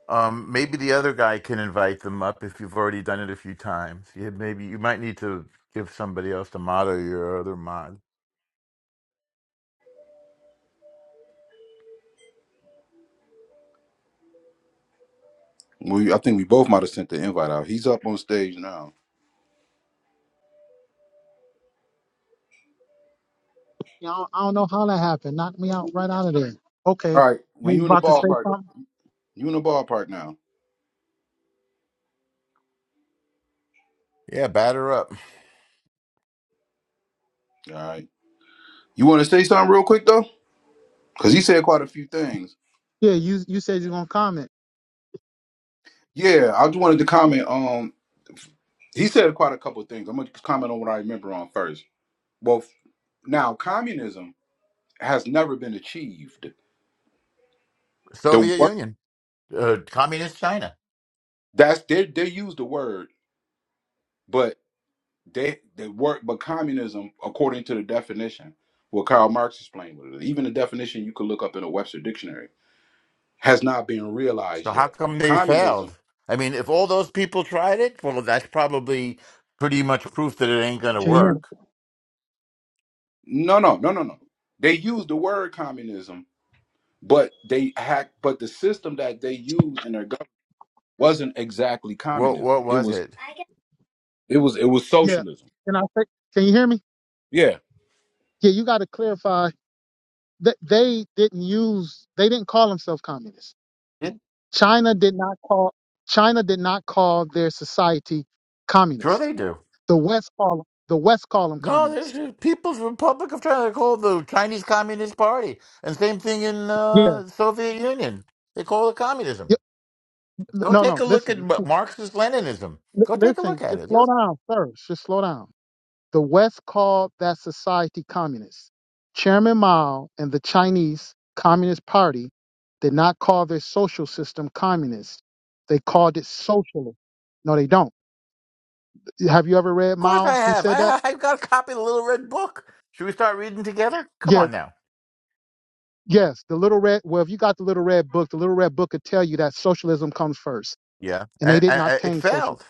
Speaker 6: Um, maybe the other guy can invite them up if you've already done it a few times. Yeah, maybe you might need to give somebody else the motto your other mod.
Speaker 5: We, I think we both might have sent the invite out. He's up on stage now.
Speaker 1: Yeah, I don't, I don't know how that happened. Knocked me out right out of there. Okay,
Speaker 5: All right,
Speaker 1: you
Speaker 5: when
Speaker 1: was
Speaker 5: you in the
Speaker 1: about to say
Speaker 5: ballpark,
Speaker 1: something?
Speaker 5: you in the ballpark now.
Speaker 6: Yeah, batter up
Speaker 5: All right, you want to say something real quick though, because he said quite a few things.
Speaker 1: Yeah, you you said you're gonna comment.
Speaker 5: Yeah, I just wanted to comment. Um, he said quite a couple of things. I'm gonna comment on what I remember on first. Well, f- now communism has never been achieved. The
Speaker 6: Soviet
Speaker 5: word
Speaker 6: Union, uh, communist China.
Speaker 5: that's they they use the word, They they work, but communism, according to the definition, what Karl Marx explained, with it, even the definition you could look up in a Webster dictionary, has not been
Speaker 6: So
Speaker 5: realized
Speaker 6: how
Speaker 5: yet.
Speaker 6: come they
Speaker 5: Communism,
Speaker 6: failed? I mean, if all those people tried it, well, that's probably pretty much proof that it ain't going to
Speaker 1: Can you hear? Me?
Speaker 6: work.
Speaker 5: no, no, no, no, no. They use the word communism, but they hack, but the system that they use in their government wasn't exactly
Speaker 6: What what
Speaker 5: communism. It
Speaker 6: was
Speaker 5: was,
Speaker 6: it?
Speaker 5: it was, it was
Speaker 1: Yeah.
Speaker 5: socialism.
Speaker 1: Can I say? Can you hear me?
Speaker 5: Yeah.
Speaker 1: Yeah, you got to clarify that they didn't use. They didn't call themselves communists.
Speaker 6: Yeah,
Speaker 1: China did not call. China did not call their society
Speaker 6: Sure
Speaker 1: communist.
Speaker 6: they do.
Speaker 1: The West call the West call them
Speaker 6: No, there's
Speaker 1: communists.
Speaker 6: the People's Republic of China. They call it the Chinese Communist Party, and same thing in
Speaker 1: Yeah.
Speaker 6: uh, Soviet Union. They call it communism.
Speaker 1: yeah.
Speaker 6: Go
Speaker 1: No,
Speaker 6: take
Speaker 1: no.
Speaker 6: a look at
Speaker 1: Listen.
Speaker 6: Ma- Marxist Leninism.
Speaker 1: Li-
Speaker 6: Go take a look
Speaker 1: listen.
Speaker 6: at
Speaker 1: Just
Speaker 6: it.
Speaker 1: slow
Speaker 6: There's-
Speaker 1: down first. Just slow down. The West called that society communist. Chairman Mao and the Chinese Communist Party did not call their social system communist. They called it socialist. No, they don't. Have you ever read
Speaker 6: of course, I
Speaker 1: Mao who
Speaker 6: have.
Speaker 1: said that?
Speaker 6: I I've got a copy of the Little Red Book. Should we start reading together? Come
Speaker 1: Yeah.
Speaker 6: on now.
Speaker 1: Yes. The little red. Well, if you got the little red book, the little red book could tell you that socialism comes first.
Speaker 6: Yeah,
Speaker 1: And they
Speaker 6: and,
Speaker 1: did
Speaker 6: and,
Speaker 1: not
Speaker 6: and it
Speaker 1: obtain
Speaker 6: failed.
Speaker 1: socialism.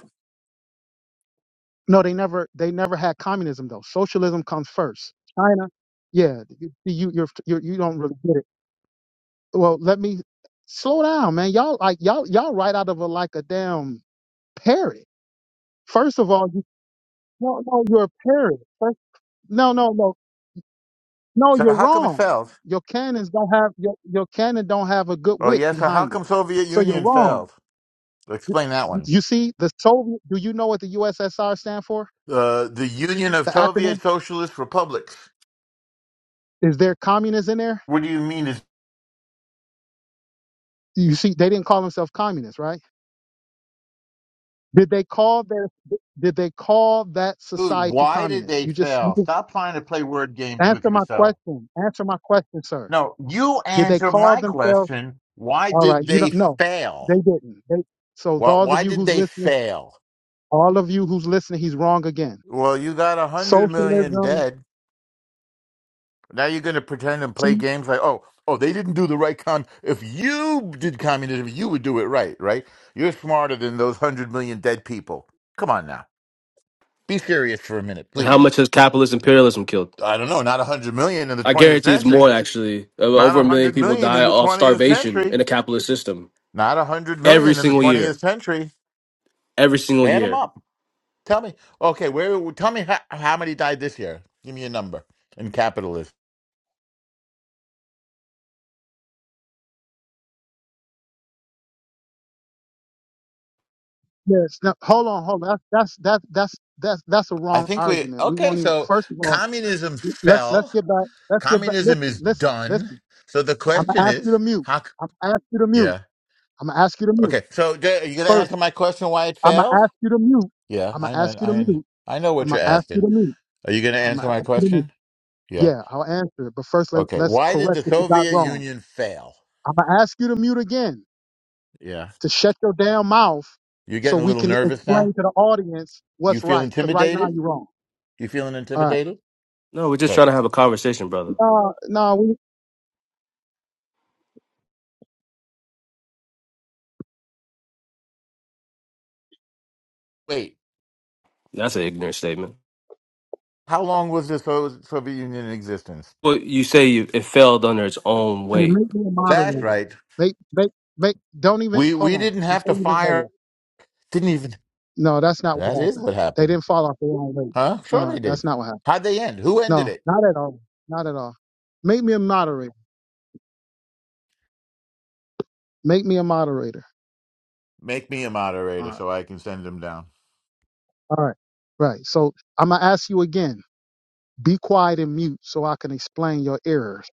Speaker 1: No, they never they never had communism though. Socialism comes first. China. Yeah, you you you're, you're, you don't really get it. Well, let me slow down, man. Y'all like y'all y'all right out of a like a damn parrot. First of all, you, no no you're a parrot. First, no no no no
Speaker 6: So
Speaker 1: you're
Speaker 6: how come it
Speaker 1: wrong.
Speaker 6: failed?
Speaker 1: Your cannons don't have your your cannon don't have a good
Speaker 6: Oh
Speaker 1: wick
Speaker 6: yes. so how
Speaker 1: behind it.
Speaker 6: come Soviet
Speaker 1: So you're
Speaker 6: Union
Speaker 1: wrong.
Speaker 6: failed? Explain that one.
Speaker 1: You see the Soviet. Do you know what the USSR stand for?
Speaker 6: Uh, the Union of
Speaker 1: The
Speaker 6: Soviet
Speaker 1: acronym
Speaker 6: Socialist Republics.
Speaker 1: is there. Communism in there?
Speaker 6: What do you mean is
Speaker 1: You see, they didn't call themselves communists, right? Did they call their did they call that
Speaker 6: food?
Speaker 1: society
Speaker 6: Why did
Speaker 1: communist?
Speaker 6: they
Speaker 1: You just you
Speaker 6: fail?
Speaker 1: just
Speaker 6: Stop trying to play word games with
Speaker 1: answer my
Speaker 6: yourself.
Speaker 1: question. Answer my question, sir.
Speaker 6: No, you
Speaker 1: Did they
Speaker 6: answer
Speaker 1: call
Speaker 6: my
Speaker 1: themselves
Speaker 6: question. Why
Speaker 1: all right,
Speaker 6: did
Speaker 1: you
Speaker 6: they
Speaker 1: don't no,
Speaker 6: fail?
Speaker 1: they didn't. They, so
Speaker 6: Why,
Speaker 1: those of
Speaker 6: why
Speaker 1: you
Speaker 6: did
Speaker 1: who's
Speaker 6: they
Speaker 1: listening,
Speaker 6: fail?
Speaker 1: all of you who's listening, he's wrong again.
Speaker 6: Well, you got a hundred million
Speaker 1: Socialism
Speaker 6: dead. Now you're going to pretend and play games like, oh, oh, they didn't do the right con. If you did communism, you would do it right, right? You're smarter than those hundred million dead people. Come on now, be serious for a minute,
Speaker 4: And how
Speaker 6: please.
Speaker 4: much has capitalist imperialism killed?
Speaker 6: I don't know, not a hundred million in the
Speaker 4: I
Speaker 6: 20th
Speaker 4: guarantee it's
Speaker 6: century.
Speaker 4: more. Actually, Uh,
Speaker 6: Not
Speaker 4: over a million
Speaker 6: 100
Speaker 4: people
Speaker 6: million in
Speaker 4: die
Speaker 6: the
Speaker 4: off
Speaker 6: 20th
Speaker 4: starvation
Speaker 6: century.
Speaker 4: in a capitalist system
Speaker 6: Not 100
Speaker 4: every
Speaker 6: million in the
Speaker 4: single year.
Speaker 6: 20th century.
Speaker 4: Every single
Speaker 6: Add them
Speaker 4: year.
Speaker 6: up. Tell me. Okay, where? Tell me how, how many died this year. Give me a number in capitalism.
Speaker 1: yes. Now hold on, hold on. That's that's that's that's that's that's a
Speaker 6: I
Speaker 1: wrong
Speaker 6: think we.
Speaker 1: argument. We
Speaker 6: Okay,
Speaker 1: won't even
Speaker 6: so
Speaker 1: first of all,
Speaker 6: communism
Speaker 1: let's let's
Speaker 6: fell.
Speaker 1: get back let's get back
Speaker 6: Communism
Speaker 1: listen,
Speaker 6: is
Speaker 1: listen,
Speaker 6: done.
Speaker 1: listen.
Speaker 6: So the
Speaker 1: I'm
Speaker 6: question
Speaker 1: gonna ask you to
Speaker 6: is,
Speaker 1: mute.
Speaker 6: how? c-
Speaker 1: I'm gonna ask you to mute.
Speaker 6: Yeah.
Speaker 1: I'm gonna ask you to mute.
Speaker 6: Okay. So d- are you going to
Speaker 1: First,
Speaker 6: answer my question why it
Speaker 1: I'm
Speaker 6: failed?
Speaker 1: gonna ask you to mute.
Speaker 6: Yeah,
Speaker 1: I'm gonna
Speaker 6: I know.
Speaker 1: ask you to
Speaker 6: I
Speaker 1: mute.
Speaker 6: I know
Speaker 1: I'm
Speaker 6: what you're
Speaker 1: gonna ask you
Speaker 6: asking.
Speaker 1: to mute.
Speaker 6: Are you going to
Speaker 1: I'm
Speaker 6: answer
Speaker 1: gonna
Speaker 6: my
Speaker 1: ask you to mute.
Speaker 6: question? Yeah.
Speaker 1: Yeah, I'll answer it. But first, let,
Speaker 6: Okay.
Speaker 1: let's
Speaker 6: Why did
Speaker 1: correct
Speaker 6: the
Speaker 1: what you got
Speaker 6: Soviet
Speaker 1: wrong.
Speaker 6: Union fail?
Speaker 1: I'm gonna ask you to mute again
Speaker 6: Yeah.
Speaker 1: to shut your damn mouth
Speaker 6: You're
Speaker 1: so
Speaker 6: getting a
Speaker 1: we
Speaker 6: little
Speaker 1: can
Speaker 6: nervous now?
Speaker 1: explain to the audience
Speaker 6: You
Speaker 1: what's
Speaker 6: feel
Speaker 1: right. Cause right now
Speaker 6: intimidated?
Speaker 1: you're wrong.
Speaker 6: You feeling
Speaker 1: All right.
Speaker 6: intimidated?
Speaker 4: No, we're just
Speaker 6: Okay.
Speaker 4: trying to have a conversation, brother.
Speaker 1: No, no, we
Speaker 6: Wait.
Speaker 4: That's an ignorant statement.
Speaker 6: How long was the So- Soviet Union in existence?
Speaker 4: Well, you say you, it failed under its own
Speaker 1: hey,
Speaker 4: weight.
Speaker 1: make me a
Speaker 6: That's
Speaker 1: moderator.
Speaker 6: right.
Speaker 1: Make, make, make. Don't even
Speaker 6: We
Speaker 1: hold
Speaker 6: we
Speaker 1: on
Speaker 6: didn't have
Speaker 1: before
Speaker 6: to
Speaker 1: you even go there.
Speaker 6: fire didn't even
Speaker 1: No, that's not
Speaker 6: that
Speaker 1: what
Speaker 6: is
Speaker 1: happened.
Speaker 6: what
Speaker 1: They
Speaker 6: happened.
Speaker 1: didn't fall off the wrong way.
Speaker 6: Huh? Sure
Speaker 1: No,
Speaker 6: they did.
Speaker 1: that's not what happened.
Speaker 6: How'd they end? Who ended
Speaker 1: No,
Speaker 6: it?
Speaker 1: not at all. Not at all. Make me a moderator. Make me a moderator.
Speaker 6: Make me a
Speaker 1: All
Speaker 6: moderator
Speaker 1: right.
Speaker 6: so I can send them down.
Speaker 1: All right. Right. So I'm gonna ask you again. Be quiet and mute so I can explain your errors.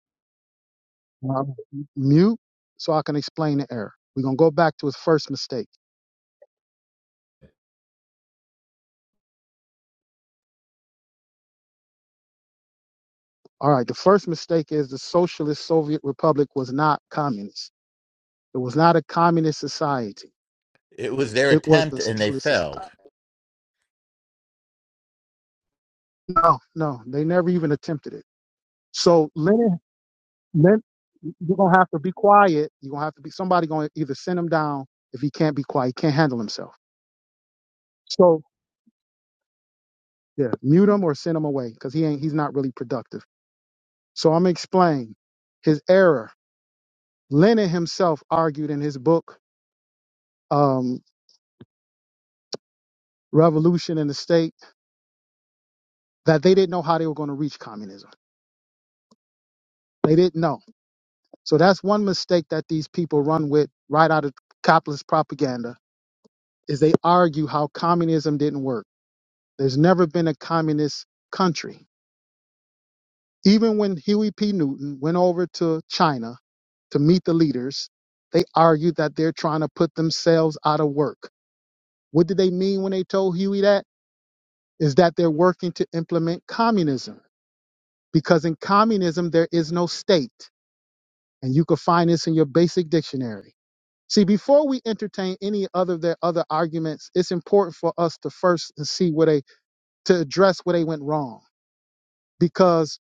Speaker 1: All right. Mute so I can explain the error. We're gonna go back to his first mistake. All right. The first mistake is the socialist Soviet Republic was not communist. It was not a communist society.
Speaker 6: It was their
Speaker 1: It was
Speaker 6: attempt
Speaker 1: a
Speaker 6: and they
Speaker 1: socialist
Speaker 6: failed.
Speaker 1: society. No, no, they never even attempted it. So Lennon, Len, you're gonna have to be quiet. You're gonna have to be somebody gonna either send him down if he can't be quiet, he can't handle himself. So yeah, mute him or send him away because he ain't he's not really productive. So I'm gonna explain his error. Lenin himself argued in his book, um, Revolution and the State, that they didn't know how they were gonna reach communism. They didn't know. So that's one mistake that these people run with right out of capitalist propaganda is they argue how communism didn't work There's never been a communist country. Even when Huey P. Newton went over to China to meet the leaders, they argued that they're trying to put themselves out of work. What did they mean when they told Huey that? Is that they're working to implement communism. Because in communism, there is no state. And you can find this in your basic dictionary. See, before we entertain any other of their other arguments, it's important for us to first see where they, to address where they went wrong. Because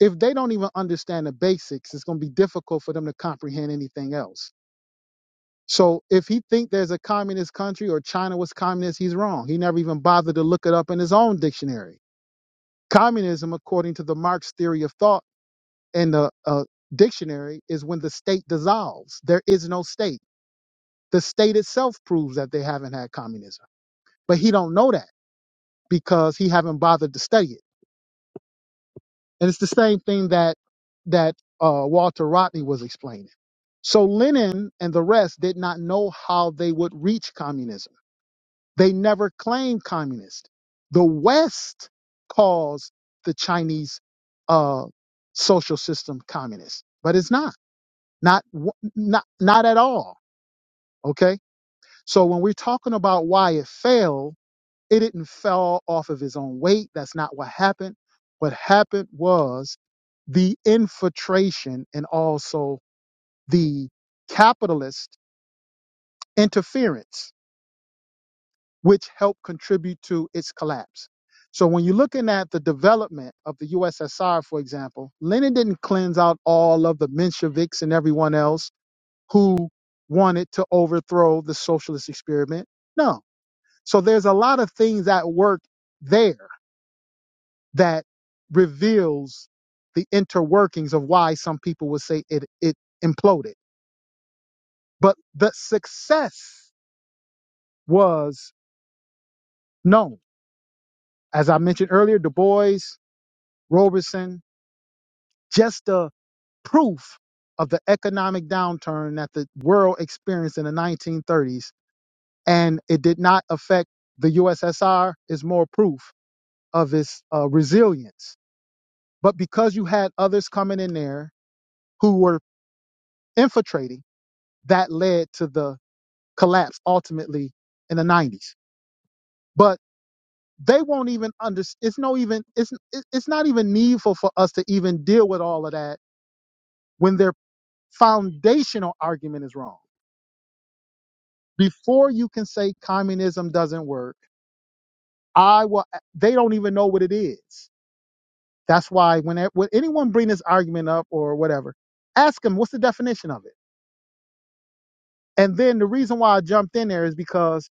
Speaker 1: if they don't even understand the basics, it's going to be difficult for them to comprehend anything else. So if he think there's a communist country or China was communist, he's wrong. He never even bothered to look it up in his own dictionary. Communism, according to the Marx theory of thought and the uh, dictionary, is when the state dissolves. There is no state. The state itself proves that they haven't had communism, but he don't know that because he haven't bothered to study it. And it's the same thing that that uh, Walter Rodney was explaining. So Lenin and the rest did not know how they would reach communism. They never claimed communist. The West calls the Chinese uh, social system communist, but it's not, not, w- not, not at all. Okay. So when we're talking about why it failed it didn't fall off of his own weight. That's not what happened. What happened was the infiltration and also the capitalist interference, which helped contribute to its collapse. So when you're looking at the development of the USSR, for example, Lenin didn't cleanse out all of the Mensheviks and everyone else who wanted to overthrow the socialist experiment. No. So there's a lot of things that work there that reveals the interworkings of why some people would say it it imploded. But the success was known. As I mentioned earlier, Du Bois, Roberson, just a proof of the economic downturn that the world experienced in the 1930s, and it did not affect the USSR is more proof of its uh, resilience. But because you had others coming in there who were infiltrating, that led to the collapse ultimately in the 90s. But they won't even under. It's no even. It's it- it's not even needful for us to even deal with all of that when their foundational argument is wrong. Before you can say communism doesn't work, I will. They don't even know what it is. That's why when a- when anyone bring this argument up or whatever, ask them what's the definition of it. And then the reason why I jumped in there is because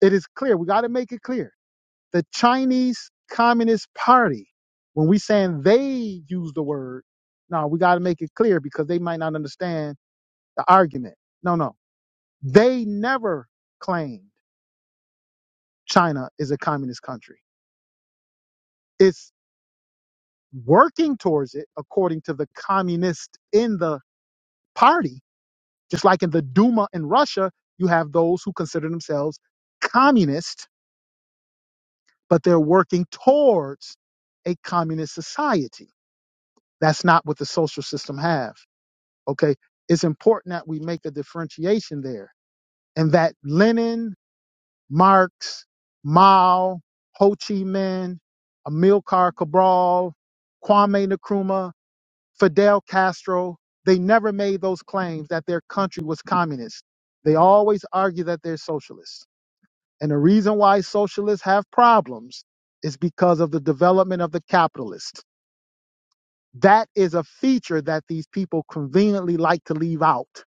Speaker 1: it is clear. We got to make it clear The Chinese Communist Party, when we saying they use the word, no, we got to make it clear because they might not understand the argument. No, no. They never claimed China is a communist country. It's working towards it according to the communist in the party, just like in the Duma in Russia, you have those who consider themselves communist, but they're working towards a communist society. That's not what the social system have. Okay. It's important that we make a differentiation there and that Lenin, Marx, Mao, Ho Chi Minh, Amilcar Cabral, Kwame Nkrumah, Fidel Castro, they never made those claims that their country was communist. They always argue that they're socialists. And the reason why socialists have problems is because of the development of the capitalist. That is a feature that these people conveniently like to leave out.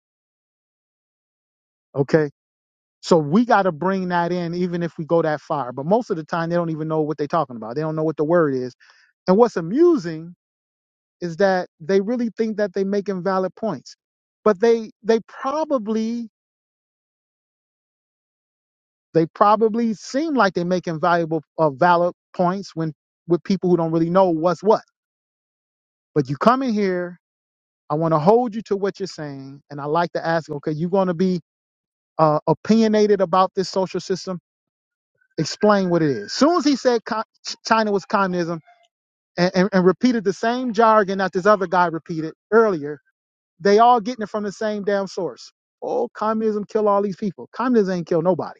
Speaker 1: Okay So we got to bring that in, even if we go that far. But most of the time, they don't even know what they're talking about. They don't know what the word is. And what's amusing is that they really think that they're making valid points, but they they probably they probably seem like they're making valuable uh, valid points when with people who don't really know what's what. But you come in here, I want to hold you to what you're saying, and I like to ask, okay, you're going to be uh, opinionated about this social system. Explain what it is. Soon as he said co- China was communism and, and, and repeated the same jargon that this other guy repeated earlier. They all getting it from the same damn source. Oh, communism kill all these people. Communism ain't kill nobody.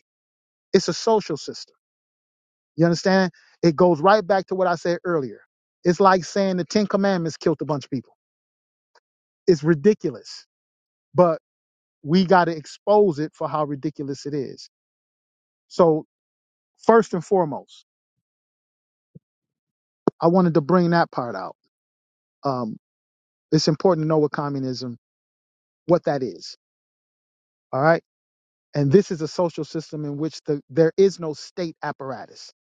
Speaker 1: It's a social system. You understand? It goes right back to what I said earlier. It's like saying the Ten Commandments killed a bunch of people. It's ridiculous, but we got to expose it for how ridiculous it is. So first and foremost, I wanted to bring that part out. Um, it's important to know what communism, what that is. All right And this is a social system in which the, there is no state apparatus.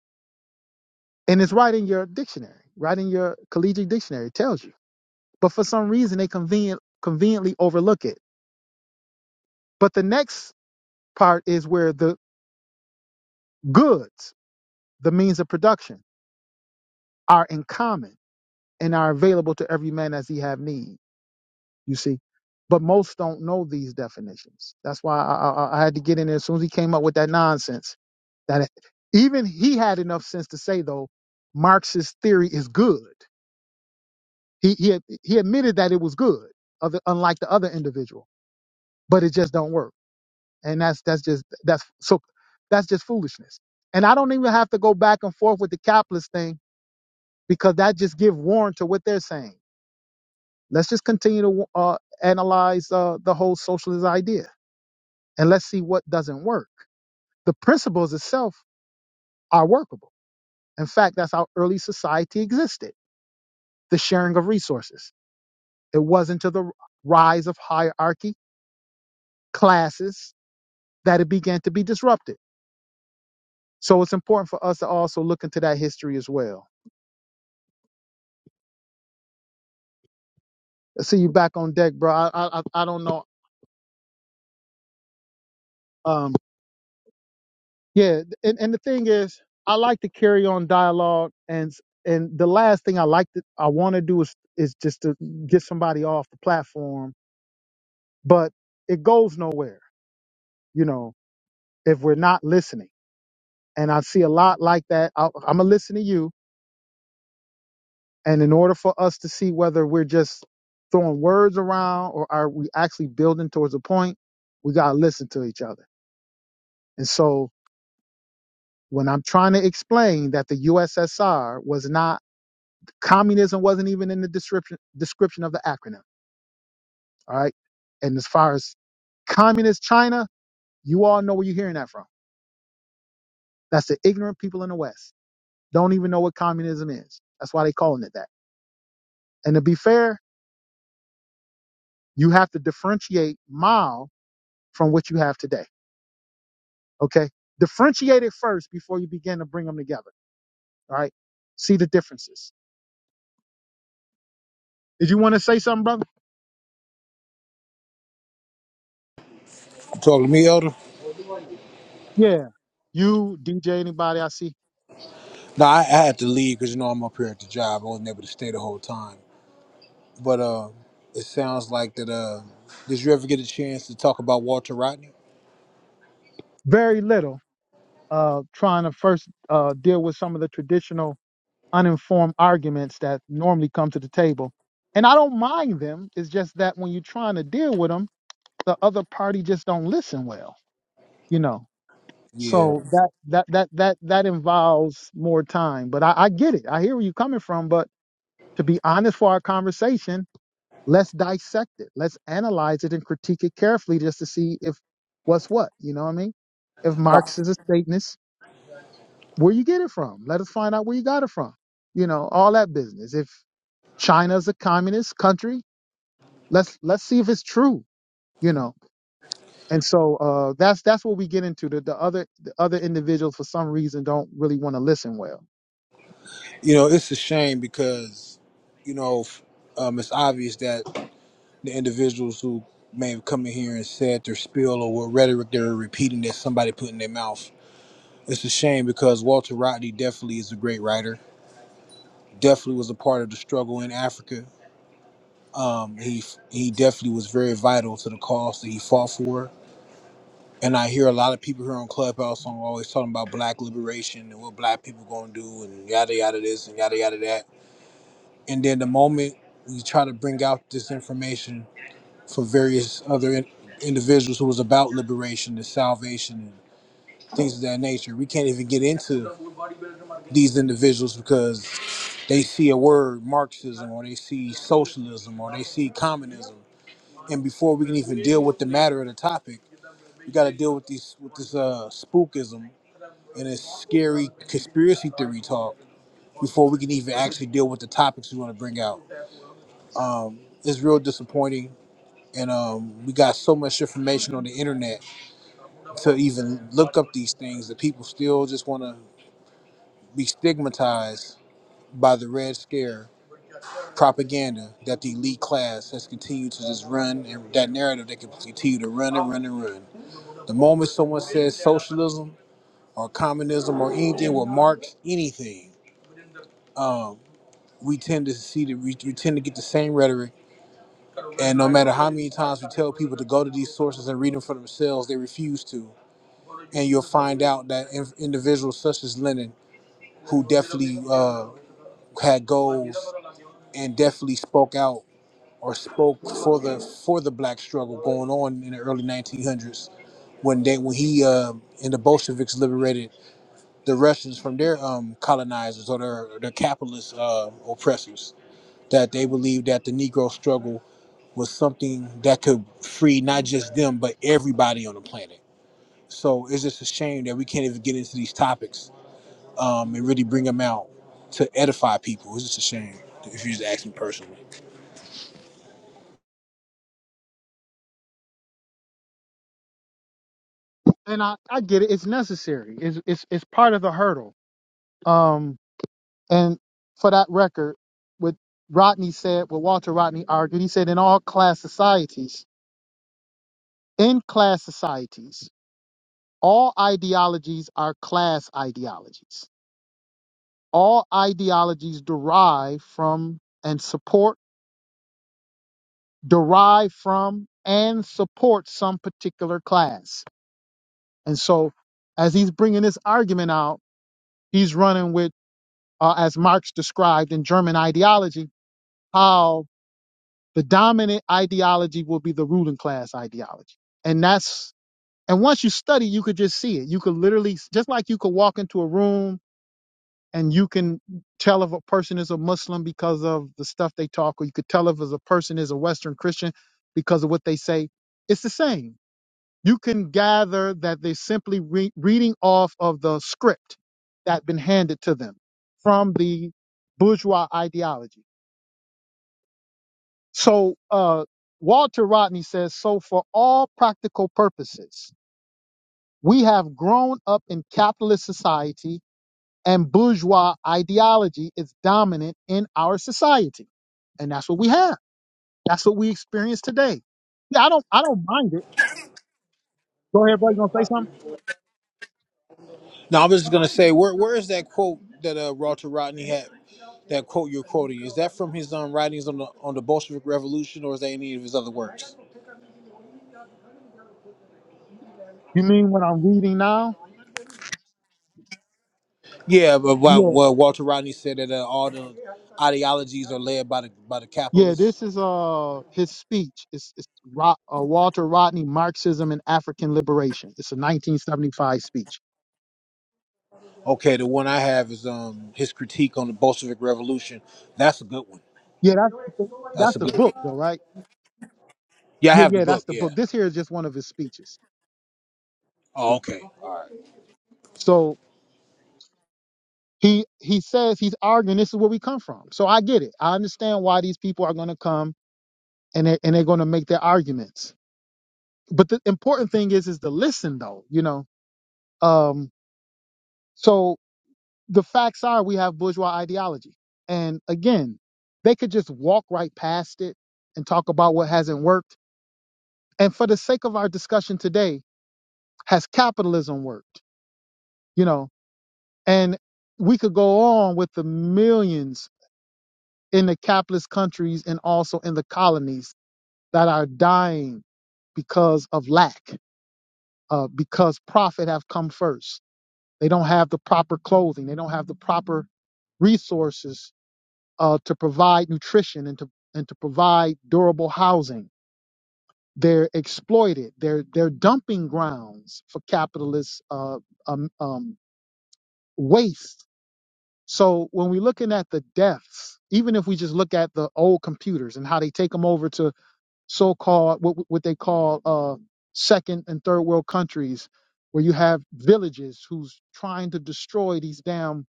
Speaker 1: And it's right in your dictionary, right in your collegiate dictionary, it tells you. But for some reason, they convenient, conveniently overlook it. But the next part is where the goods, the means of production, are in common and are available to every man as he have need. You see, but most don't know these definitions. That's why I, I, I had to get in there as soon as he came up with that nonsense. That even he had enough sense to say though, Marx's theory is good. He he he admitted that it was good, other unlike the other individual, but it just don't work. And that's that's just that's so that's just foolishness. And I don't even have to go back and forth with the capitalist thing because that just give warrant to what they're saying. Let's just continue to uh, analyze uh, the whole socialist idea. and let's see what doesn't work. The principles itself are workable. In fact, that's how early society existed the sharing of resources. It wasn't to the rise of hierarchy, classes, that it began to be disrupted. So it's important for us to also look into that history as well. I see you back on deck, bro. I, I, I I don't know. Um, yeah, and, and the thing is, I like to carry on dialogue, and and the last thing I like to I want to do is is just to get somebody off the platform but it goes nowhere, you know, if we're not listening. And I see a lot like that. I, I'm going to listen to you. And in order for us to see whether we're just throwing words around or are we actually building towards a point, we got to listen to each other. And so when I'm trying to explain that the USSR was not, communism wasn't even in the description, description of the acronym. All right. And as far as communist China, you all know where you're hearing that from. That's the ignorant people in the West don't even know what communism is. That's why they calling it that. And to be fair, you have to differentiate Mao from what you have today. Okay. Differentiate it first before you begin to bring them together. All right. See the differences. Did you want to say something, brother?
Speaker 3: You talking to me, Elder?
Speaker 1: Yeah. You, DJ, anybody I see?
Speaker 3: No, I, I had to leave because you know I'm up here at the job. I wasn't able to stay the whole time. But uh, it sounds like that. Uh, did you ever get a chance to talk about Walter Rodney?
Speaker 1: Very little. Uh, trying to first uh, deal with some of the traditional uninformed arguments that normally come to the table. And I don't mind them. It's just that when you're trying to deal with them, the other party just don't listen well you know
Speaker 3: Yeah.
Speaker 1: so that that that that that involves more time but I, I get it i hear where you're coming from but to be honest for our conversation let's dissect it let's analyze it and critique it carefully just to see if what's what you know what i mean if marx is a satanist where you get it from let us find out where you got it from you know all that business if china's a communist country let's let's see if it's true you know and so uh, that's that's what we get into. The, the other the other individuals for some reason don't really want to listen well.
Speaker 3: You know, it's a shame because you know f- um, it's obvious that. the individuals who may have come in here and said their spiel or what rhetoric they're repeating that somebody put in their mouth. It's a shame because Walter Rodney definitely is a great writer. Definitely was a part of the struggle in Africa. Um, he he definitely was very vital to the cause that he fought for. And I hear a lot of people here on Clubhouse on always talking about black liberation and what black people gonna do and yada yada this and yada yada that. And then the moment we try to bring out this information for various other in- individuals who was about liberation and salvation and things of that nature. We can't even get into these individuals because they see a word Marxism or they see socialism or they see communism. And before we can even deal with the matter of the topic, we got to deal with these with this uh, spookism and this scary conspiracy theory talk before we can even actually deal with the topics we want to bring out. Um, it's real disappointing, and um, we got so much information on the internet to even look up these things that people still just want to be stigmatized by the red scare propaganda that the elite class has continued to just run and that narrative they can continue to run and run and run the moment someone says socialism or communism or anything with marx anything um, we tend to see that we, we tend to get the same rhetoric and no matter how many times we tell people to go to these sources and read them for themselves they refuse to and you'll find out that in- individuals such as lenin who definitely uh, had goals and definitely spoke out or spoke for the for the black struggle going on in the early 1900s when they when he uh, and the Bolsheviks liberated the Russians from their um, colonizers or their their capitalist uh, oppressors that they believed that the Negro struggle was something that could free not just them but everybody on the planet. So it's just a shame that we can't even get into these topics um, and really bring them out to edify people. It's just a shame if you just ask me personally.
Speaker 1: And I, I get it. It's necessary. It's it's it's part of the hurdle. Um, And for that record, what Rodney said, what Walter Rodney argued, he said in all class societies, in class societies, all ideologies are class ideologies. All ideologies derive from and support, derive from and support some particular class. And so, as he's bringing this argument out, he's running with, uh, as Marx described in German ideology, how the dominant ideology will be the ruling class ideology and that's and once you study you could just see it you could literally just like you could walk into a room and you can tell if a person is a muslim because of the stuff they talk or you could tell if as a person is a western christian because of what they say it's the same you can gather that they're simply re- reading off of the script that has been handed to them from the bourgeois ideology So uh, Walter Rodney says, so for all practical purposes, we have grown up in capitalist society and bourgeois ideology is dominant in our society. And that's what we have. That's what we experience today. Yeah, I don't I don't mind it. Go ahead, bro. You gonna say something?
Speaker 3: Now, I was just gonna say, where where is that quote that uh, Walter Rodney had? That quote you're quoting is that from his um, writings on the on the Bolshevik Revolution, or is that any of his other works?
Speaker 1: You mean what I'm reading now?
Speaker 3: Yeah, but what,
Speaker 1: Yeah.
Speaker 3: what Walter Rodney said that uh, all the ideologies are led by the by the
Speaker 1: Yeah,
Speaker 3: capitalists.
Speaker 1: this is uh his speech. It's, it's Ro- uh, Walter Rodney, Marxism and African Liberation. It's a 1975 speech.
Speaker 3: Okay, the one I have is um his critique on the Bolshevik Revolution. That's a good one.
Speaker 1: Yeah, that's
Speaker 3: That's
Speaker 1: that's
Speaker 3: a
Speaker 1: the
Speaker 3: good one.
Speaker 1: book though, right?
Speaker 3: Yeah, I
Speaker 1: Yeah,
Speaker 3: have the
Speaker 1: yeah, that's
Speaker 3: book.
Speaker 1: the
Speaker 3: Yeah.
Speaker 1: book. This here is just one of his speeches.
Speaker 3: Oh, okay.
Speaker 1: So he he says he's arguing this is where we come from. So I get it. I understand why these people are going to come and they and they're going to make their arguments. But the important thing is is to listen though, you know. Um so the facts are we have bourgeois ideology. And again, they could just walk right past it and talk about what hasn't worked. And for the sake of our discussion today, has capitalism worked? You know, And we could go on with the millions in the capitalist countries and also in the colonies that are dying because of lack, uh, because profit have come first. They don't have the proper clothing. They don't have the proper resources uh, to provide nutrition and to and to provide durable housing. They're exploited. They're they're dumping grounds for capitalist uh, um, um, waste So when we're looking at the deaths, even if we just look at the old computers and how they take them over to so-called what what they call uh, second and third world countries, where you have villages who's trying to destroy these damn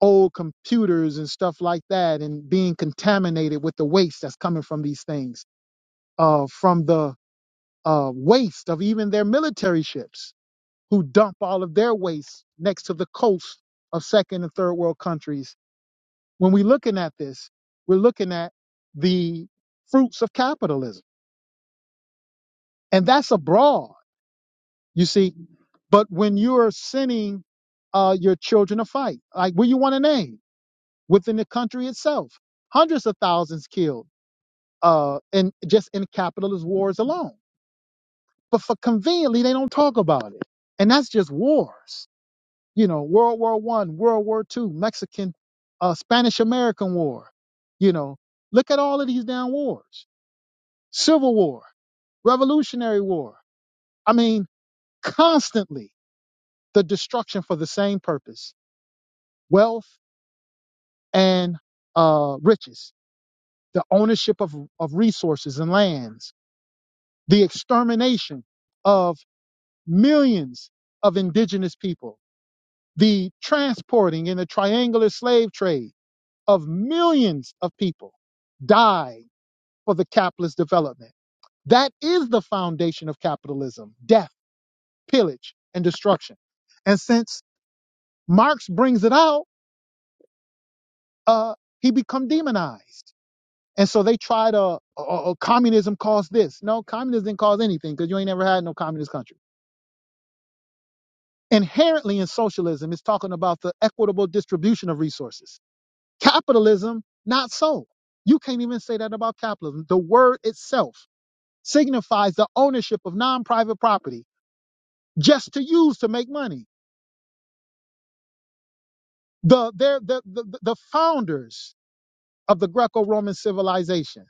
Speaker 1: old computers and stuff like that, and being contaminated with the waste that's coming from these things, uh, from the uh, waste of even their military ships, who dump all of their waste next to the coast of second and third world countries when we're looking at this, we're looking at the fruits of capitalism. And that's abroad, you see. But when you're sending uh, your children to fight, like what you want to name within the country itself, hundreds of thousands killed uh, in just in capitalist wars alone. But for conveniently, they don't talk about it. And that's just wars. You know, World War One, World War Two, Mexican, uh, Spanish American War. You know, look at all of these damn wars Civil War, Revolutionary War. I mean, constantly the destruction for the same purpose wealth and uh, riches, the ownership of, of resources and lands, the extermination of millions of indigenous people, the transporting in the triangular slave trade of millions of people died for the capitalist development. That is the foundation of capitalism, death pillage, and destruction. And since Marx brings it out, uh, he become demonized. And so they try to, oh, oh, communism caused this. No, communism didn't cause anything because you ain't never had no communist country. Inherently in socialism, it's talking about the equitable distribution of resources. Capitalism, not so. You can't even say that about capitalism. The word itself signifies the ownership of non-private property just to use to make money. The, their- the, the, the founders of the Greco Roman civilization,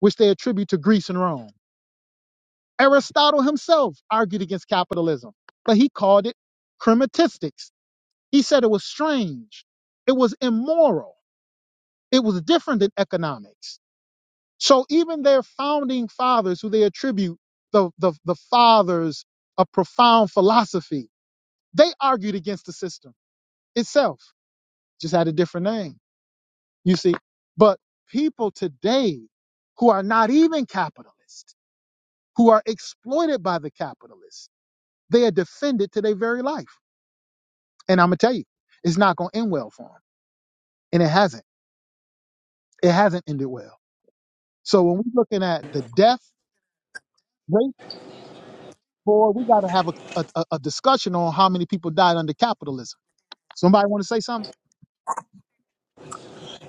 Speaker 1: which they attribute to Greece and Rome. Aristotle himself argued against capitalism, but he called it crematistics. He said it was strange, it was immoral, it was different than economics. So even their founding fathers, who they attribute the, the, the fathers of profound philosophy, they argued against the system itself, just had a different name, you see. But people today who are not even capitalists, who are exploited by the capitalists. They are defended to their very life. And I'm gonna tell you, it's not gonna end well for them. And it hasn't. It hasn't ended well. So when we're looking at the death rate, boy, we gotta have a, a, a discussion on how many people died under capitalism. Somebody wanna say something?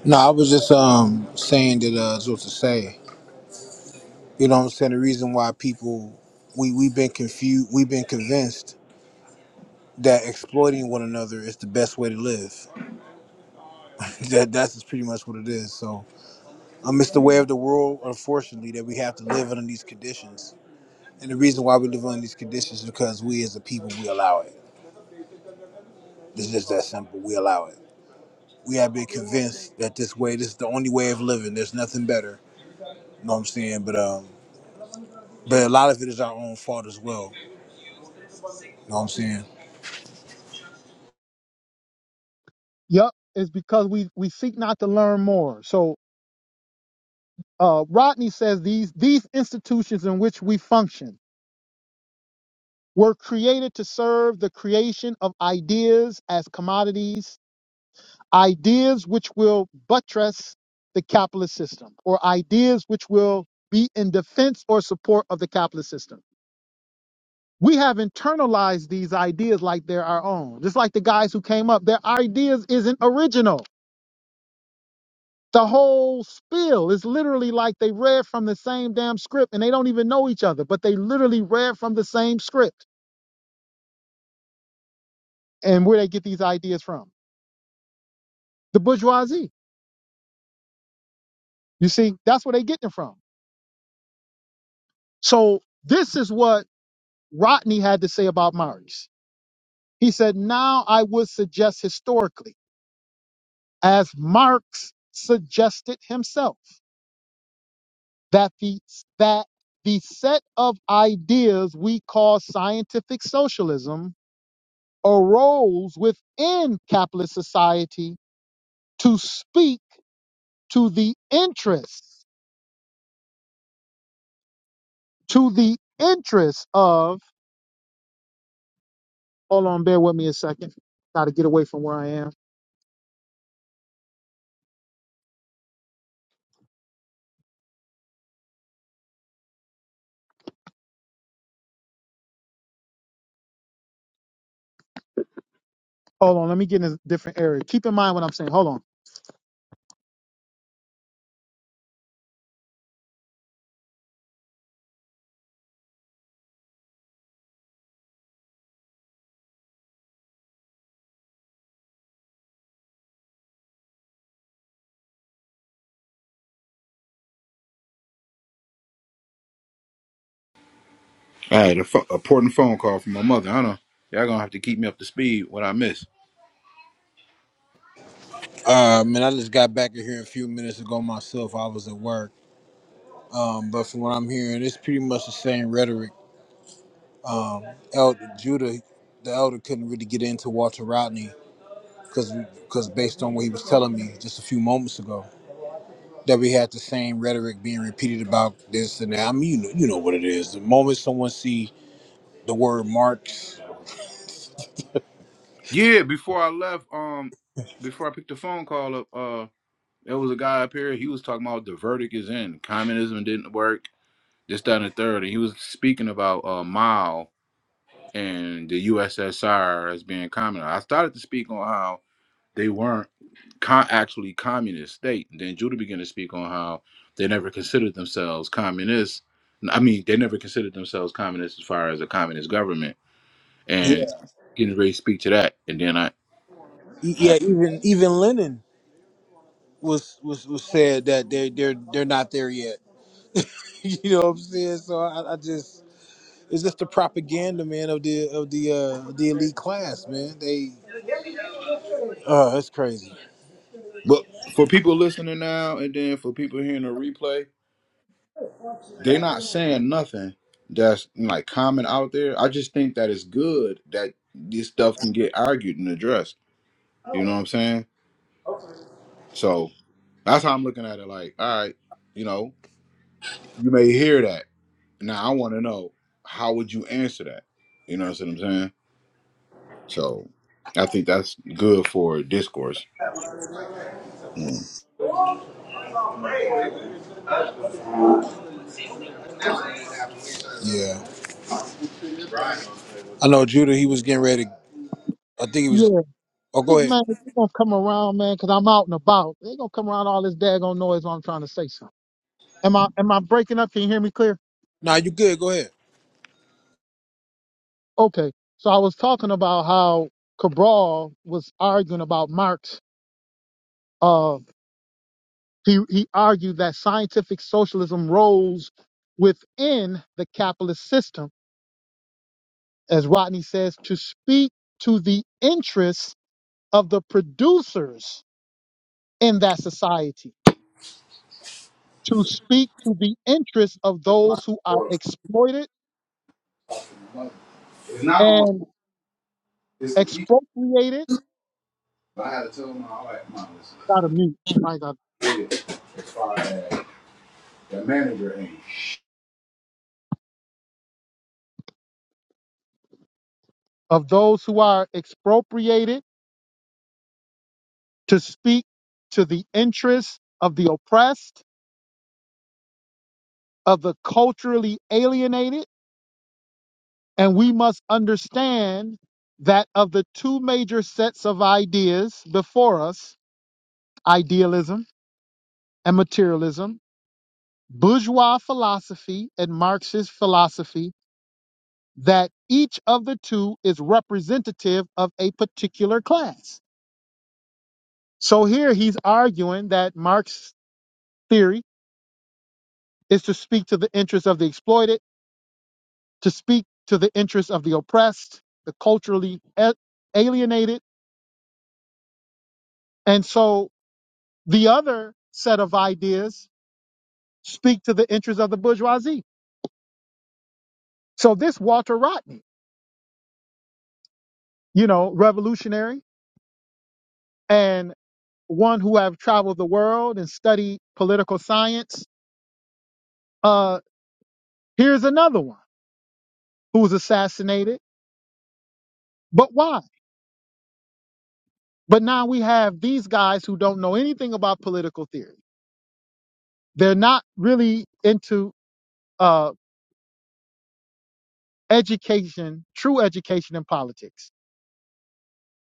Speaker 3: No, I was just um saying that uh is what to say. You know what I'm saying? The reason why people we we've been confused we've been convinced that exploiting one another is the best way to live. That that's just pretty much what it is. So um it's the way of the world, unfortunately, that we have to live under these conditions. And the reason why we live under these conditions is because we as a people we allow it. It's just that simple. We allow it. We have been convinced that this way this is the only way of living. There's nothing better. You know what I'm saying? But um but a lot of it is our own fault as well You know what I'm saying?
Speaker 1: Yep, it's because we we seek not to learn more. So uh, Rodney says these these institutions in which we function were created to serve the creation of ideas as commodities, ideas which will buttress the capitalist system, or ideas which will be in defense or support of the capitalist system. We have internalized these ideas like they're our own. Just like the guys who came up, their ideas isn't original The whole spiel is literally like they read from the same damn script and they don't even know each other, but they literally read from the same script. And where they get these ideas from? The bourgeoisie. You see, that's where they getting it from. So this is what Rodney had to say about Marx. He said, now I would suggest historically, as Marx suggested himself, that the, that the set of ideas we call scientific socialism arose within capitalist society to speak to the interests, to the interests of, hold on, bear with me a second. Got to get away from where I am. Hold on, let me get in a different area. Keep in mind what I'm saying. Hold on.
Speaker 5: All right, a, pho- important phone call from my mother. I know y'all gonna have to keep me up to speed what I miss.
Speaker 3: Uh, man, I just got back in here a few minutes ago myself. I was at work. Um, but from what I'm hearing, it's pretty much the same rhetoric. Elder Judah, the elder, couldn't really get into Walter Rodney because because based on what he was telling me just a few moments ago, that we had the same rhetoric being repeated about this and that. I mean, you know, you know what it is. The moment someone see the word Marx,
Speaker 5: Yeah, before I left, um, before I picked the phone call up, uh, there was a guy up here. He was talking about the verdict is in. Communism didn't work. This, that, and the third. And he was speaking about uh, Mao and the USSR as being communist. I started to speak on how they weren't con- actually communist state. And then Judah began to speak on how they never considered themselves communists. I mean, they never considered themselves communists as far as a communist government.
Speaker 3: yeah,
Speaker 5: And getting ready to speak to that. And then I
Speaker 3: e- yeah, even even Lenin was was was said that they they're they're not there yet. you know what I'm saying? So I, I just It's just the propaganda, man, of the of the uh the elite class, man. They Oh, that's crazy.
Speaker 5: But for people listening now, and then for people hearing the replay, they not saying nothing that's like common out there. I just think that it's good that this stuff can get argued and addressed. You know what I'm saying? So that's how I'm looking at it. Like, all right, you know, you may hear that. Now I want to know how would you answer that? You know what I'm saying? So I think that's good for discourse. Mm.
Speaker 3: Yeah. I know Judah, he was getting ready. I think he was
Speaker 1: Yeah,
Speaker 3: oh go
Speaker 1: This
Speaker 3: ahead.
Speaker 1: man, they gonna come around, man, because I'm out and about. They gonna come around all this daggone noise while I'm trying to say something. Am I am I breaking up? Can you hear me clear?
Speaker 3: Nah, you good, go ahead.
Speaker 1: Okay. So I was talking about how Cabral was arguing about Marx. Uh, he he argued that scientific socialism rose within the capitalist system, as Rodney says, to speak to the interests of the producers in that society, to speak to the interests of those who are exploited
Speaker 5: It's not on my.
Speaker 1: and
Speaker 5: It's the people.
Speaker 1: expropriated.
Speaker 5: But I had to tell my wife, "Mom, listen,
Speaker 1: Got to mute. I got
Speaker 5: as far as the manager ain't.
Speaker 1: of those who are expropriated to speak to the interests of the oppressed, of the culturally alienated, and we must understand that of the two major sets of ideas before us, idealism and materialism, bourgeois philosophy and Marxist philosophy, that each of the two is representative of a particular class So here he's arguing that Marx's theory is to speak to the interests of the exploited, to speak to the interests of the oppressed, the culturally a- alienated. And so the other set of ideas speak to the interests of the bourgeoisie. So this Walter Rodney, you know, revolutionary and one who have traveled the world and studied political science. Uh, here's another one who was assassinated. But why? But now we have these guys who don't know anything about political theory. They're not really into uh, education, true education in politics.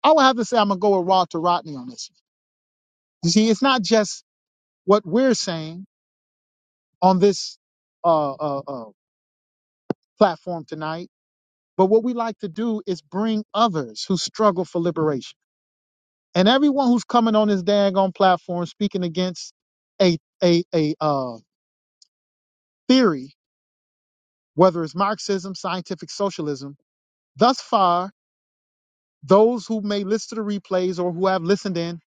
Speaker 1: I would have to say I'm gonna go with Rod to Rodney on this. You see, it's not just what we're saying on this uh, uh, uh, platform tonight, but what we like to do is bring others who struggle for liberation. And everyone who's coming on this daggone platform speaking against a a a uh, theory, whether it's Marxism, scientific socialism Thus far, those who may listen to the replays or who have listened in,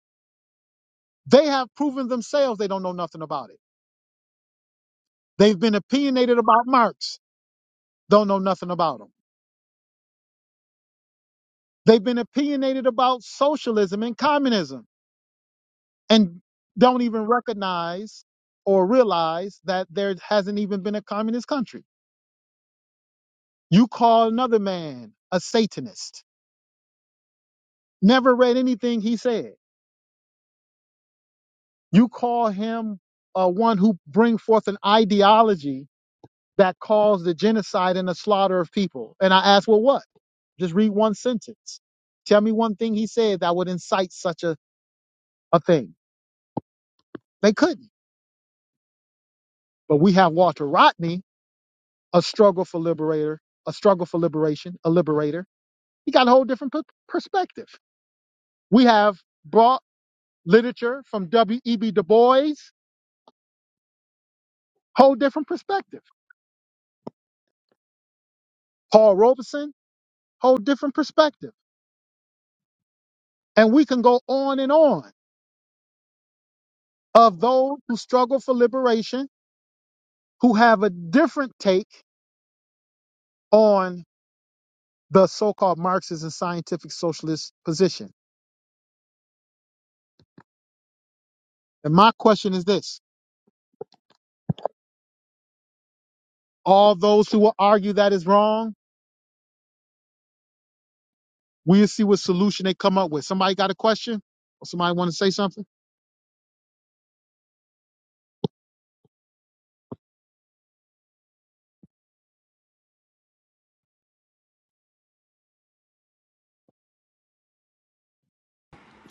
Speaker 1: they have proven themselves they don't know nothing about it. They've been opinionated about Marx, don't know nothing about them. They've been opinionated about socialism and communism and don't even recognize or realize that there hasn't even been a communist country. You call another man a Satanist, never read anything he said. You call him uh, one who bring forth an ideology that caused the genocide and the slaughter of people. And I asked, well, what? Just read one sentence. Tell me one thing he said that would incite such a, a thing. They couldn't. But we have Walter Rodney, a struggle for liberator, a struggle for liberation, a liberator. He got a whole different per- perspective. We have brought literature from W.E.B. Du Bois, whole different perspective. Paul Robeson, whole different perspective. And we can go on and on of those who struggle for liberation who have a different take on the so-called Marxist and scientific socialist position. And my question is this: All those who will argue that is wrong, we'll see what solution they come up with. Somebody got a question? Or somebody want to say something?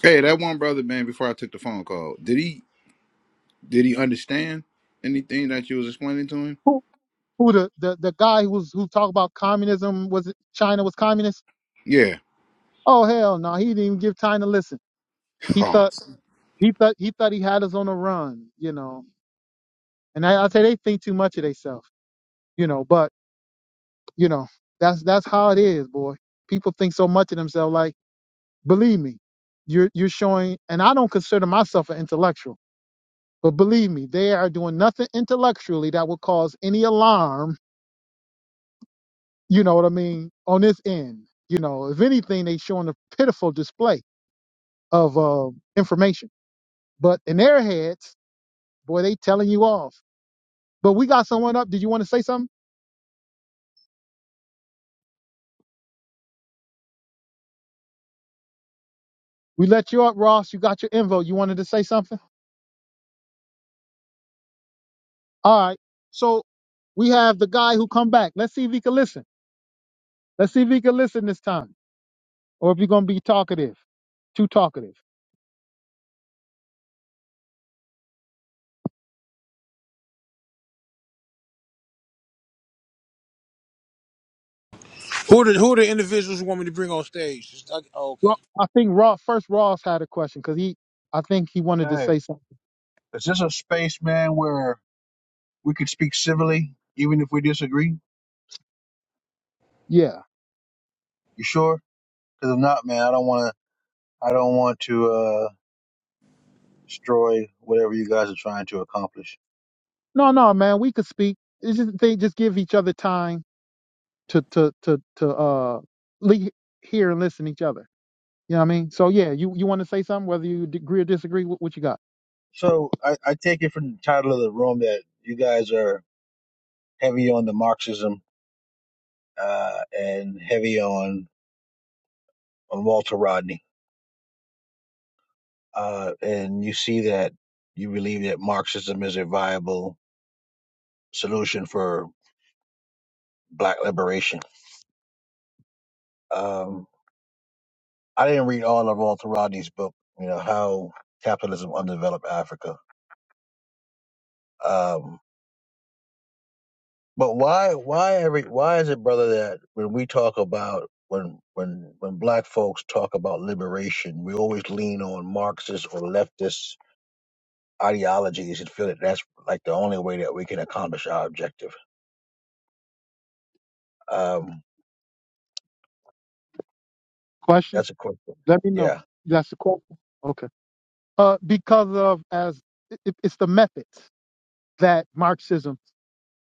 Speaker 5: Hey, that one brother, man, before I took the phone call, did he did he understand anything that you was explaining to him?
Speaker 1: Who who the, the, the guy who was who talked about communism was it China was communist?
Speaker 5: Yeah.
Speaker 1: Oh hell no, he didn't even give time to listen. He
Speaker 5: Oh,
Speaker 1: thought he thought he thought he had us on the run, you know. And I, I say they think too much of themselves, you know. But you know that's that's how it is, boy. People think so much of themselves. Like believe me, you're you're showing, and I don't consider myself an intellectual, but believe me, they are doing nothing intellectually that would cause any alarm you know what I mean, on this end. You know, if anything, they showing a pitiful display of uh, information. But in their heads, boy, they telling you off. But we got someone up. Did you want to say something? We let you up, Ross. You got your info. You wanted to say something? All right. So we have the guy who come back. Let's see if he can listen. Let's see if he can listen this time. Or if you're going to be talkative, too talkative.
Speaker 3: Who are the who are the individuals you want me to bring on stage? Just, I, oh, okay.
Speaker 1: Ro- I think Ross, first Ross had a question because he, I think he wanted to
Speaker 7: Hey,
Speaker 1: say something.
Speaker 7: is this a space, man, where we could speak civilly, even if we disagree?
Speaker 1: Yeah.
Speaker 7: You sure? Because if not, man, I don't want to. I don't want to uh, destroy whatever you guys are trying to accomplish.
Speaker 1: No, no, man, we could speak. It's just they just give each other time to to to to uh le- hear and listen to each other. You know what I mean? So yeah, you you want to say something, whether you agree or disagree with what you got?
Speaker 7: So I, I take it from the title of the room that you guys are heavy on the Marxism uh, and heavy on on Walter Rodney, uh, and you see that you believe that Marxism is a viable solution for Black liberation. Um, I didn't read all of Walter Rodney's book, you know, how capitalism underdeveloped Africa. Um, but why, why every, why is it, brother, that when we talk about when when when black folks talk about liberation, we always lean on Marxist or leftist ideologies and feel that that's like the only way that we can accomplish our objective. Um,
Speaker 1: Question?
Speaker 7: that's a question.
Speaker 1: Let me know.
Speaker 7: Yeah.
Speaker 1: That's the question. Okay. Uh, because of as it, it- it's the methods that Marxism,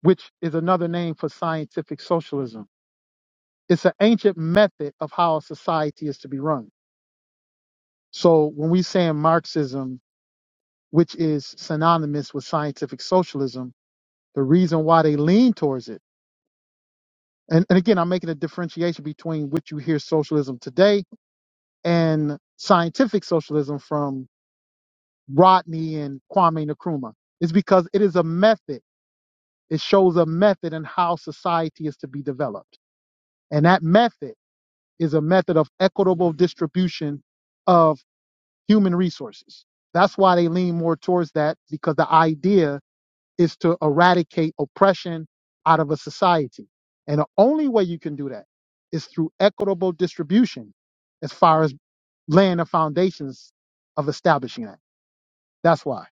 Speaker 1: which is another name for scientific socialism, it's an ancient method of how a society is to be run. So when we saying Marxism, which is synonymous with scientific socialism the reason why they lean towards it. And, and again, I'm making a differentiation between what you hear socialism today and scientific socialism from Rodney and Kwame Nkrumah. It's because it is a method. It shows a method in how society is to be developed. And that method is a method of equitable distribution of human resources. That's why they lean more towards that because the idea is to eradicate oppression out of a society. And the only way you can do that is through equitable distribution as far as laying the foundations of establishing that. That's why,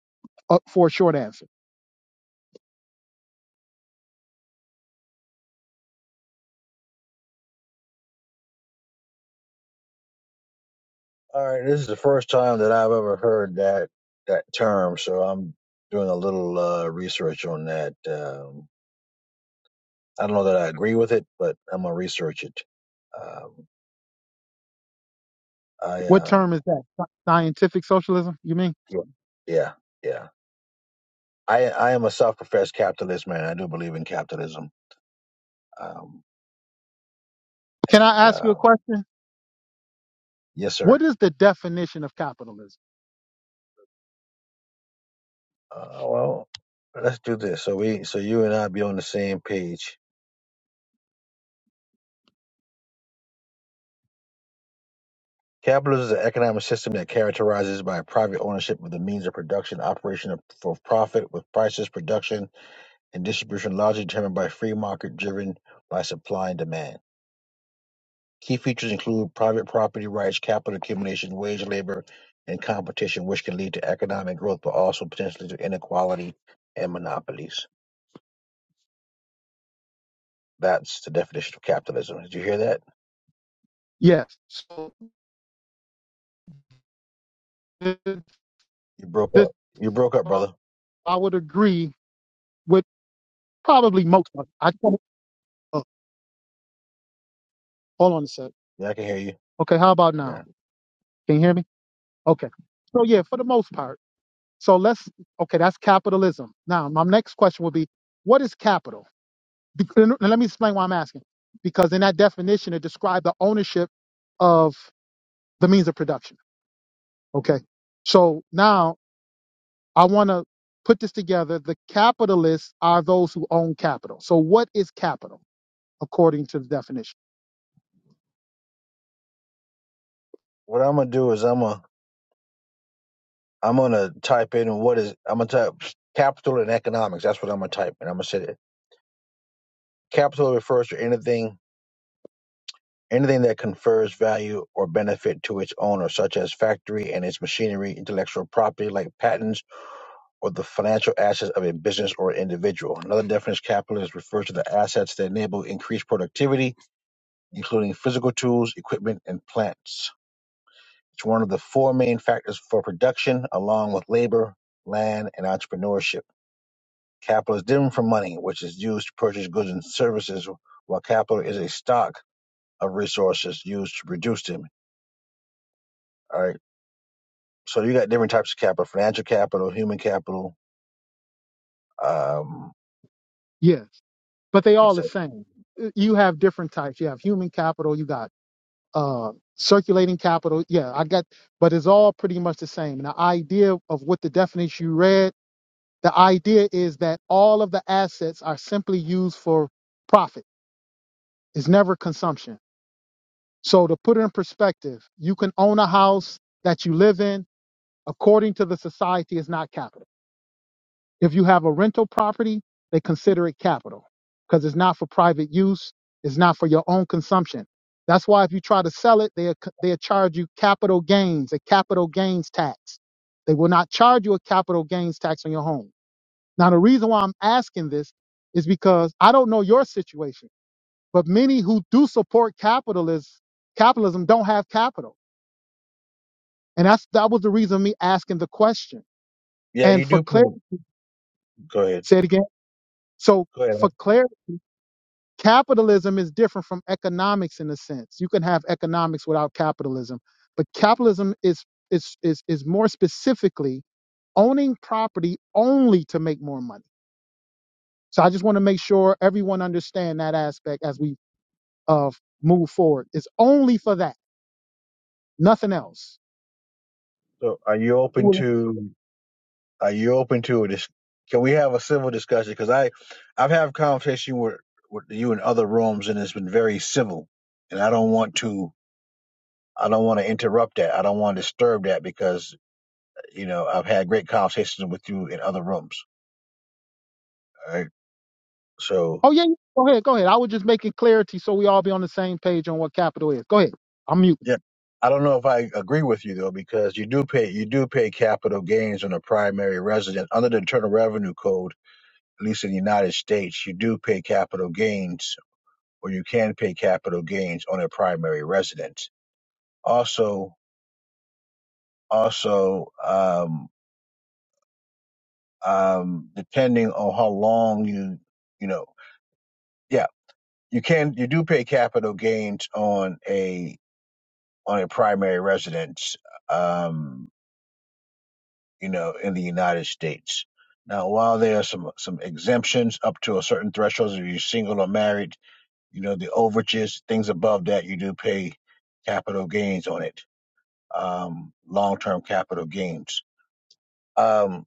Speaker 1: uh, for a short answer.
Speaker 7: All right. This is the first time that I've ever heard that that term, so I'm doing a little uh, research on that. Um, I don't know that I agree with it, but I'm gonna research it. Um, I
Speaker 1: What
Speaker 7: uh,
Speaker 1: term is that? Sci- Scientific socialism, you mean?
Speaker 7: yeah, yeah, yeah. I I am a self-professed capitalist man. I do believe in capitalism. Um,
Speaker 1: Can
Speaker 7: and
Speaker 1: I ask you a
Speaker 7: um,
Speaker 1: question?
Speaker 7: yes, sir.
Speaker 1: What is the definition of capitalism?
Speaker 7: Uh, well, let's do this. So we so you and I be on the same page. Capitalism is an economic system that characterizes by private ownership of the means of production, operation of, for profit, with prices, production, and distribution largely determined by free market, driven by supply and demand. Key features include private property rights, capital accumulation, wage labor, and competition, which can lead to economic growth but also potentially to inequality and monopolies. That's the definition of capitalism. Did you hear that?
Speaker 1: Yes. This,
Speaker 7: You broke up. You broke up, brother.
Speaker 1: I would agree with probably most of it. I, uh, hold on a sec.
Speaker 7: Yeah, I can hear you.
Speaker 1: Okay, how about
Speaker 7: Yeah.
Speaker 1: now? Can you hear me? Okay. So yeah, for the most part. So let's okay, that's capitalism. Now, my next question would be, what is capital? Bec- and Let me explain why I'm asking. Because in that definition, it described the ownership of the means of production. Okay. So now I want to put this together. The capitalists are those who own capital. So what is capital according to the definition?
Speaker 7: What I'm gonna do is I'm gonna I'm gonna type in what is I'm gonna type capital and economics. That's what I'm gonna type, and I'm gonna say that capital refers to anything Anything that confers value or benefit to its owner, such as factory and its machinery, intellectual property like patents, or the financial assets of a business or individual. Another definition, capitalist, refers to the assets that enable increased productivity, including physical tools, equipment, and plants. It's one of the four main factors for production, along with labor, land, and entrepreneurship. Capital is different from money, which is used to purchase goods and services, while capital is a stock of resources used to produce them. All right. So you got different types of capital: financial capital, human capital. Um,
Speaker 1: Yes, but they all the
Speaker 7: exactly.
Speaker 1: same. Uh, You have different types. You have human capital. You got uh, circulating capital. Yeah, I got, but it's all pretty much the same. And the idea of what the definition you read, the idea is that all of the assets are simply used for profit. It's never consumption. So to put it in perspective, you can own a house that you live in according to the society is not capital. If you have a rental property, they consider it capital because it's not for private use. It's not for your own consumption. That's why if you try to sell it, they they charge you capital gains, a capital gains tax. They will not charge you a capital gains tax on your home. Now the reason why I'm asking this is because I don't know your situation, but many who do support capitalism capitalism don't have capital, and that's that was the reason me asking the question.
Speaker 7: Yeah,
Speaker 1: And
Speaker 7: you
Speaker 1: for
Speaker 7: do. Pay.
Speaker 1: clarity,
Speaker 7: Go ahead.
Speaker 1: say it again. So
Speaker 7: Go ahead.
Speaker 1: for clarity. capitalism is different from economics in a sense. You can have economics without capitalism, but capitalism is is is is more specifically owning property only to make more money. So I just want to make sure everyone understand that aspect as we uh move forward. It's only for that, nothing else.
Speaker 7: So, are you open
Speaker 1: Well-
Speaker 7: to? Are you open to this? Can we have a civil discussion? Because I, I've had a conversation with with you in other rooms, and it's been very civil, and I don't want to. I don't want to interrupt that. I don't want to disturb that because you know I've had great conversations with you in other rooms. All right. So
Speaker 1: Oh yeah, yeah. go ahead, go ahead. I was just making clarity so we all be on the same page on what capital is. Go ahead. I'm mute.
Speaker 7: Yeah, I don't know if I agree with you though, because you do pay you do pay capital gains on a primary resident under the Internal Revenue Code, at least in the United States. You do pay capital gains, or you can pay capital gains on a primary residence. Also, also, um, um, depending on how long you, you know, yeah, you can you do pay capital gains on a on a primary residence. Um, you know, in the United States. Now, while there are some, some exemptions up to a certain threshold, if you're single or married, you know, the overages, things above that, you do pay capital gains on it, um, long term capital gains. Um,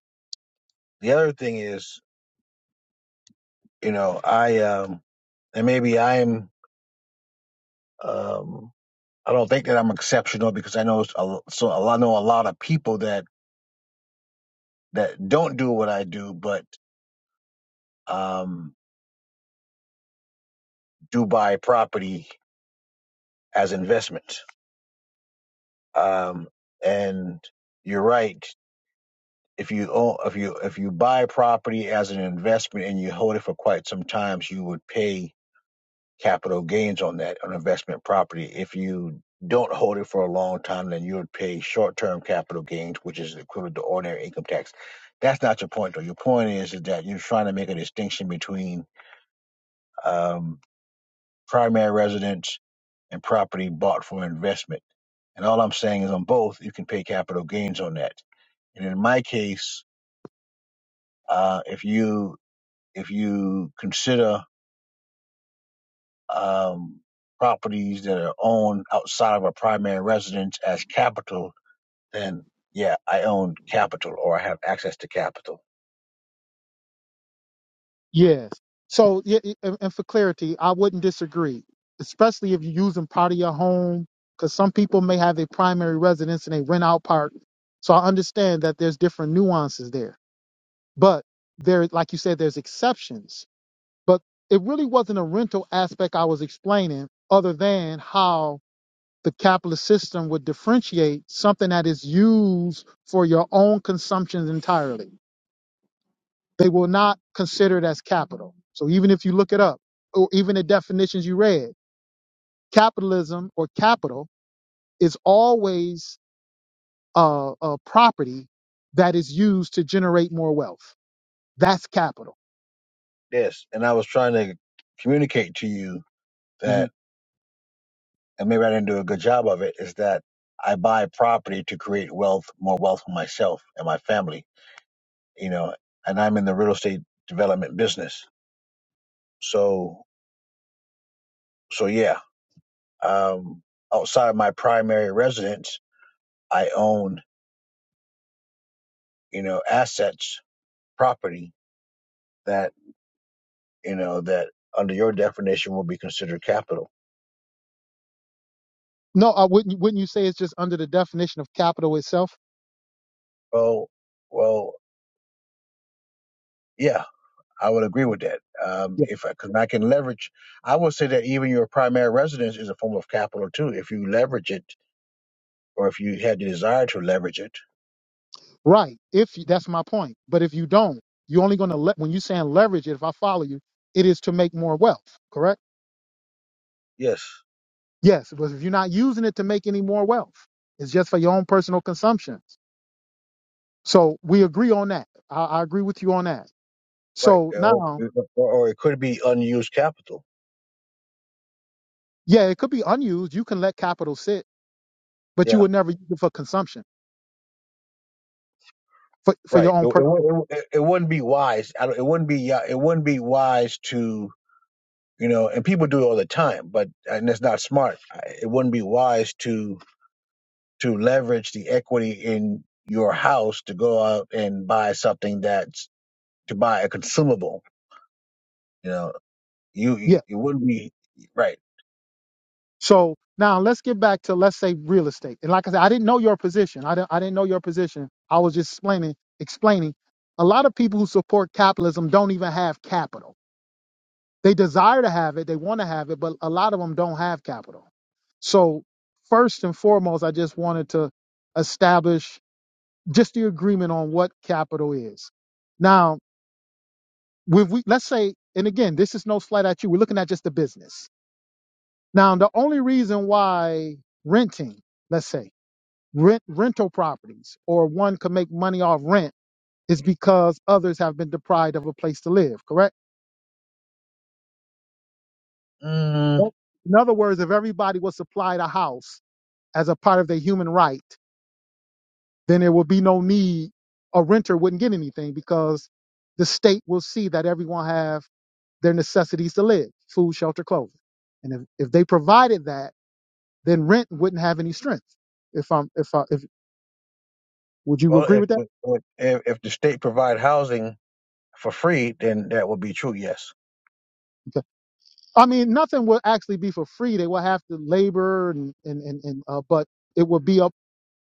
Speaker 7: the other thing is, you know, I, um, and maybe I'm, um, I don't think that I'm exceptional because I know s- a l- so a lot- I know a lot of people that that don't do what I do, but um, do buy property as investment. um, and you're right. If you own, if you if you buy property as an investment and you hold it for quite some time, you would pay capital gains on that on investment property. If you don't hold it for a long time, then you would pay short-term capital gains, which is equivalent to ordinary income tax. That's not your point, though. Your point is, is that you're trying to make a distinction between um, primary residence and property bought for investment. And all I'm saying is, on both, you can pay capital gains on that And in my case, uh, if you if you consider um, properties that are owned outside of a primary residence as capital, then yeah, I own capital or I have access to capital.
Speaker 1: Yes. So, yeah, y- and, and for clarity, I wouldn't disagree, especially if you're using part of your home, because some people may have a primary residence and they rent out part. So I understand that there's different nuances there, but there, like you said, there's exceptions. But it really wasn't a rental aspect I was explaining, other than how the capitalist system would differentiate something that is used for your own consumption entirely. They will not consider it as capital. So even if you look it up, or even the definitions you read, capitalism or capital is always uh, a property that is used to generate more wealth. That's capital.
Speaker 7: Yes, and I was trying to communicate to you
Speaker 1: Mhm.
Speaker 7: that, and maybe I didn't do a good job of it, is that I buy property to create wealth, more wealth for myself and my family. You know, and I'm in the real estate development business. So, so yeah, Um, outside of my primary residence, I own, you know, assets, property that, you know, that under your definition will be considered capital.
Speaker 1: No, I wouldn't. Wouldn't you say it's just under the definition of capital itself?
Speaker 7: Well, well, yeah, I would agree with that. Um,
Speaker 1: Yeah.
Speaker 7: if I, cause I can leverage, I would say that even your primary residence is a form of capital too. If you leverage it or if you had the desire to leverage it.
Speaker 1: Right. If you, that's my point. But if you don't, you're only going to let when you're saying leverage it. If I follow you, it is to make more wealth. Correct.
Speaker 7: Yes.
Speaker 1: Yes, but if you're not using it to make any more wealth, it's just for your own personal consumption. So we agree on that. I, I agree with you on that.
Speaker 7: Right.
Speaker 1: So
Speaker 7: Or,
Speaker 1: now,
Speaker 7: or it could be unused capital.
Speaker 1: yeah, it could be unused. You can let capital sit, but
Speaker 7: Yeah.
Speaker 1: you would never use it for consumption for, for your
Speaker 7: Right. It,
Speaker 1: own
Speaker 7: it,
Speaker 1: personal.
Speaker 7: wou- it, it wouldn't be wise. I don't, it wouldn't be. yeah, It wouldn't be wise to you know. And people do it all the time, but and it's not smart. I- It wouldn't be wise to to leverage the equity in your house to go out and buy something that's to buy a consumable. You know, you you
Speaker 1: Yeah.
Speaker 7: it wouldn't be right.
Speaker 1: So now let's get back to let's say real estate. And like I said, I didn't know your position. I didn't I didn't know your position. I was just explaining explaining. A lot of people who support capitalism don't even have capital. They desire to have it, they want to have it, but a lot of them don't have capital. So, first and foremost, I just wanted to establish just the agreement on what capital is. Now, when we let's say, and again, this is no slight at you. We're looking at just the business. Now, the only reason why renting, let's say, rent rental properties or one could make money off rent is because others have been deprived of a place to live, correct?
Speaker 7: Mm,
Speaker 1: Well, In other words, if everybody was supplied a house as a part of their human right, then there will be no need a renter wouldn't get anything because the state will see that everyone have their necessities to live food shelter clothing and if, if they provided that then rent wouldn't have any strength if i'm if i if would you
Speaker 7: well,
Speaker 1: agree
Speaker 7: if,
Speaker 1: with that
Speaker 7: if if the state provide housing for free, then that would be true. Yes.
Speaker 1: okay. i mean nothing will actually be for free they will have to labor and and and, and uh, but it will be up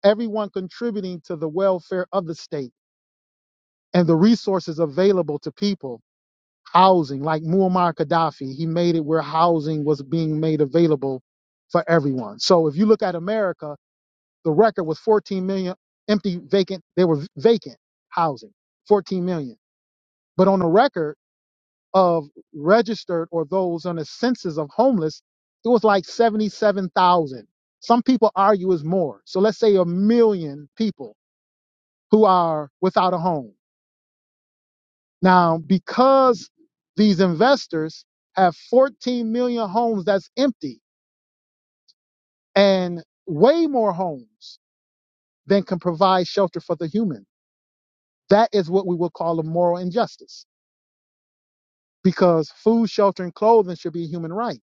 Speaker 1: everyone contributing to the welfare of the state and the resources available to people housing, like Muammar Gaddafi, he made it where housing was being made available for everyone. So if you look at America, the record was 14 million empty vacant. They were vacant housing, 14 million. But on the record of registered or those on the census of homeless, it was like 77,000. Some people argue it's more. So let's say a million people who are without a home. Now, because these investors have 14 million homes that's empty and way more homes than can provide shelter for the human, that is what we would call a moral injustice because food, shelter, and clothing should be a human right.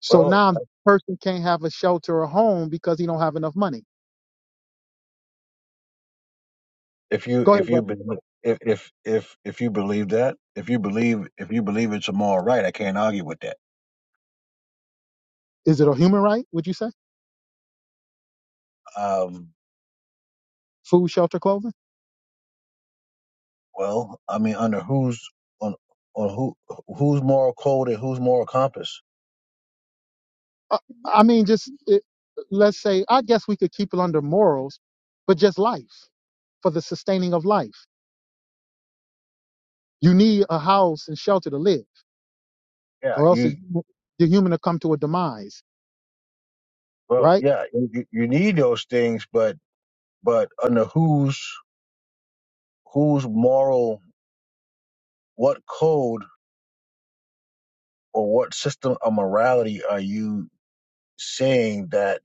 Speaker 1: So
Speaker 7: Well,
Speaker 1: now a person can't have a shelter or home because he don't have enough money.
Speaker 7: if you
Speaker 1: Go
Speaker 7: if
Speaker 1: ahead,
Speaker 7: you
Speaker 1: bro.
Speaker 7: be- if if if if you believe that if you believe if you believe it's a moral right i can't argue with that
Speaker 1: Is it a human right, would you say?
Speaker 7: um
Speaker 1: Food, shelter, clothing?
Speaker 7: well i mean under whose on on who whose moral code and whose moral compass
Speaker 1: Uh, I mean, just it, let's say, I guess we could keep it under morals, but just life for the sustaining of life. You need a house and shelter to live,
Speaker 7: yeah
Speaker 1: or else
Speaker 7: you
Speaker 1: the the human will come to a demise,
Speaker 7: well
Speaker 1: right?
Speaker 7: yeah you, you you need those things but but under whose whose moral what code or what system of morality are you saying that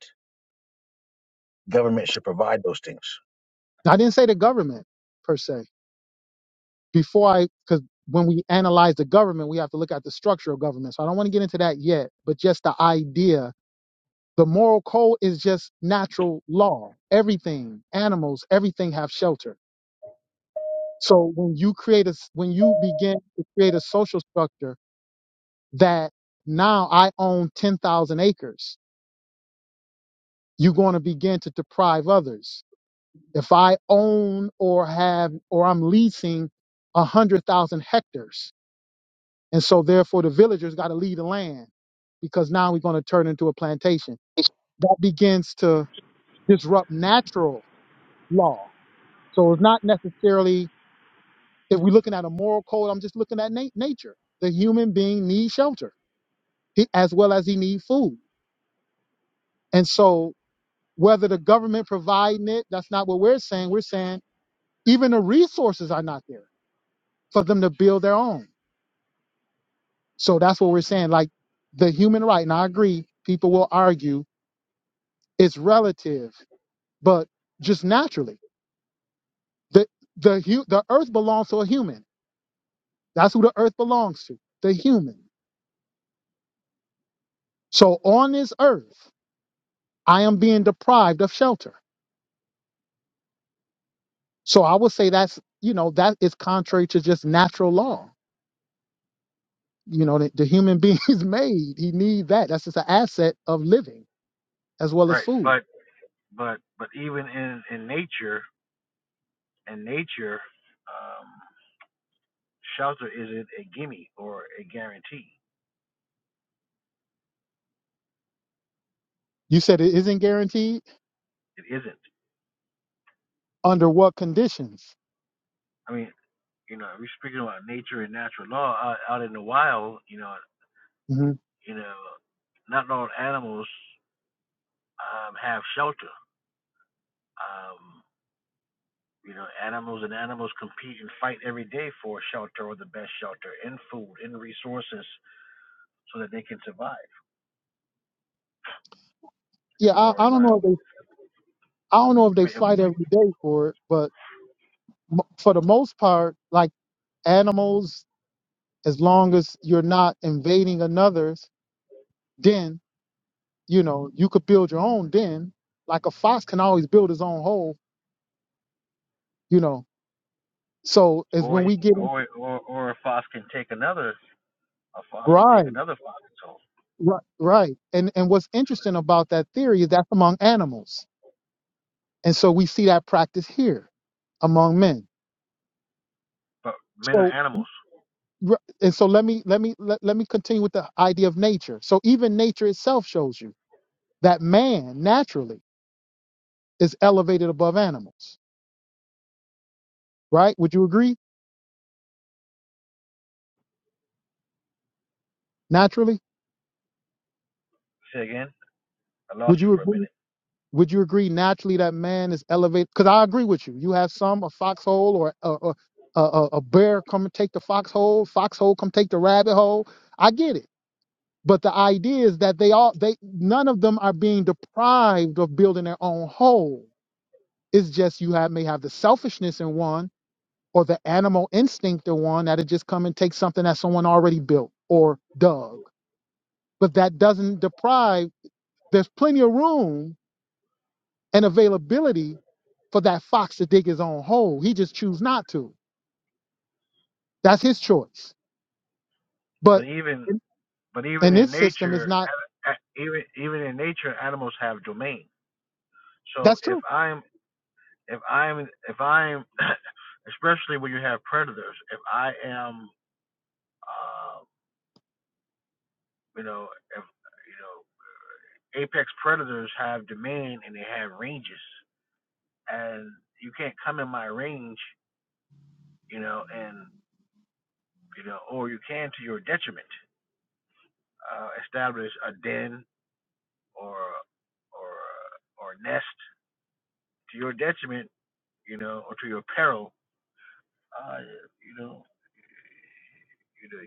Speaker 7: government should provide those things
Speaker 1: I didn't say the government per se. Before I, because when we analyze the government, we have to look at the structure of government. So I don't want to get into that yet, but just the idea. The moral code is just natural law. Everything, animals, everything have shelter So when you create a, s- when you begin to create a social structure that now I own 10,000 acres, you're going to begin to deprive others. If I own or have, or I'm leasing 100,000 hectares. And so therefore the villagers got to leave the land because now we're going to turn into a plantation. That begins to disrupt natural law. So it's not necessarily, if we're looking at a moral code, I'm just looking at na- nature. The human being needs shelter he, as well as he need food. And so whether the government providing it, that's not what we're saying. We're saying even the resources are not there for them to build their own. So that's what we're saying. Like the human right, and I agree, people will argue it's relative, but just naturally, the the hu- the earth belongs to a human. That's who the earth belongs to, the human. So on this earth, I am being deprived of shelter. So I would say that's you know that is contrary to just natural law you know the, the human being is made he needs that that's just an asset of living as well as food you said it isn't guaranteed under what conditions hmm yeah I, I don't know if they i don't know if they fight every day for it but m- for the most part like animals as long as you're not invading another's den you know you could build your own den like a fox can always build his own hole you know so is when we get in, right Right, right. And and what's interesting about that theory is that's among animals, and so we see that practice here among men. So r- and so let me let me let, let me continue with the idea of nature. So even nature itself shows you that man naturally is elevated above animals, right? Would you agree? Naturally, would you agree? Would you agree naturally that man is elevated? Because I agree with you. You have some a foxhole or, or, or a, a a bear come and take the foxhole, foxhole come take the rabbit hole. I get it. But the idea is that they all they none of them are being deprived of building their own whole. It's just you have may have the selfishness in one or the animal instinct in one that'll just come and take something that someone already built or dug. But that doesn't deprive there's plenty of room and availability for that fox to dig his own hole. He just choose not to. That's his choice. But in in this system is not that's true.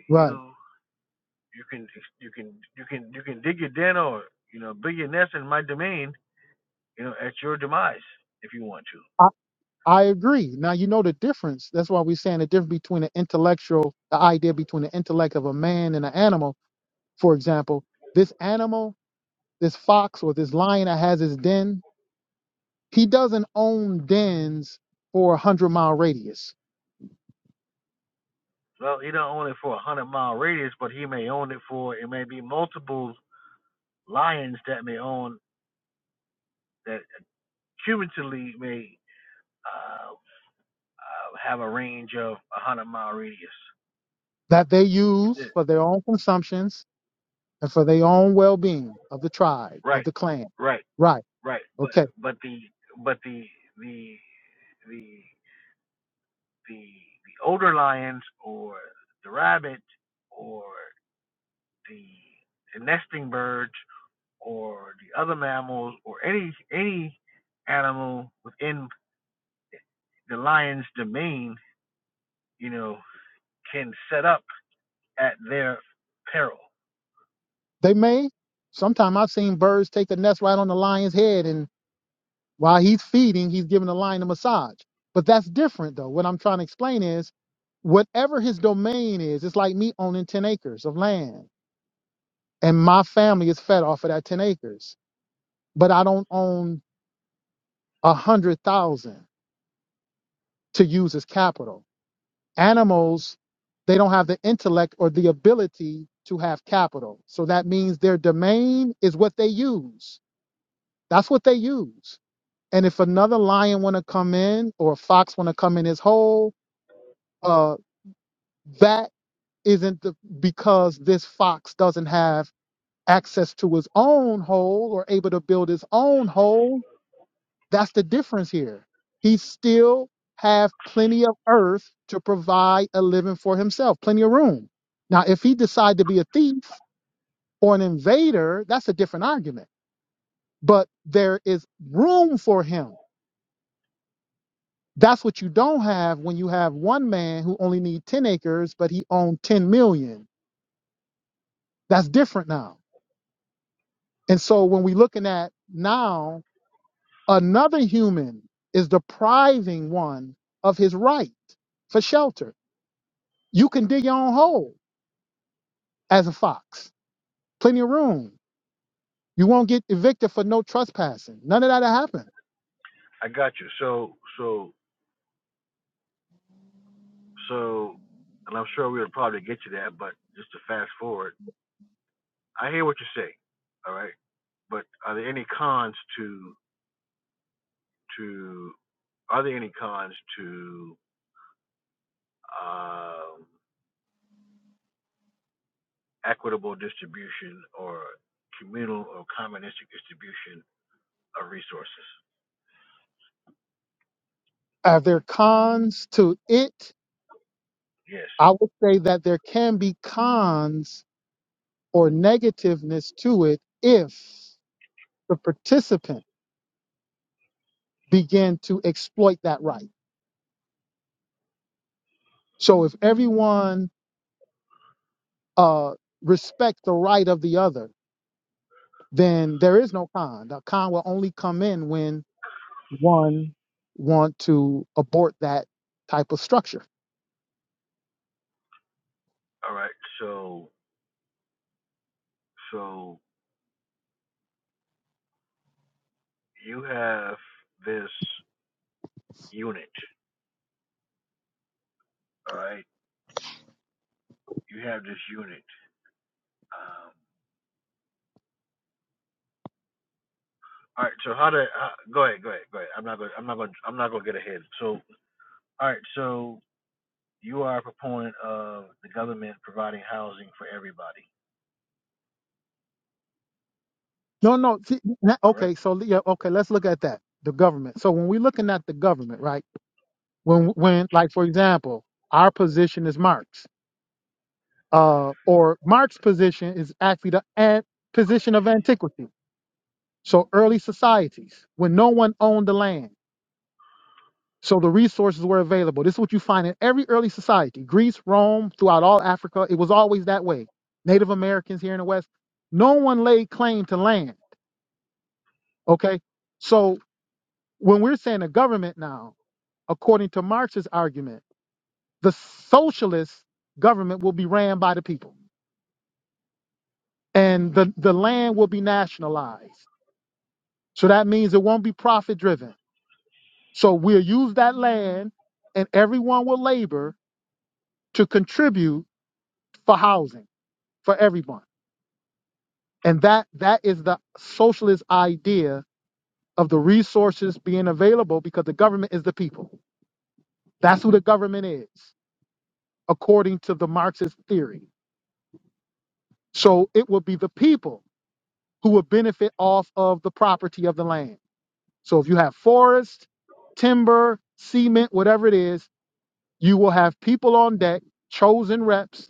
Speaker 1: Right. I agree. Now you know the difference. That's why we're saying the difference between an intellectual, the idea between the intellect of a man and an animal. For example, this animal, this fox or this lion that has his den, he doesn't own dens for a hundred mile radius that they use for their own consumptions and for their own well being of the tribe, of the clan. Right. Okay. They may Sometimes I've seen birds take the nest right on the lion's head While he's feeding, he's giving the lion a massage. But that's different, though. What I'm trying to explain is whatever his domain is, it's like me owning 10 acres of land and my family is fed off of that 10 acres, but I don't own a hundred thousand to use as capital. Animals, they don't have the intellect or the ability to have capital. So that means their domain is what they use. That's what they use. And if another lion want to come in or a fox want to come in his hole, uh. that isn't the, because this fox doesn't have access to his own hole or able to build his own hole. That's the difference here. He still have plenty of earth to provide a living for himself, plenty of room. Now, if he decide to be a thief or an invader, that's a different argument. But there is room for him. That's what you don't have when you have one man who only need 10 acres, but he owned 10 million. That's different now And so when we're looking at now, another human is depriving one of his right for shelter. You can dig your own hole as a fox, plenty of room. You won't get evicted for no trespassing. None of that'll happen. Are there cons to it? I would say that there can be cons or negativeness to it if the participant begin to exploit that right. So if everyone uh, respect the right of the other, then there is no con. The con will only come in when one want to abort that type of structure. No, no. See, na- okay, so yeah, okay, let's look at that. The government. So when we're looking at the government, right? when when like for example our position is marx uh or marx's position is actually the ad position of antiquity so early societies when no one owned the land so the resources were available this is what you find in every early society greece rome throughout all africa it was always that way native americans here in the west no one laid claim to land okay so when we're saying a government now according to marx's argument the socialist government will be ran by the people and the, the land will be nationalized. So that means it won't be profit driven. So we'll use that land and everyone will labor to contribute for housing for everyone. And that that is the socialist idea of the resources being available because the government is the people. That's who the government is, according to the Marxist theory. So it will be the people who will benefit off of the property of the land. So if you have forest, timber, cement, whatever it is, you will have people on deck, chosen reps,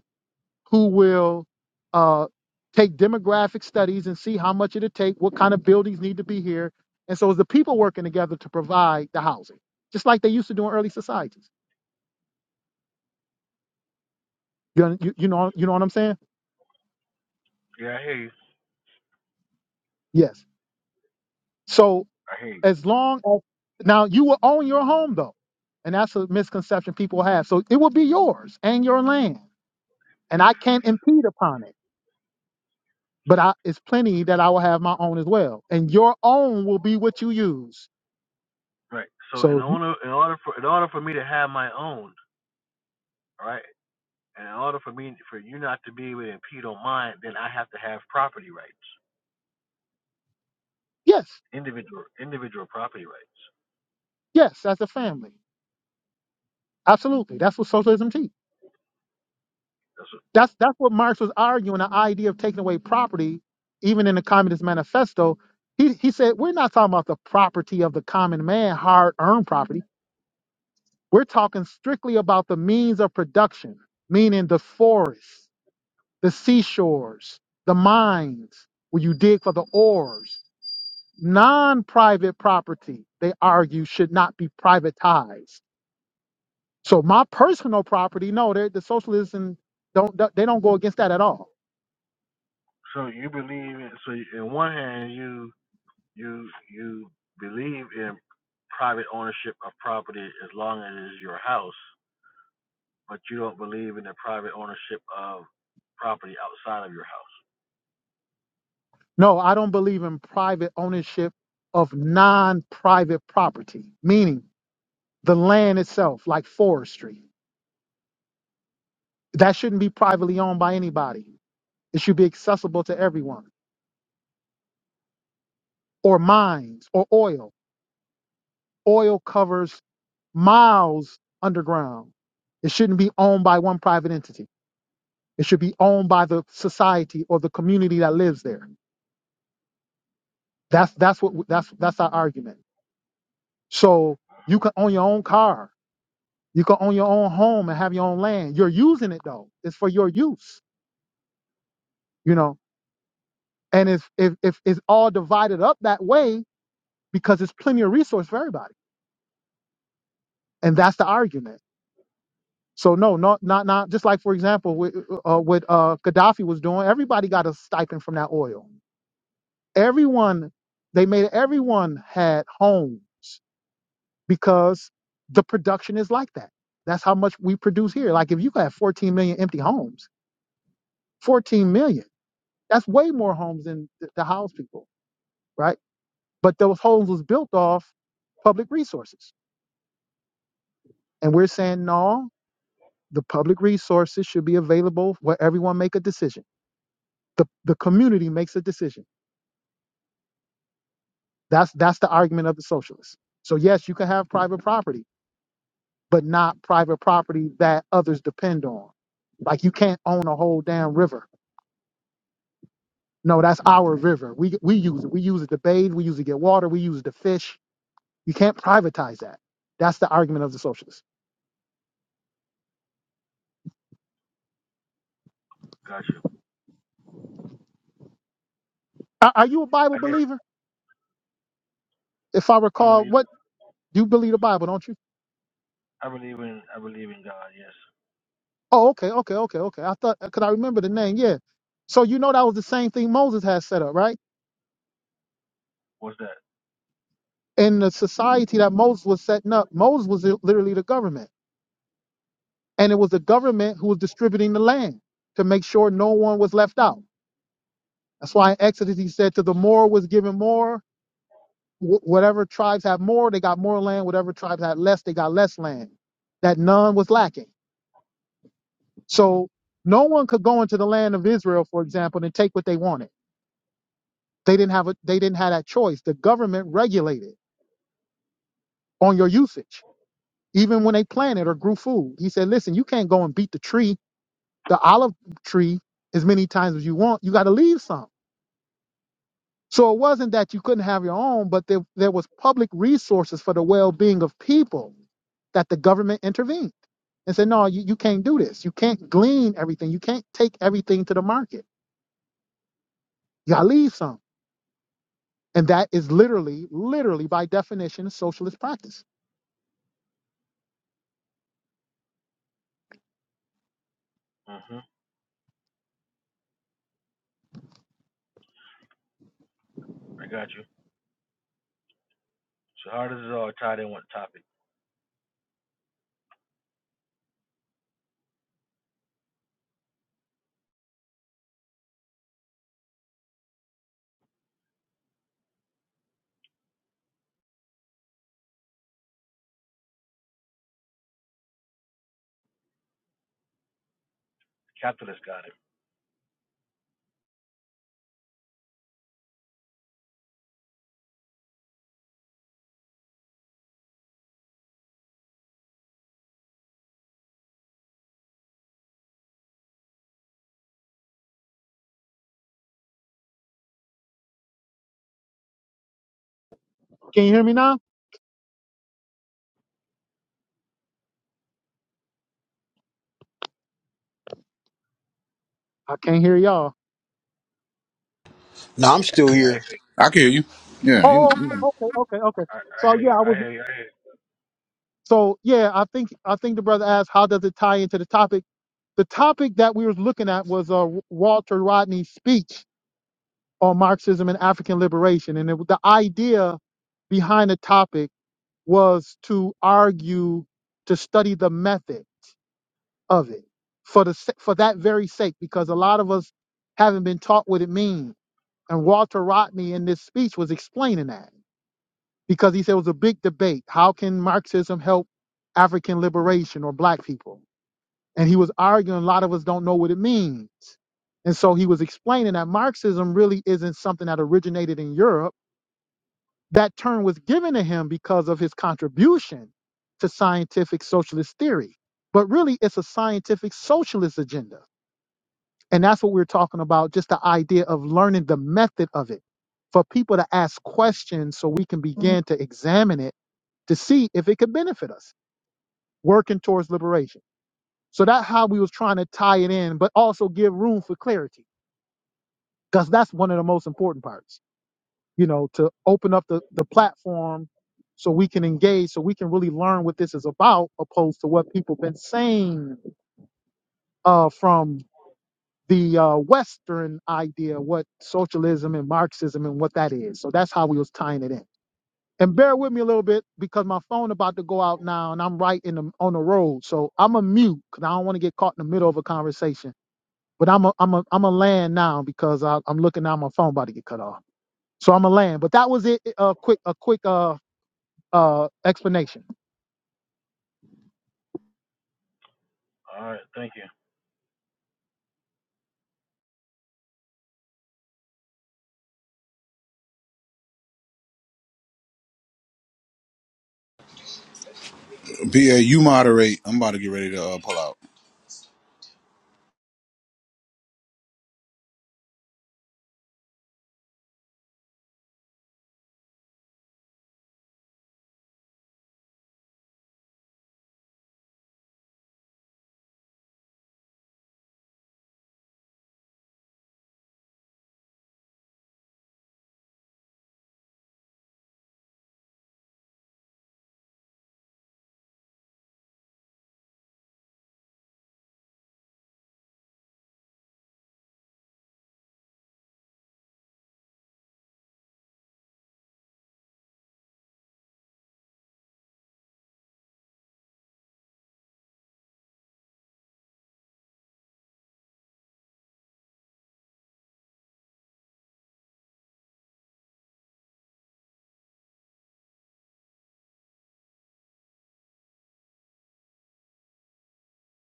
Speaker 1: who will uh, take demographic studies and see how much it'll take, what kind of buildings need to be here. And so it's the people working together to provide the housing, just like they used to do in early societies. You, you, you know, you know what I'm saying? Yes. So as long as now you will own your home though. And that's a misconception people have. So it will be yours and your land. And I can't impede upon it. but I, it's plenty that I will have my own as well. And your own will be what you use. So yes, yes, as a family. Absolutely. That's what socialism teaches. That's that's what Marx was arguing, the idea of taking away property, even in the Communist Manifesto. He he said, we're not talking about the property of the common man, hard earned property. We're talking strictly about the means of production, meaning the forests, the seashores, the mines, where you dig for the ores non-private property they argue should not be privatized so my personal property no they- the socialists and don't they don't go against that at all no i don't believe in private ownership of non-private property meaning the land itself like forestry that shouldn't be privately owned by anybody it should be accessible to everyone or mines or oil oil covers miles underground it shouldn't be owned by one private entity It should be owned by the society or the community that lives there. That's that's what that's that's our argument. So you can own your own car, you can own your own home and have your own land. You're using it though; it's for your use, you know. And if if if it's all divided up that way, because it's plenty of resource for everybody, and that's the argument. So no, not not not just like for example with uh, what uh, Gaddafi was doing. Everybody got a stipend from that oil. Everyone they made everyone had homes because the production is like that. That's how much we produce here. Like if you have 14 million empty homes, 14 million, that's way more homes than th- the house people, right? But those homes was built off public resources. And we're saying, no, the public resources should be available where everyone make a decision. The, the community makes a decision. That's, that's the argument of the socialists. So yes, you can have private property, but not private property that others depend on. Like you can't own a whole damn river No, that's our river. We we use it. We use it to bathe. We use it to get water. We use it to fish. You can't privatize that. That's the argument of the socialists. Are, are you a Bible believer? If I recall, what you believe the Bible, don't you? Oh, okay, okay, okay, okay. I thought because I remember the name. Yeah. So you know that was the same thing Moses had set up, right? In the society that Moses was setting up, Moses was literally the government, and it was the government who was distributing the land to make sure no one was left out. That's why in Exodus he said, "To the more was given more." wh- whatever tribes have more, they got more land. Whatever tribes had less, they got less land. That none was lacking. So no one could go into the land of Israel, for example, and take what they wanted. They didn't have a, they didn't have that choice. The government regulated on your usage, even when they planted or grew food. He said, "Listen, you can't go and beat the tree, the olive tree, as many times as you want. You got to leave some." So it wasn't that you couldn't have your own, but there, there was public resources for the well-being of people that the government intervened and said, no, you, you can't do this. You can't glean everything. You can't take everything to the market. You gotta leave some. And that is literally, literally by definition, socialist practice. Can you hear me now? I can't hear y'all.
Speaker 3: Nah, I'm still here.
Speaker 5: I can hear you. Yeah. He,
Speaker 1: Oh, oh,
Speaker 5: he-
Speaker 1: okay, okay, okay. So yeah, I was so yeah, I think I think the brother asked how does it tie into the topic? The topic that we was looking at was uh, Walter Rodney's speech on Marxism and African liberation. And it, the idea behind the topic was to argue, to study the method of it for the sa- for that very sake, because a lot of us haven't been taught what it means. And Walter Rodney in this speech was explaining that because he said it was a big debate. How can Marxism help African liberation or black people? And he was arguing a lot of us don't know what it means. And so he was explaining that Marxism really isn't something that originated in Europe That term was given to him because of his contribution to scientific socialist theory. But really, it's a scientific socialist agenda. And that's what we're talking about just the idea of learning the method of it for people to ask questions so we can begin to examine it to see if it could benefit us, working towards liberation. So that's how we was trying to tie it in, but also give room for clarity, because that's one of the most important parts. you know, to open up the, the platform so we can engage, so we can really learn what this is about, opposed to what people been saying uh, from the uh, Western idea, what socialism and Marxism and what that is. So that's how we was tying it in. And bear with me a little bit because my phone about to go out now, and I'm right in the on the road, so I'm a mute because I don't want to get caught in the middle of a conversation. But I'm a I'm a I'm a land now because I, I'm looking at my phone about to get cut off. So I'm a land. But that was it. A quick a quick uh uh, explanation.
Speaker 5: BA, you moderate. I'm about to get ready to uh, pull out.